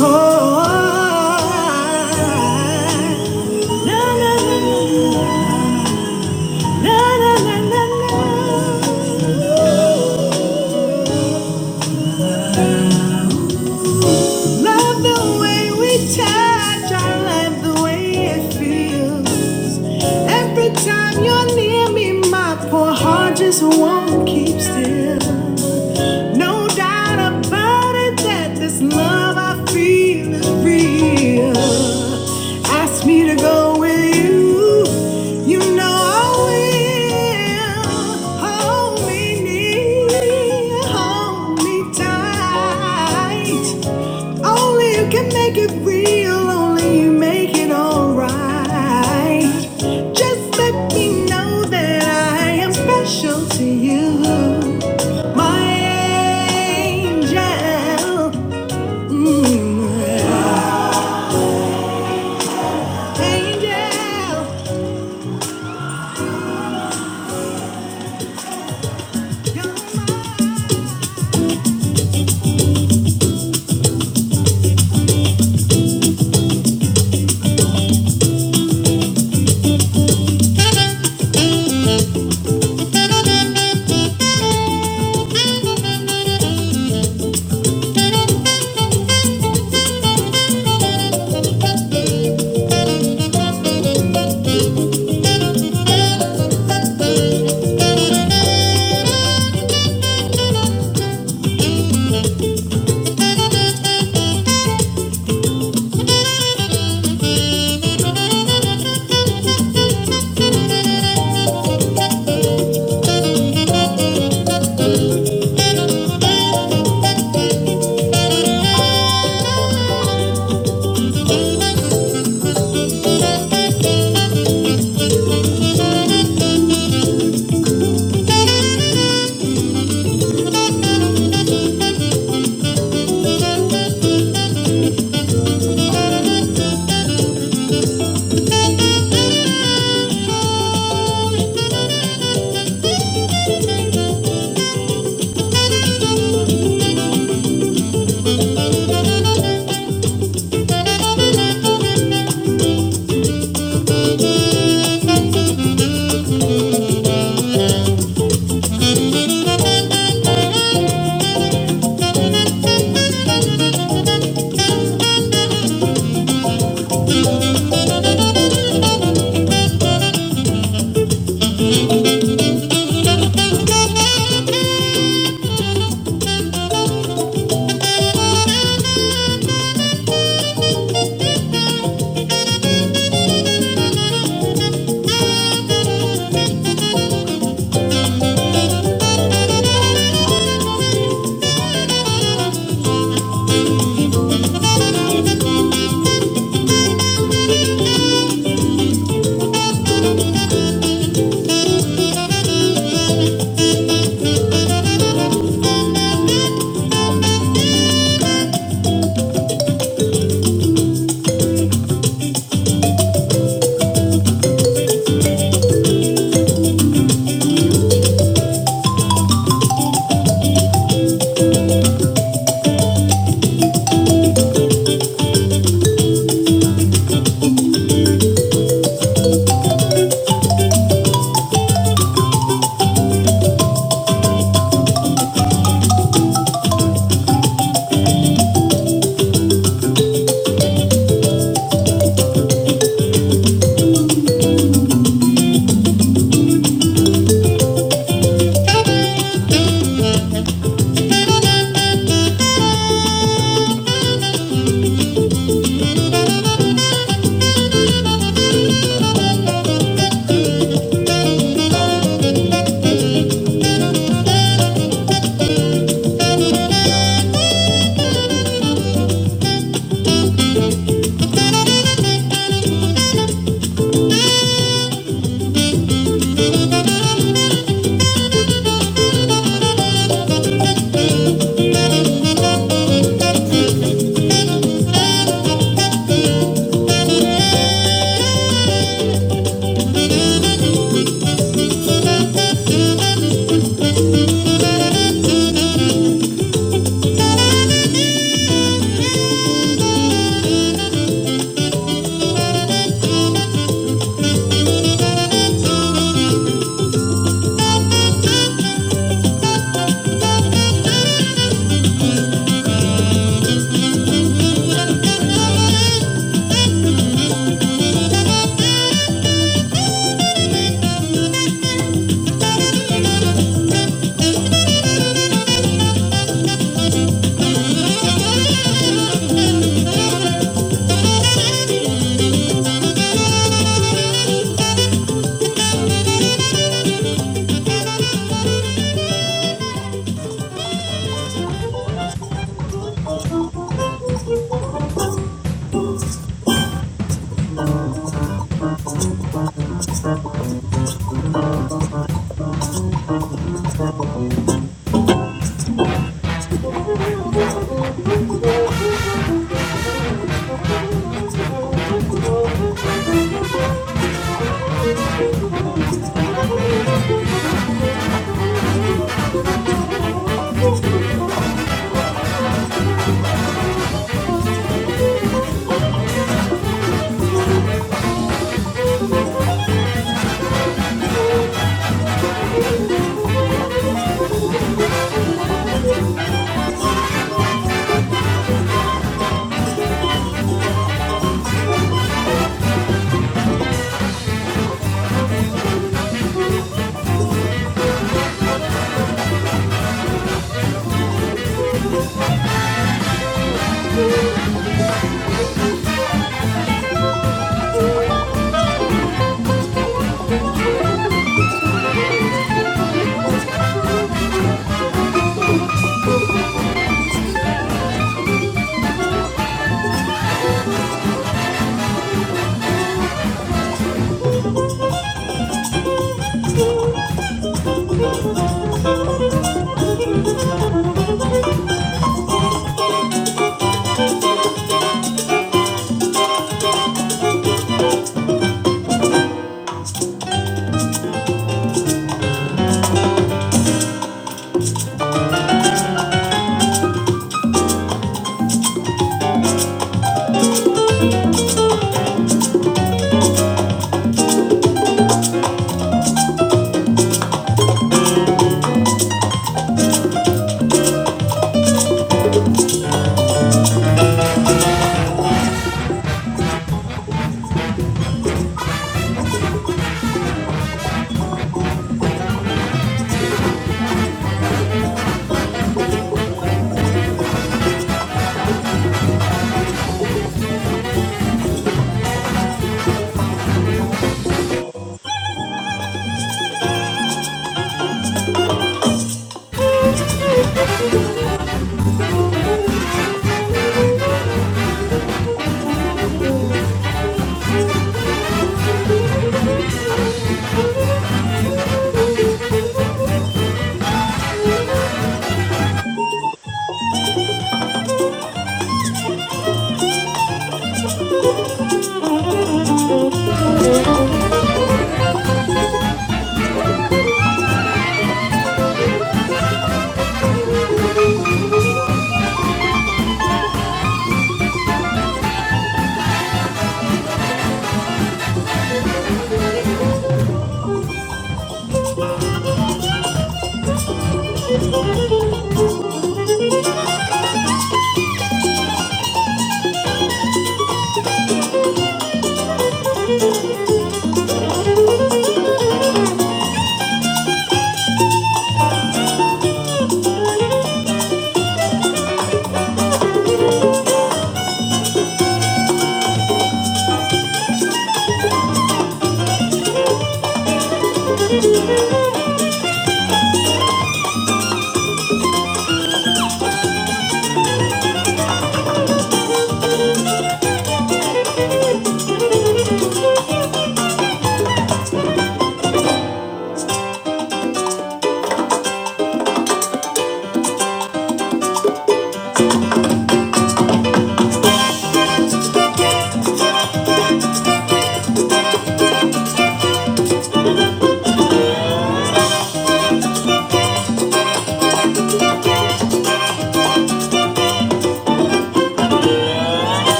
oh, oh. Love the way we touch. I love the way it feels. Every time you're near me, my poor heart just won't keep still. No doubt about it that this love I feel is real. Ask me to go with you, you know I will. Hold me near, hold me tight. Only you can make it real, only you make it alright. Just let me know that I am special to you. My angel. Mm,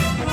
angel.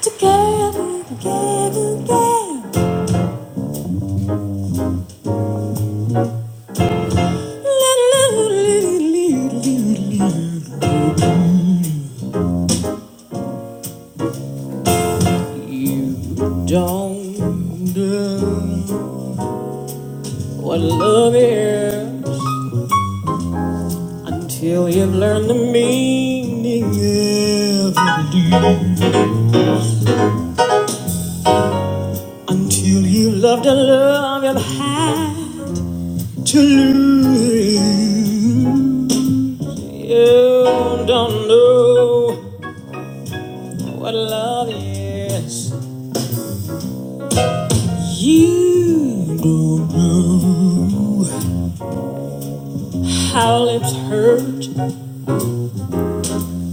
Together, together, together. What a love here. Until you've learned the meaning of every day. Until you love the love you've had to lose. You don't know what love is. You don't know how lips hurt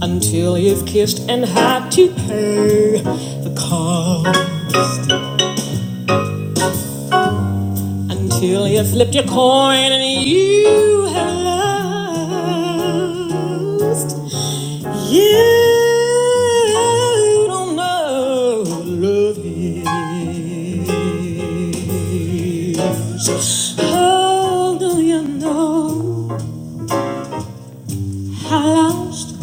until you've kissed and had to pay the cost. Until you flipped your coin and you had lost. You don't know what love is. Oh, do you know how lost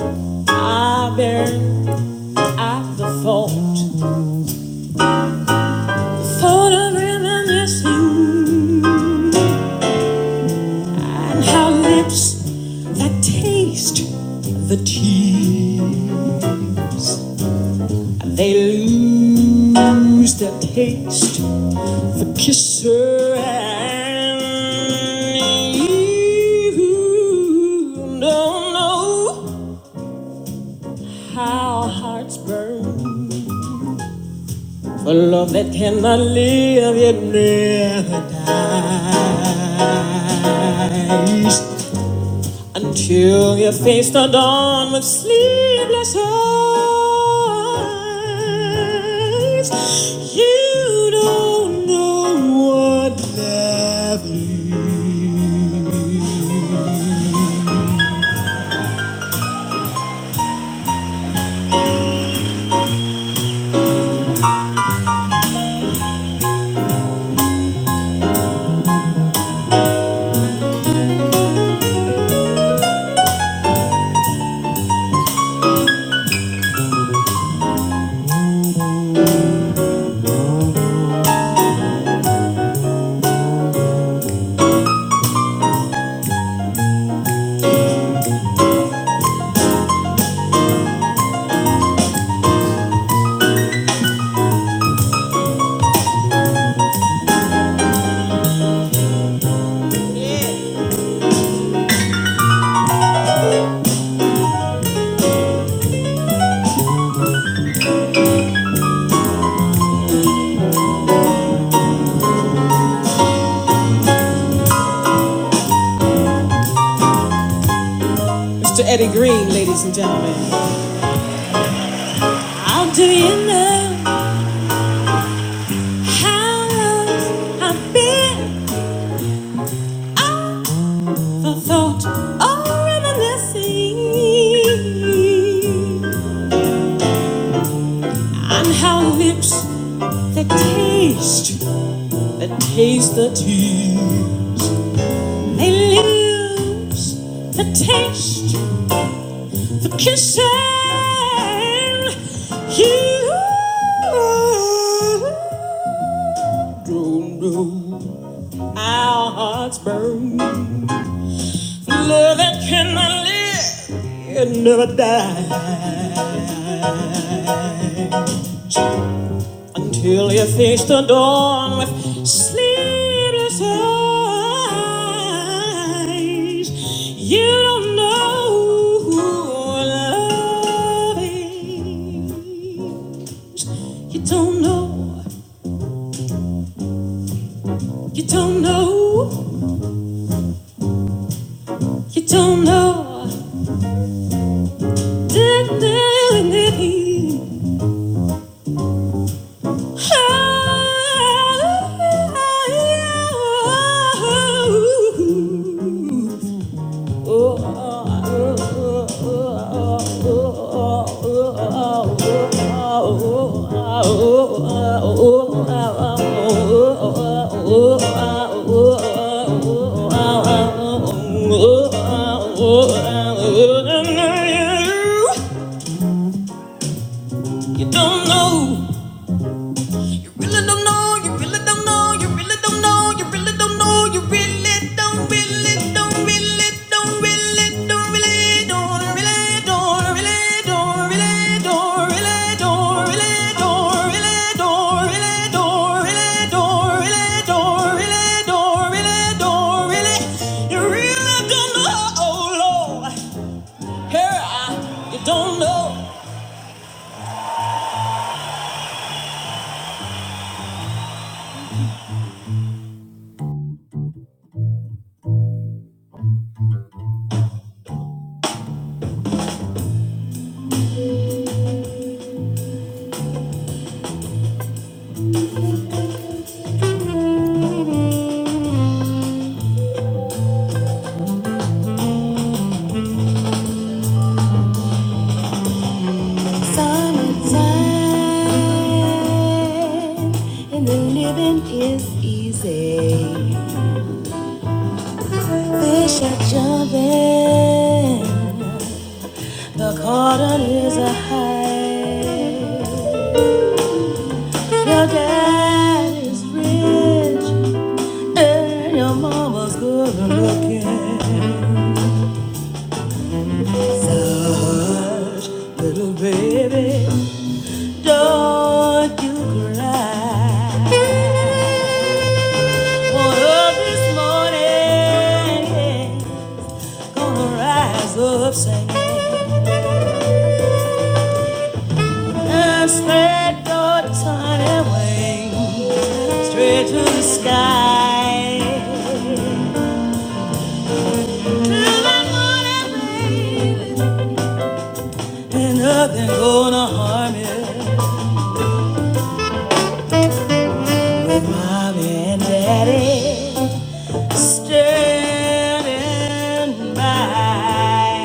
I've been at the thought, thought of reminiscing? And her lips that taste the tease. They lose their taste for kisser and you don't know how hearts burn for love that cannot live yet never dies. Until your face the dawn with sleepless eyes, you don't know what love is. Mr. Eddie Green, ladies and gentlemen. How do you know how long I've been out for thought or reminiscing? And how lips that taste, that taste the tea. They lose the taste for kissing you. Don't know our hearts burn. Love that cannot live and never die. Until you face the dawn with sleepless eyes, you don't know who love is. You don't know, you don't know, you don't know. Didn't Oh. You don't know Really don't know, you really don't know, you really don't know, you really don't know, you really don't, really don't, really don't, really don't, really don't, really don't, really don't, really don't, really don't, really don't, really don't, really don't, really don't, really don't, really don't, really don't, really- you really don't know, oh Lord. Here I- you don't know. Wish I jumping. The cotton is a high. Your dad is rich, and your mama's good looking. Hush, little baby, don't you cry. One of this morning, gonna rise up singing and spread your tiny wings straight to the sky. Ain't nothing gonna harm you with mommy and daddy standing by.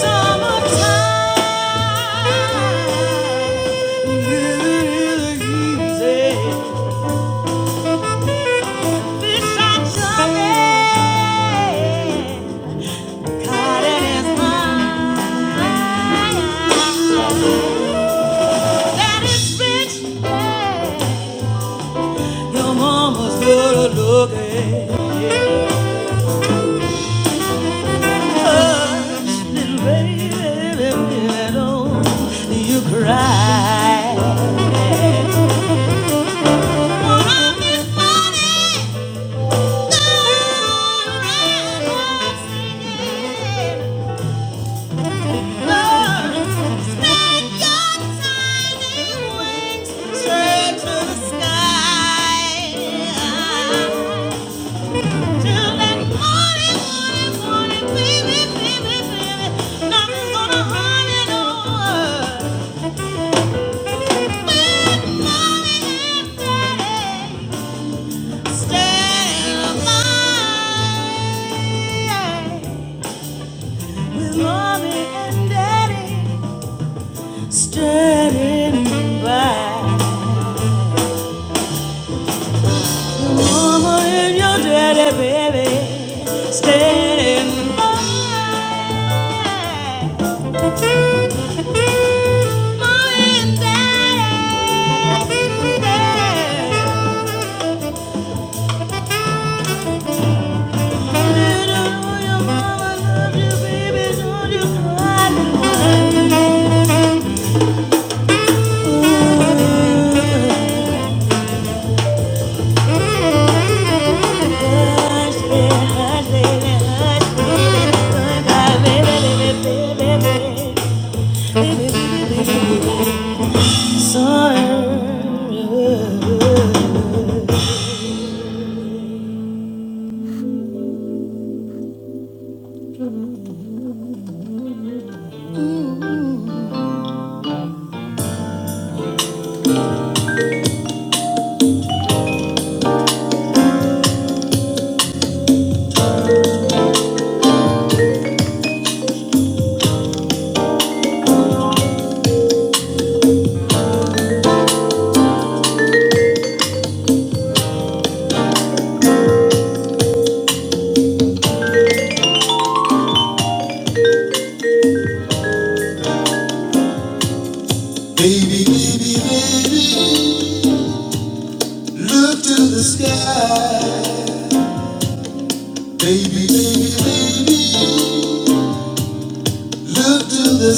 Summertime, really, really easy. Fish are jumping, cotton is mine. That is rich, yeah. Your mama's good looking. Little baby, baby, don't you cry. Straight to the sky. Till that morning, morning, morning, baby, baby, baby, nothing's gonna harm you no more. Standing by, mama and your daddy, baby, standing by. Mama and daddy, don't you, mama, don't you, baby, don't you cry. Baby, baby, baby, look to the sky. Baby, baby, baby, look to the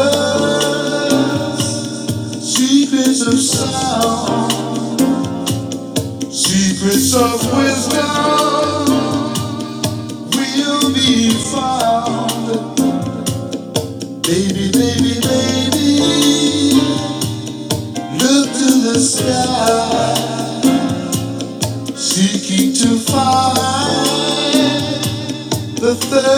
above. She, she of wisdom will be found. Baby, baby, look to the sky. She keep to find the third.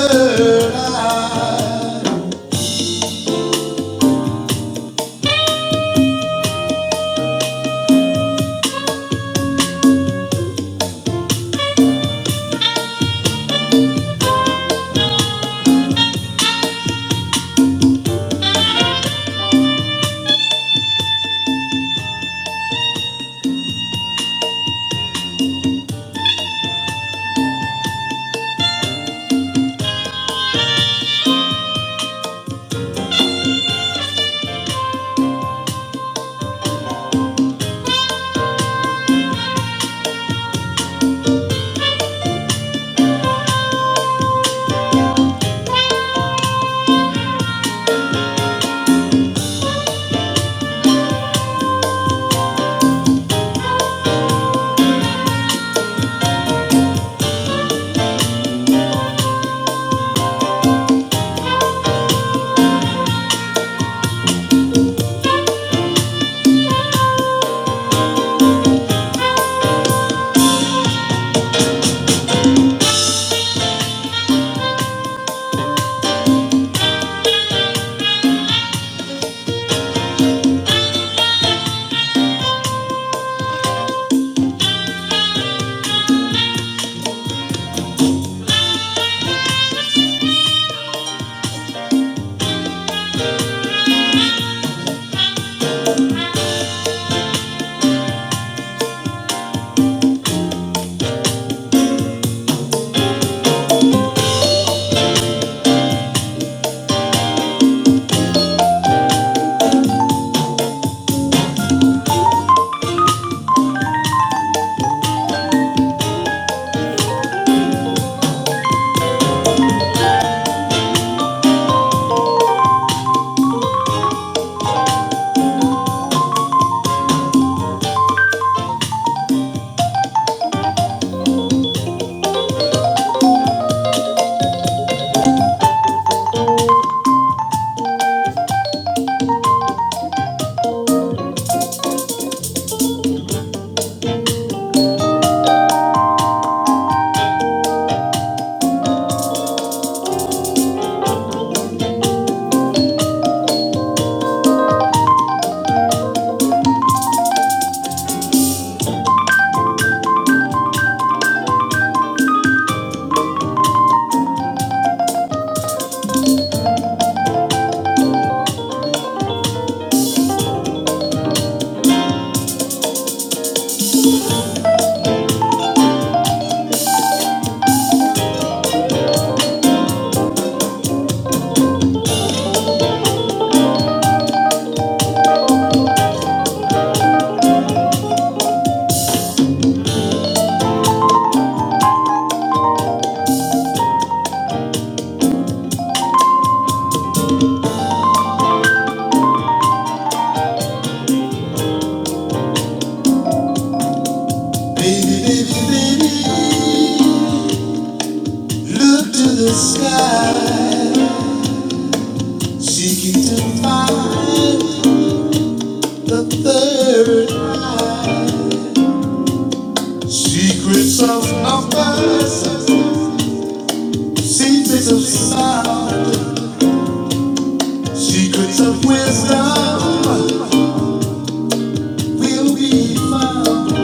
Baby, baby, to the sky. Seeking to find the third eye. Secrets of numbers, secrets of sound, secrets of wisdom will be found.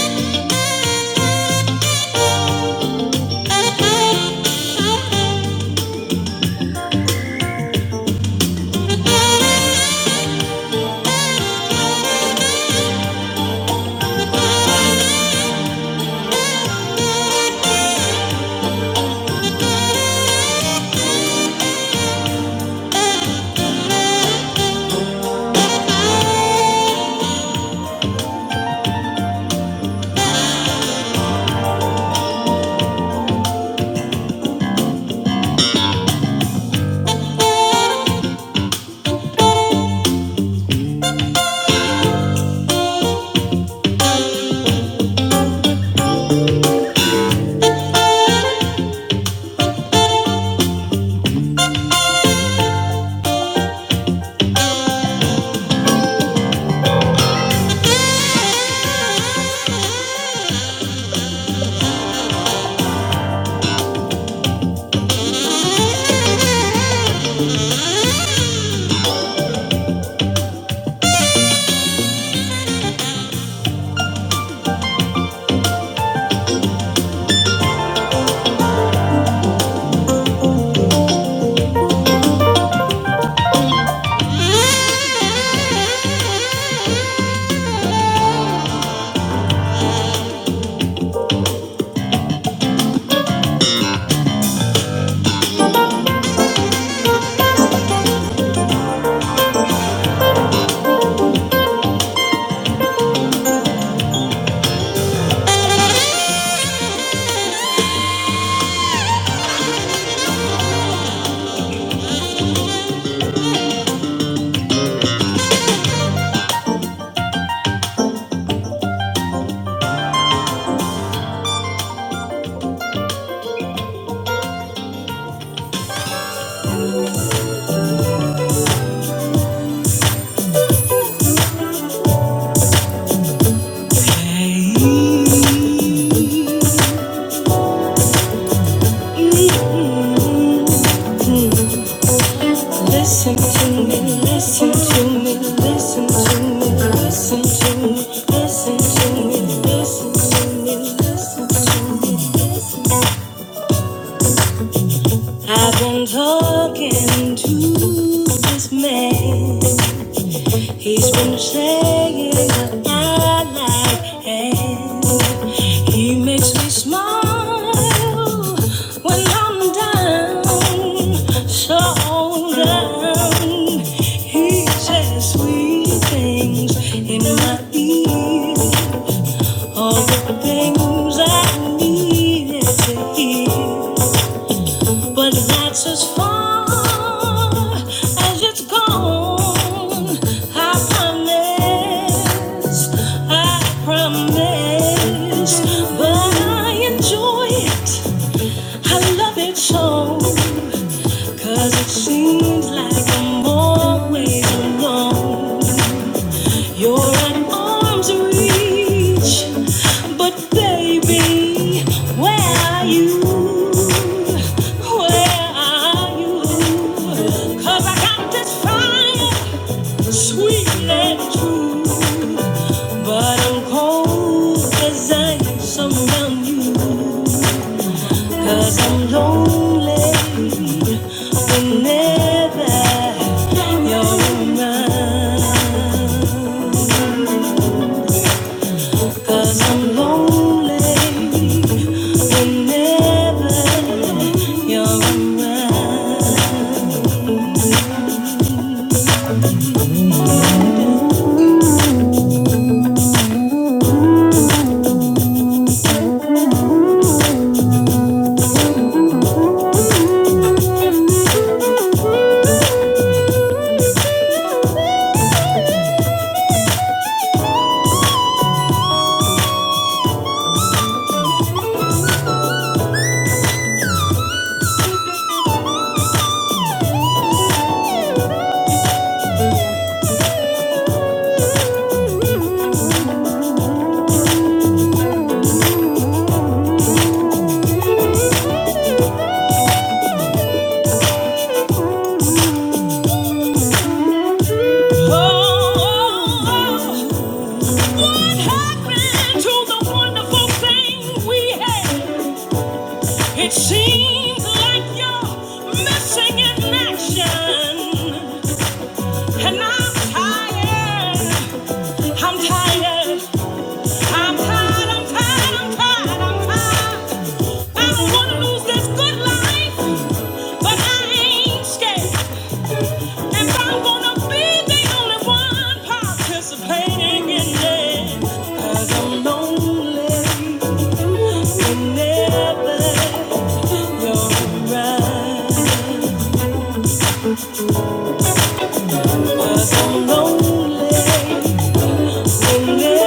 I've been talking to this man. He's been saying that I like him. He makes me smile when I'm down, so down. He says sweet things in my ear. All the things I needed to hear, but that's as far as it's gone. I promise, I promise, but I enjoy it. I love it so, 'cause it seems like I'm always alone. You're an arm's reach, but baby, where are you? Where are you? 'Cause I got this fire, sweet and true, but I'm cold as ice around you. 'Cause I'm lonely whenever you're Oh, what happened to the wonderful thing we had? It seems like you're missing in action, and I'm tired. I'm tired. I'm tired. I'm tired. I'm tired. I'm tired. I don't wanna lose this good life, but I ain't scared. If I'm gonna be the only one participating in it, 'cause I'm lonely whenever you're around. 'Cause I'm lonely whenever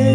Oh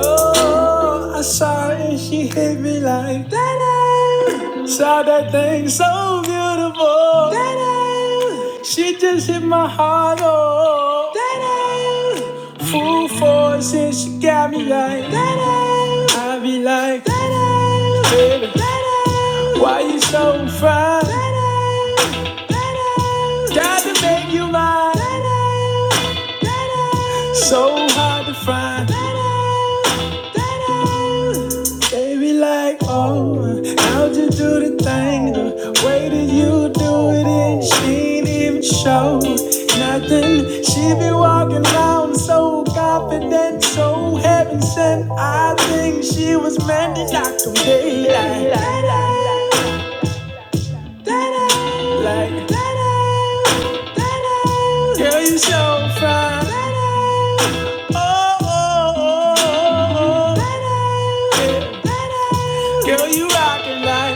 Oh, I saw it, she hit me like that. Saw that thing so beautiful. That she just hit my heart. Oh, that full force, and she got me like that. I be like, baby, why you so fine? Got to make you mine. So hard to find. They be like, oh, how'd you do the thing? The way that you do it, and she ain't even show nothing. She be walking around so confident, so then I think, man, that I like. Girl, you show, girl, you rockin' like.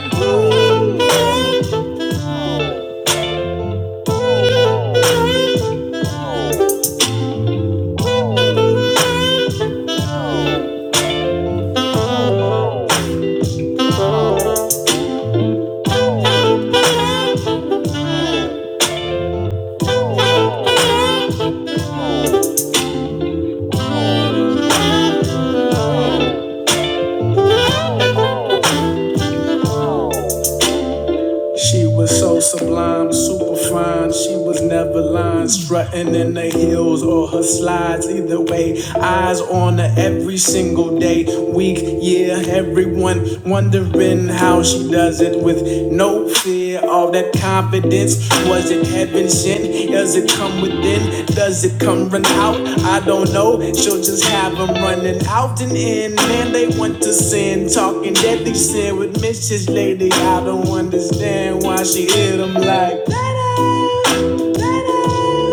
She was so sublime, super fine. She was never lying, strutting in her heels or her slides. Either way, eyes on her every single day, week, year. Everyone wondering how she does it with no fear. All that confidence, was it heaven sent? Does it come within? Does it come run out? I don't know. She'll just have them running out and in. Man, they want to sin. Talking deadly sin with Mrs. Lady. I don't understand why she hit them like,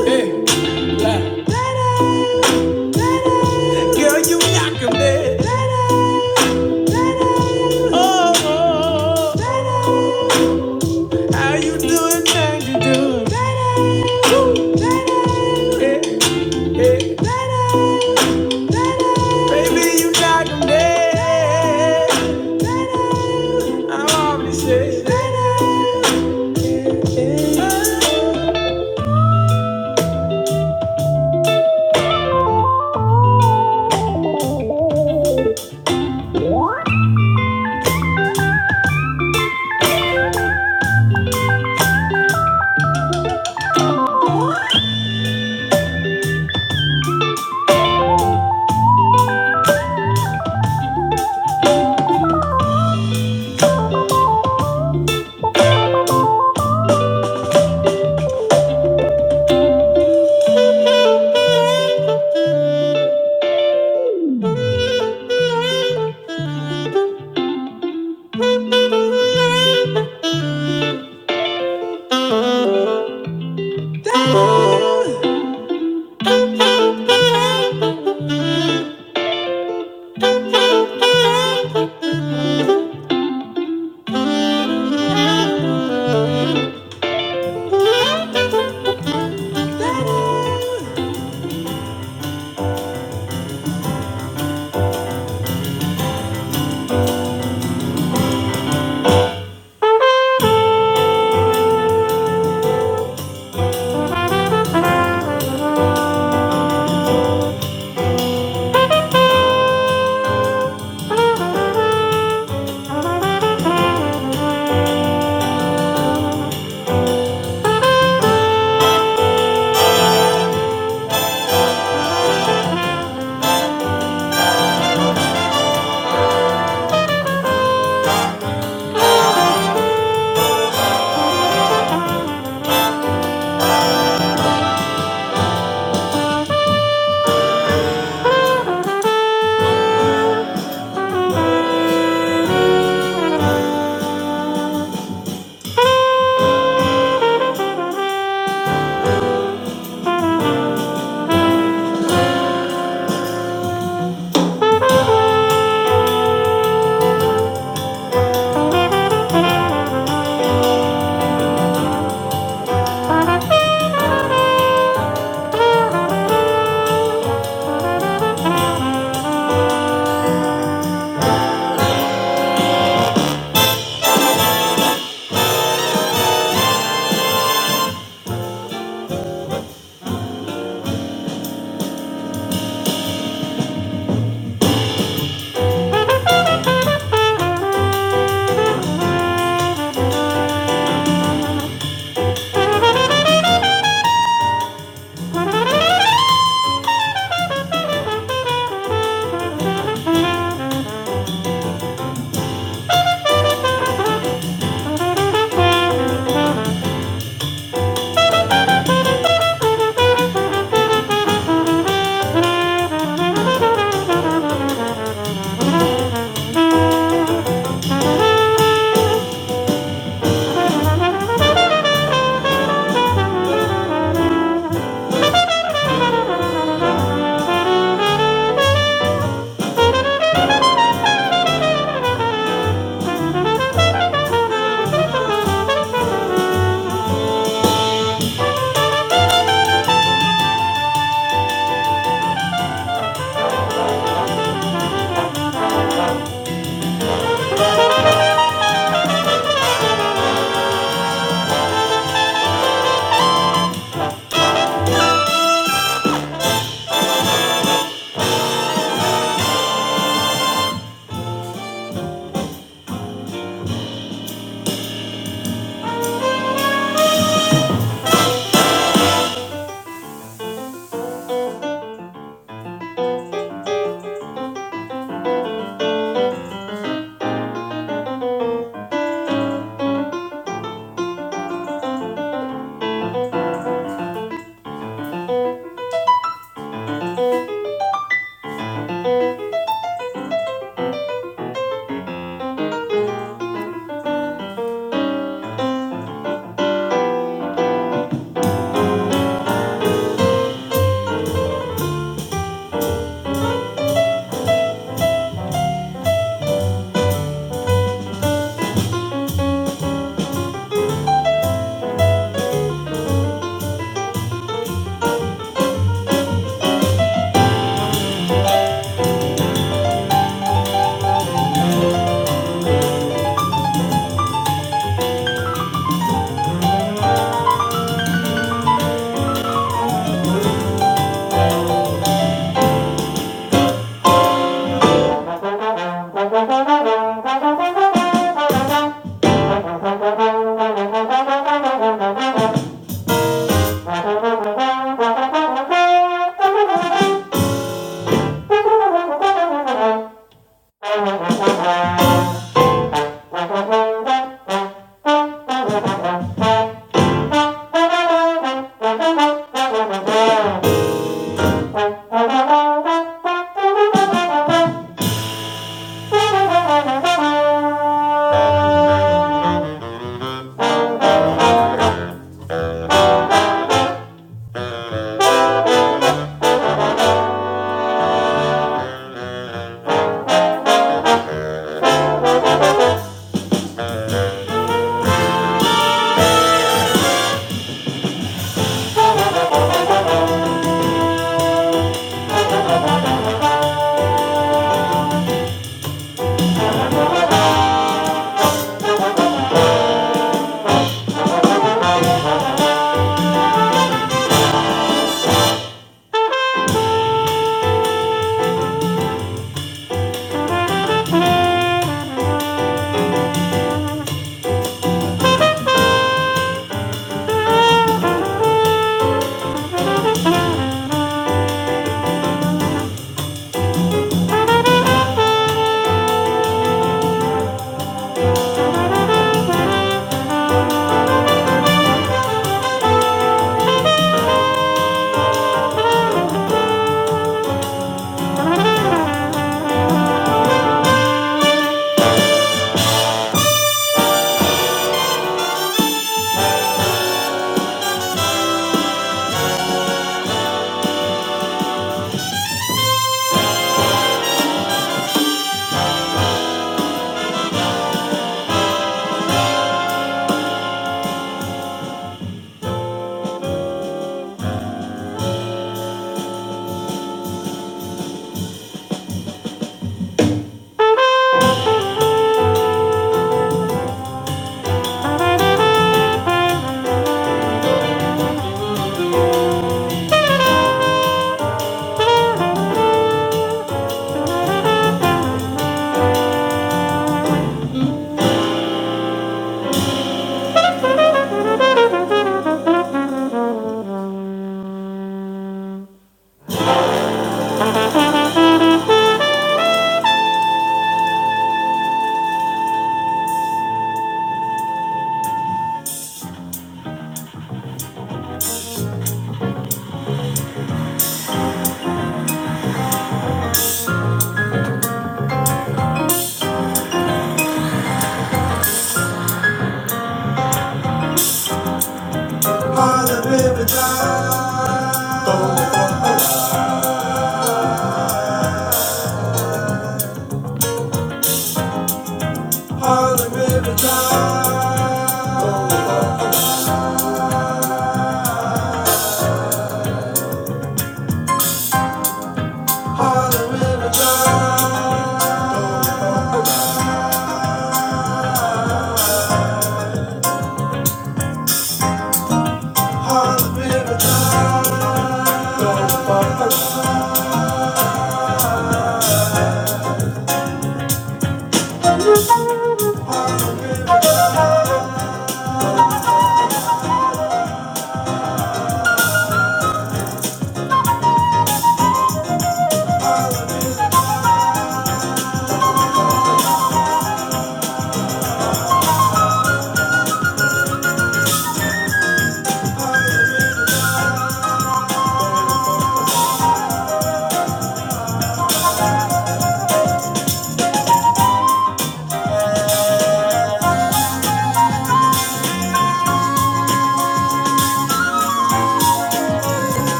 hey, like, girl, you knocking me. Oh, oh, oh. how you doing? How you doing? Woo. Hey, hey. Baby, you got me.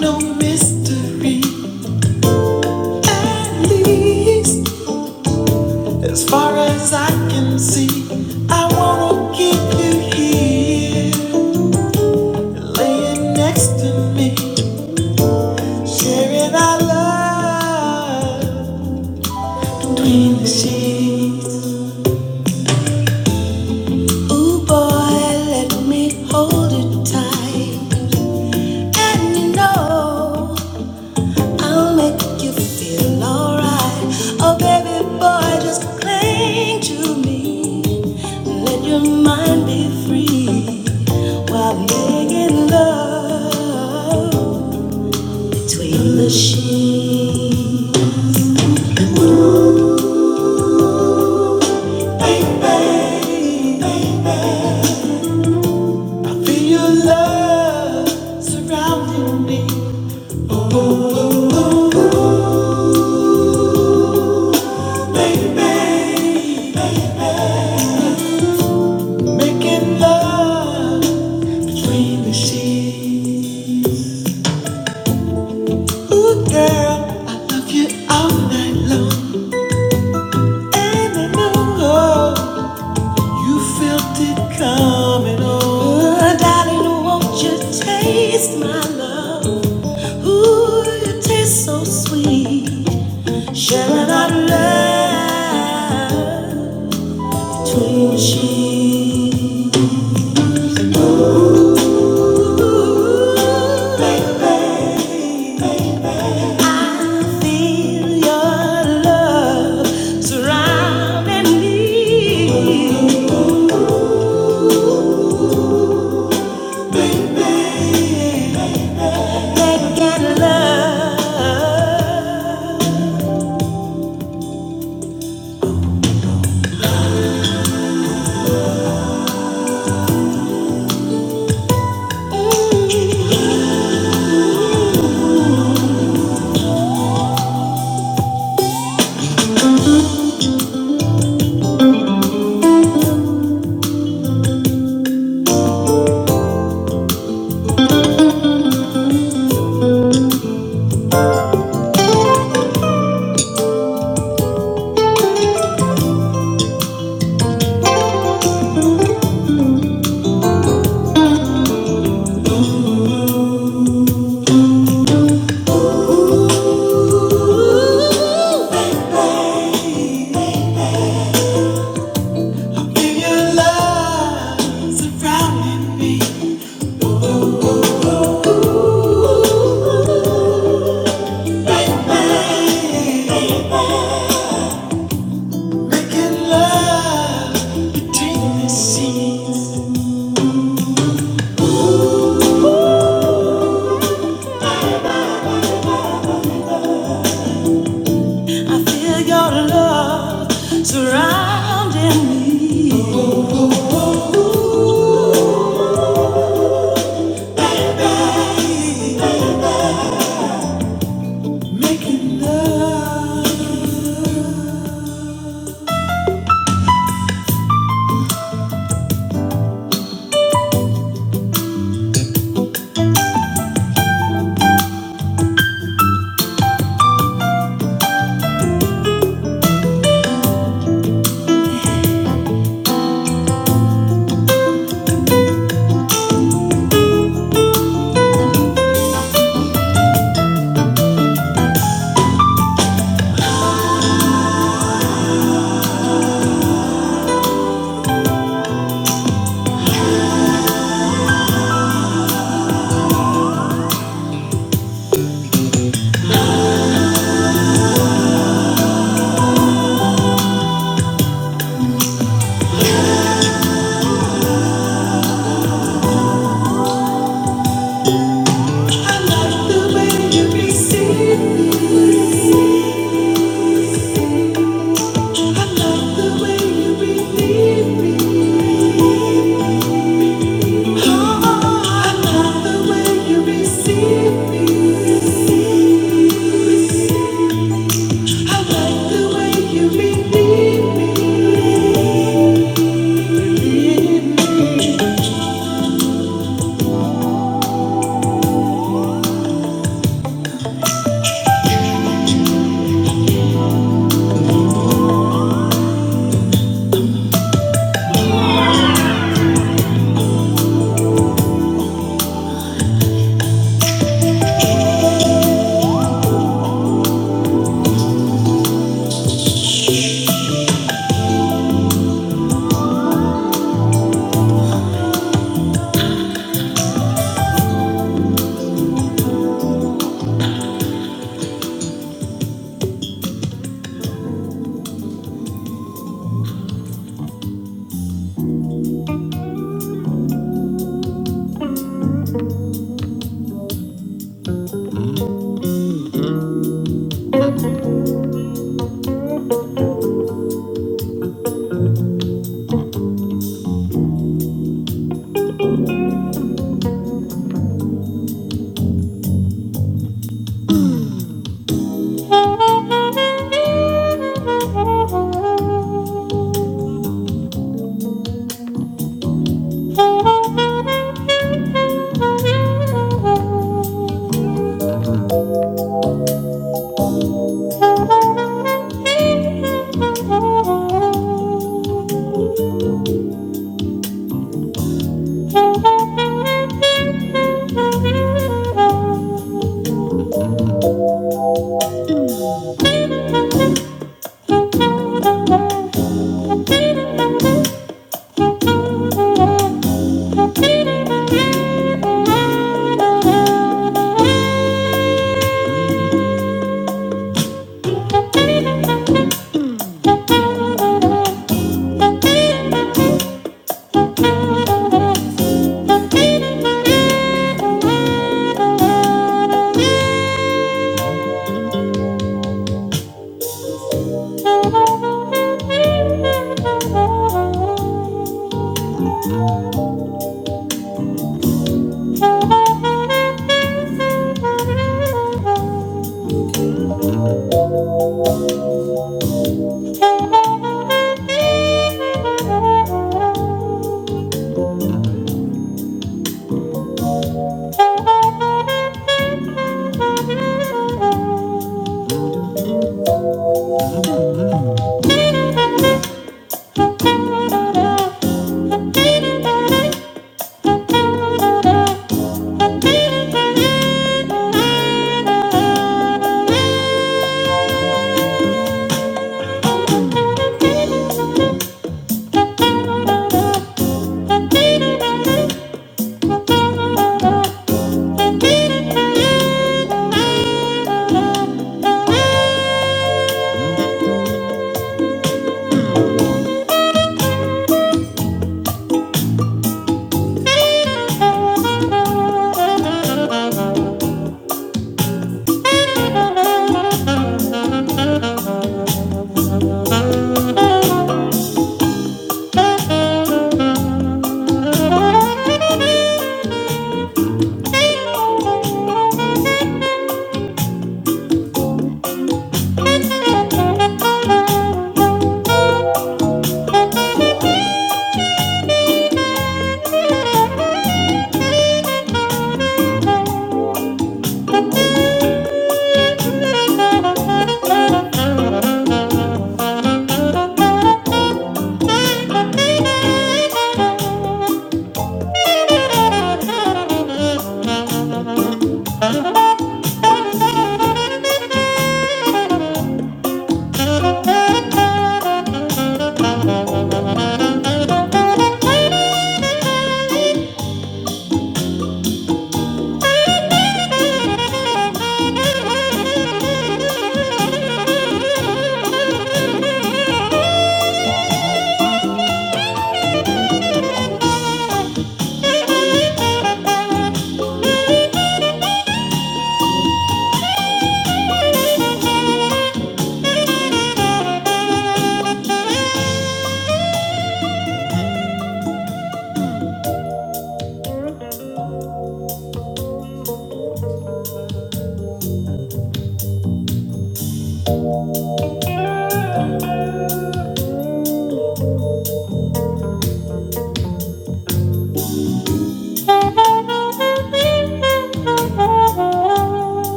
No mistakes. As far as I can see, I wanna keep you here, laying next to me, sharing our love between the sheets. Ooh, boy, let me hold it tight, and you know. I'll make you feel alright. Oh, baby boy, just cling to me. Let your mind be free while making love between the sheets. Baby, baby, feel your love surrounding me. Baby, making love between the sheets. Ooh, girl, I love you all night long. And I know oh, You felt it coming on. Uh, darling, won't you taste my love? Ooh, it tastes so sweet. Sharing our love between the sheets. Ooh, baby, I feel your love surrounding me. Making love. If your love surrounded me, baby, making love between the sheets. I feel your love surrounding me, oh, making love. I love the way you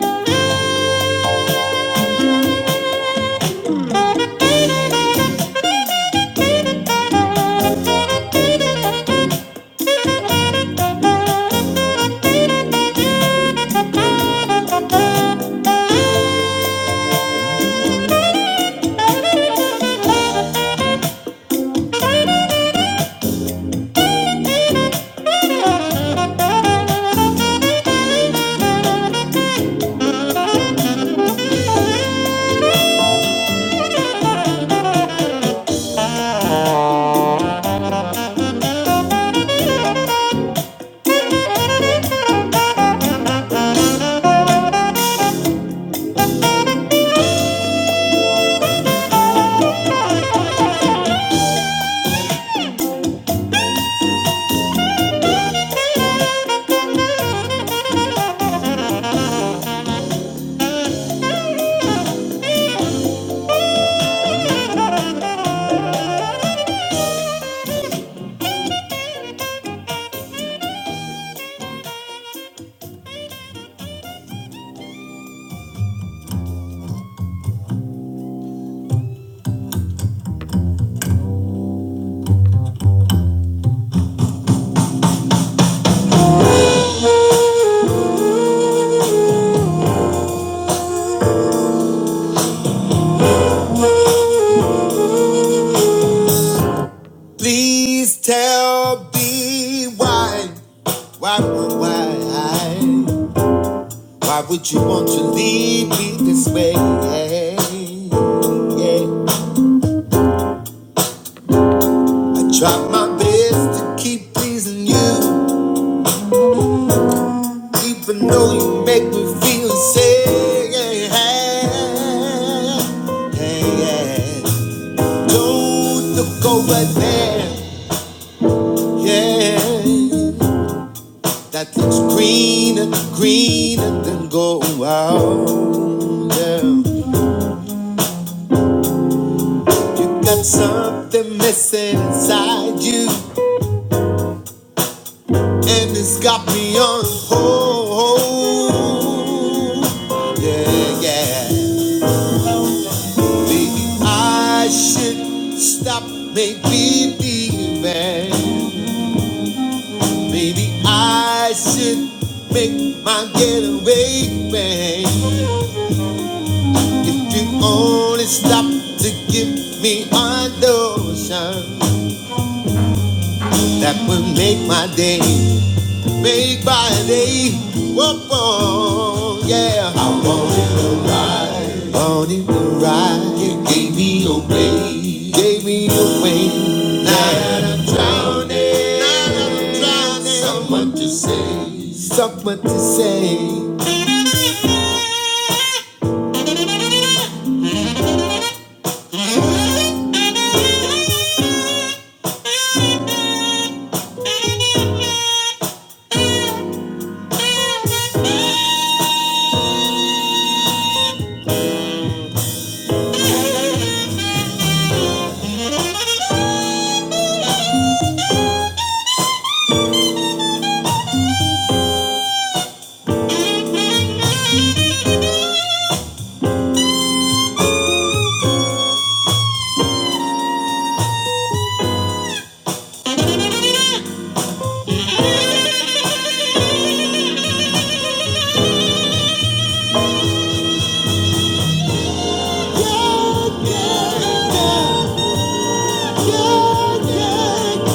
Thank you. Please tell me why, why, why, why, would you want to leave me this way? Yeah. yeah. I tried my best to keep pleasing you. Even though you make me feel sick, yeah, yeah. Yeah, yeah. Don't look over there, yeah. That looks greener, greener than gold. Wow. You got something missing inside you, and it's got me on hold. Yeah, yeah. Maybe I should stop, maybe leaving. Maybe I should make my getaway way. If you only stop to give me a notion, that would make my day, make my day. Whoop, oh, yeah. I wanted a ride, wanted a ride. You gave me away, gave me away. Now I'm drowning, now I'm drowning. Someone to say, someone to say. Yeah, yeah, yeah, yeah, yeah.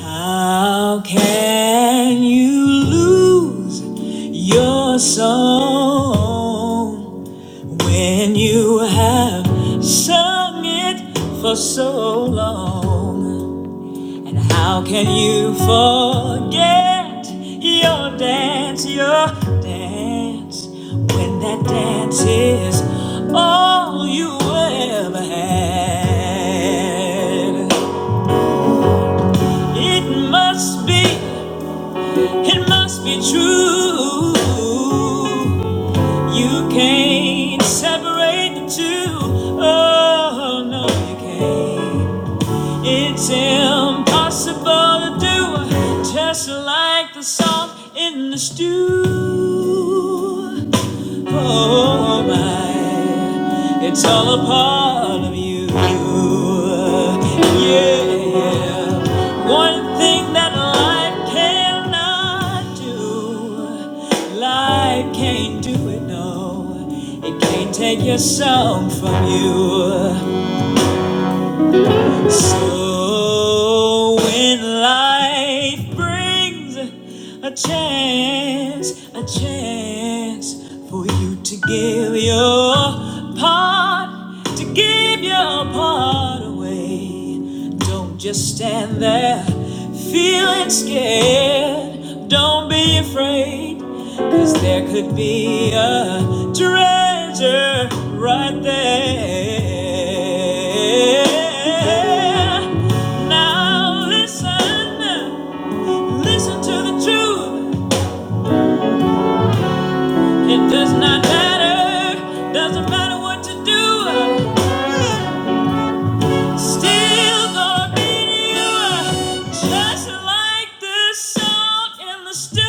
How can you lose your soul when you have sung it for so long? And how can you forget your dance, your dance, when that dance is all you ever had? It must be, it must be true. You can't separate the two. Oh, no, you can't. It's. Impossible to do, just like the salt in the stew. Oh my, it's all a part of you. Yeah, one thing that life cannot do, life can't do it, no. It can't take your soul from you. So when life brings a chance, a chance for you to give your part, to give your part away. Don't just stand there feeling scared. Don't be afraid. Cause there could be a treasure right there. Now listen, listen to the truth. It does not matter, doesn't matter what you do. Still gonna need you, just like this song in the stew.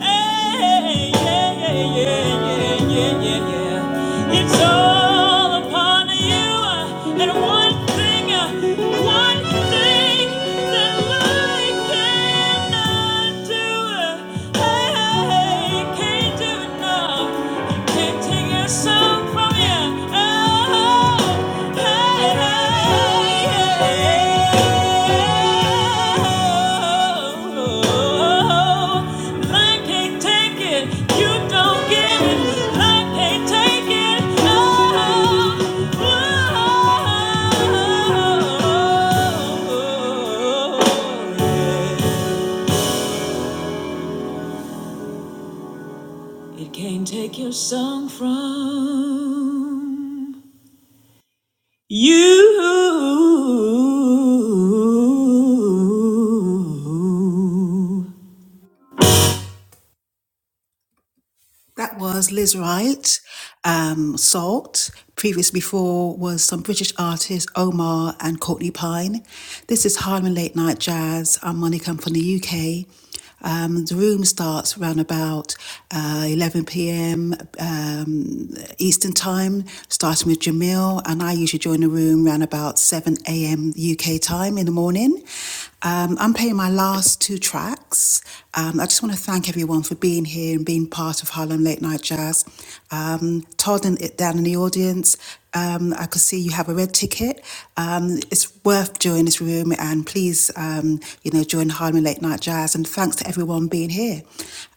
Hey, yeah, yeah, yeah, yeah, yeah, yeah, yeah. It's all upon you, and one thing, one thing that I cannot do, hey, hey, hey, can't do. It can't take your song from You. That was Liz Wright, um, Salt. Previous before was some British artists, Omar and Courtney Pine. This is Harlem Late Night Jazz. I'm Monica, I'm from the UK. Um, the room starts around about uh, 11 p.m. Eastern time, starting with Jamil. And I usually join the room around about 7 a.m. UK time in the morning. Um, I'm playing my last two tracks. Um, I just want to thank everyone for being here and being part of Harlem Late Night Jazz. Um, Todd and it down in the audience, um, I could see you have a red ticket. Um, it's worth joining this room and please, um, you know, join Harlem Late Night Jazz. And thanks to everyone being here.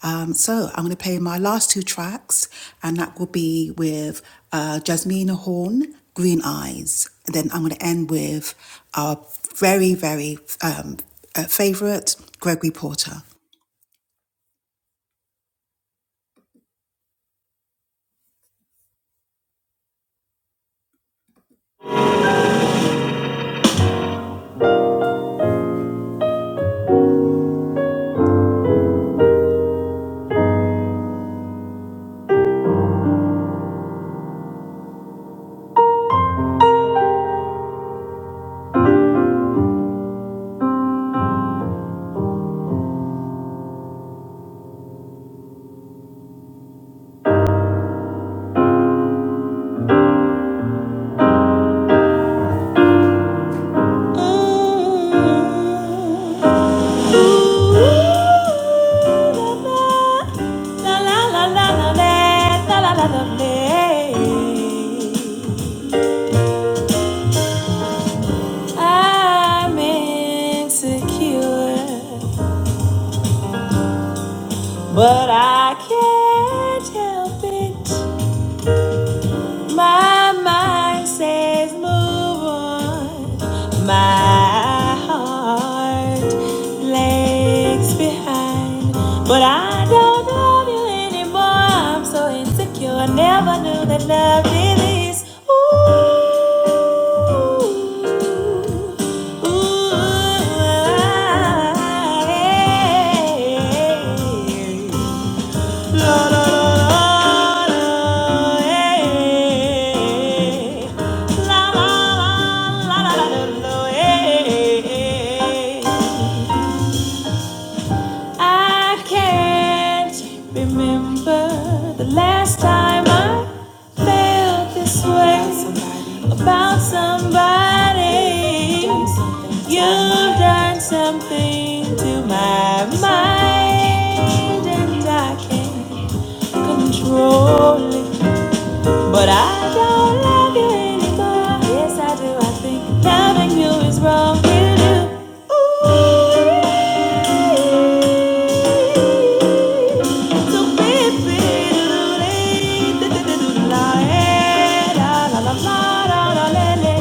Um, so I'm going to play my last two tracks and that will be with uh, Jasmina Horn, Green Eyes. And then I'm going to end with our very, very um, uh, favorite, Gregory Porter. I'm insecure, but I can't help it. My mind says move on. My heart lags behind. But I don't love you anymore. I'm so insecure. I never knew that love. I can't remember the last time I felt this way. about somebody. You've done something to my mind, and I can't control it. But I don't love you anymore. Yes, I do. I think loving you is wrong. You do. Ooh, so baby, doodly, doodly, doodly, la, eh, la, la, la, la, la, la, la, la.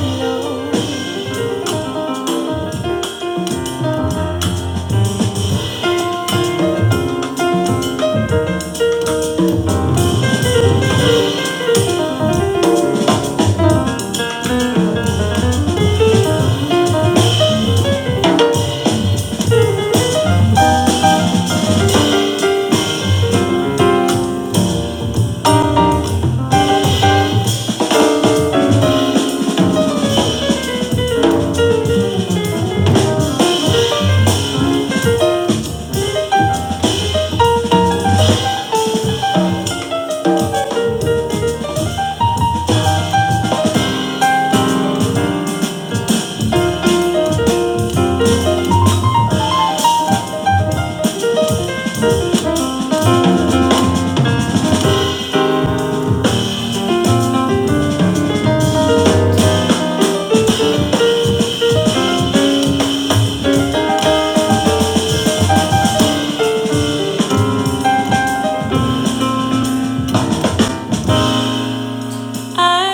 I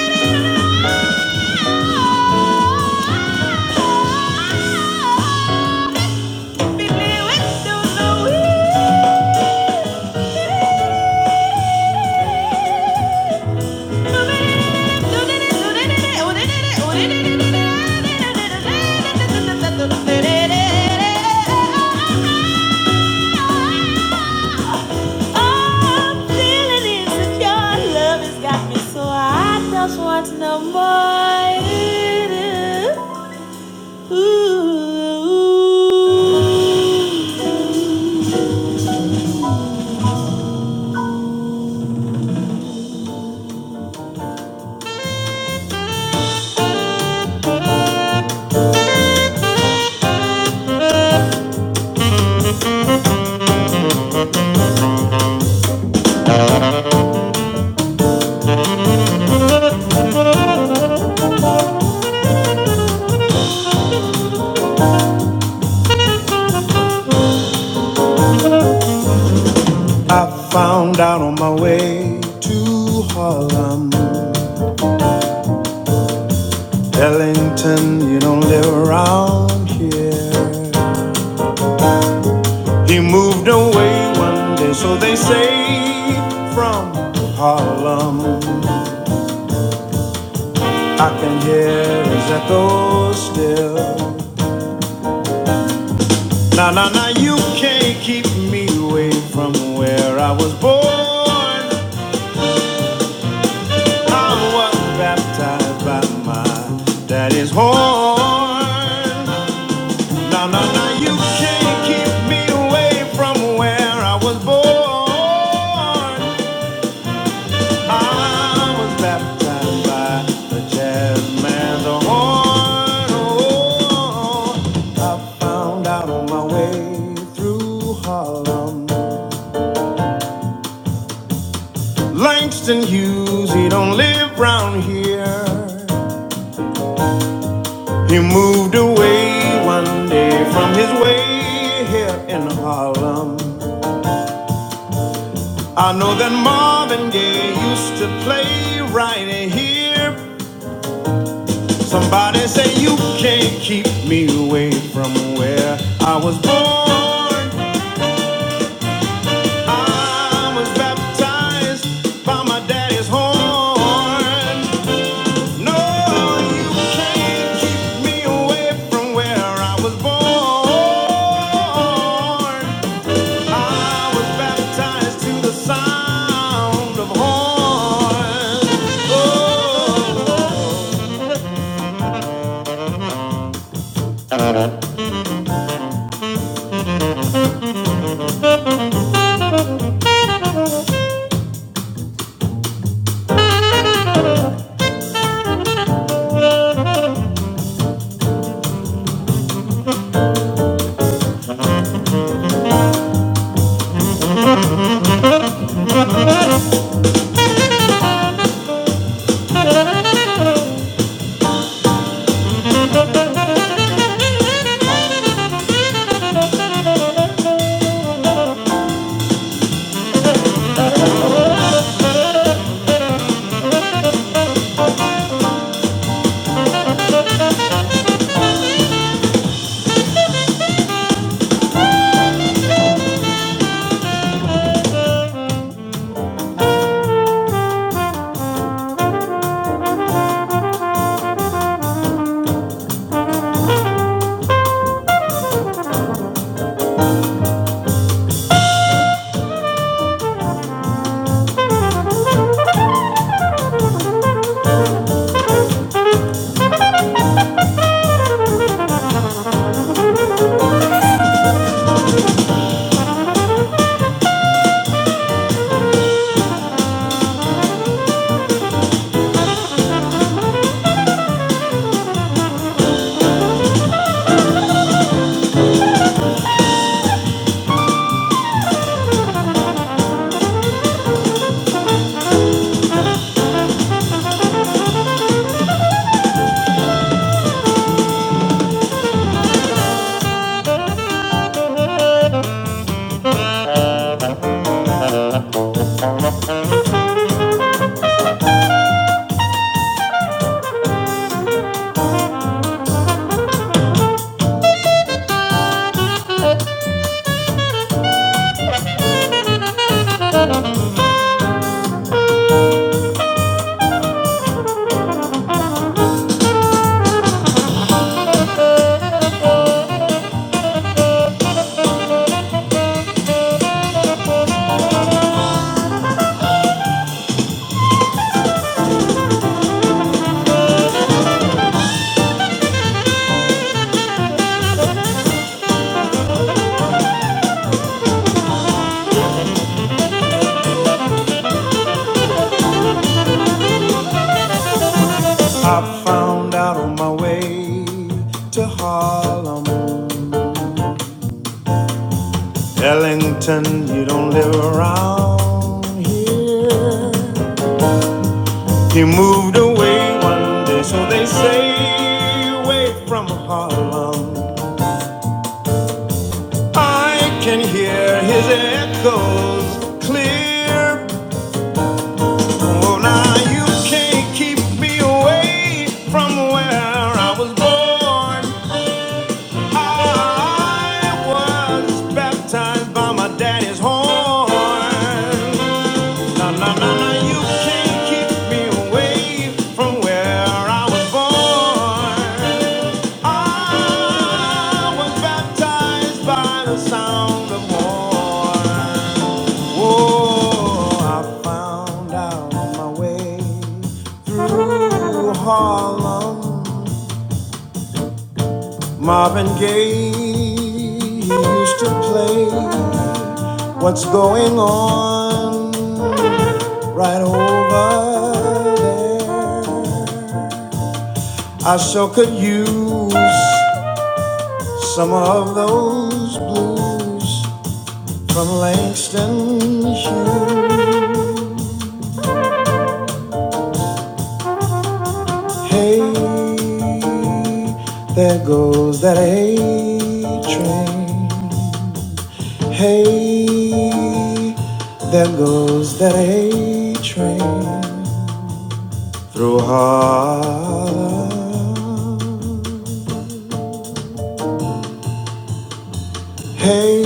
Thank you. I'm feeling insecure. Love has got me so hot. I found out on my way to Harlem. Ellington, you don't live around here. He moved away one day, so they say, from Harlem. I can hear his echo still. Now, now, now, you can't keep me away from where I was born. I was baptized by my daddy's horn. No, no, no, you can't keep me away from where I was born. I was baptized by the jazz man's horn. Oh, I found out on my way through Harlem. Langston Hughes, he don't live round here. He moved away one day from his way here in Harlem. I know that Marvin Gaye used to play right here. Somebody say you can't keep me away from where I was born. I was baptized by my daddy's horn. No, you can't keep me away from where I was born. I was baptized to the sound of horns. Oh, I found out on my way to Harlem. Ellington, you don't live around here. You moved away one day, so they say, away from Harlem. I can hear his echoes clear Oh, you can't keep me away from where I was born. I was baptized by my daddy's horn. No, no, no, no, you can't keep me away from where I was born. I was baptized by the sound of war. Oh, I found out on my way. Through Harlem, Marvin Gaye used to play. What's going on right over there? I sure could use some of those blues. Kingston, Hughes. Hey, there goes that A train. Hey, there goes that A train. Through Hey,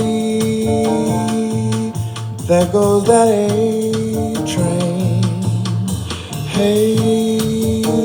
there goes that A train. Hey.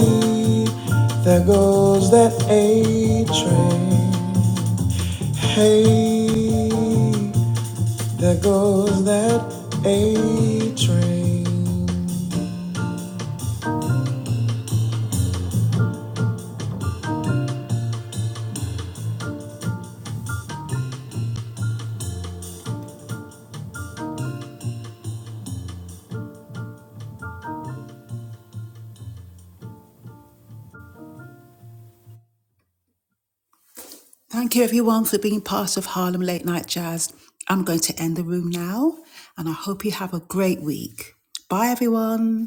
Thank you everyone for being part of Harlem Late Night Jazz. I'm going to end the room now and I hope you have a great week. Bye everyone.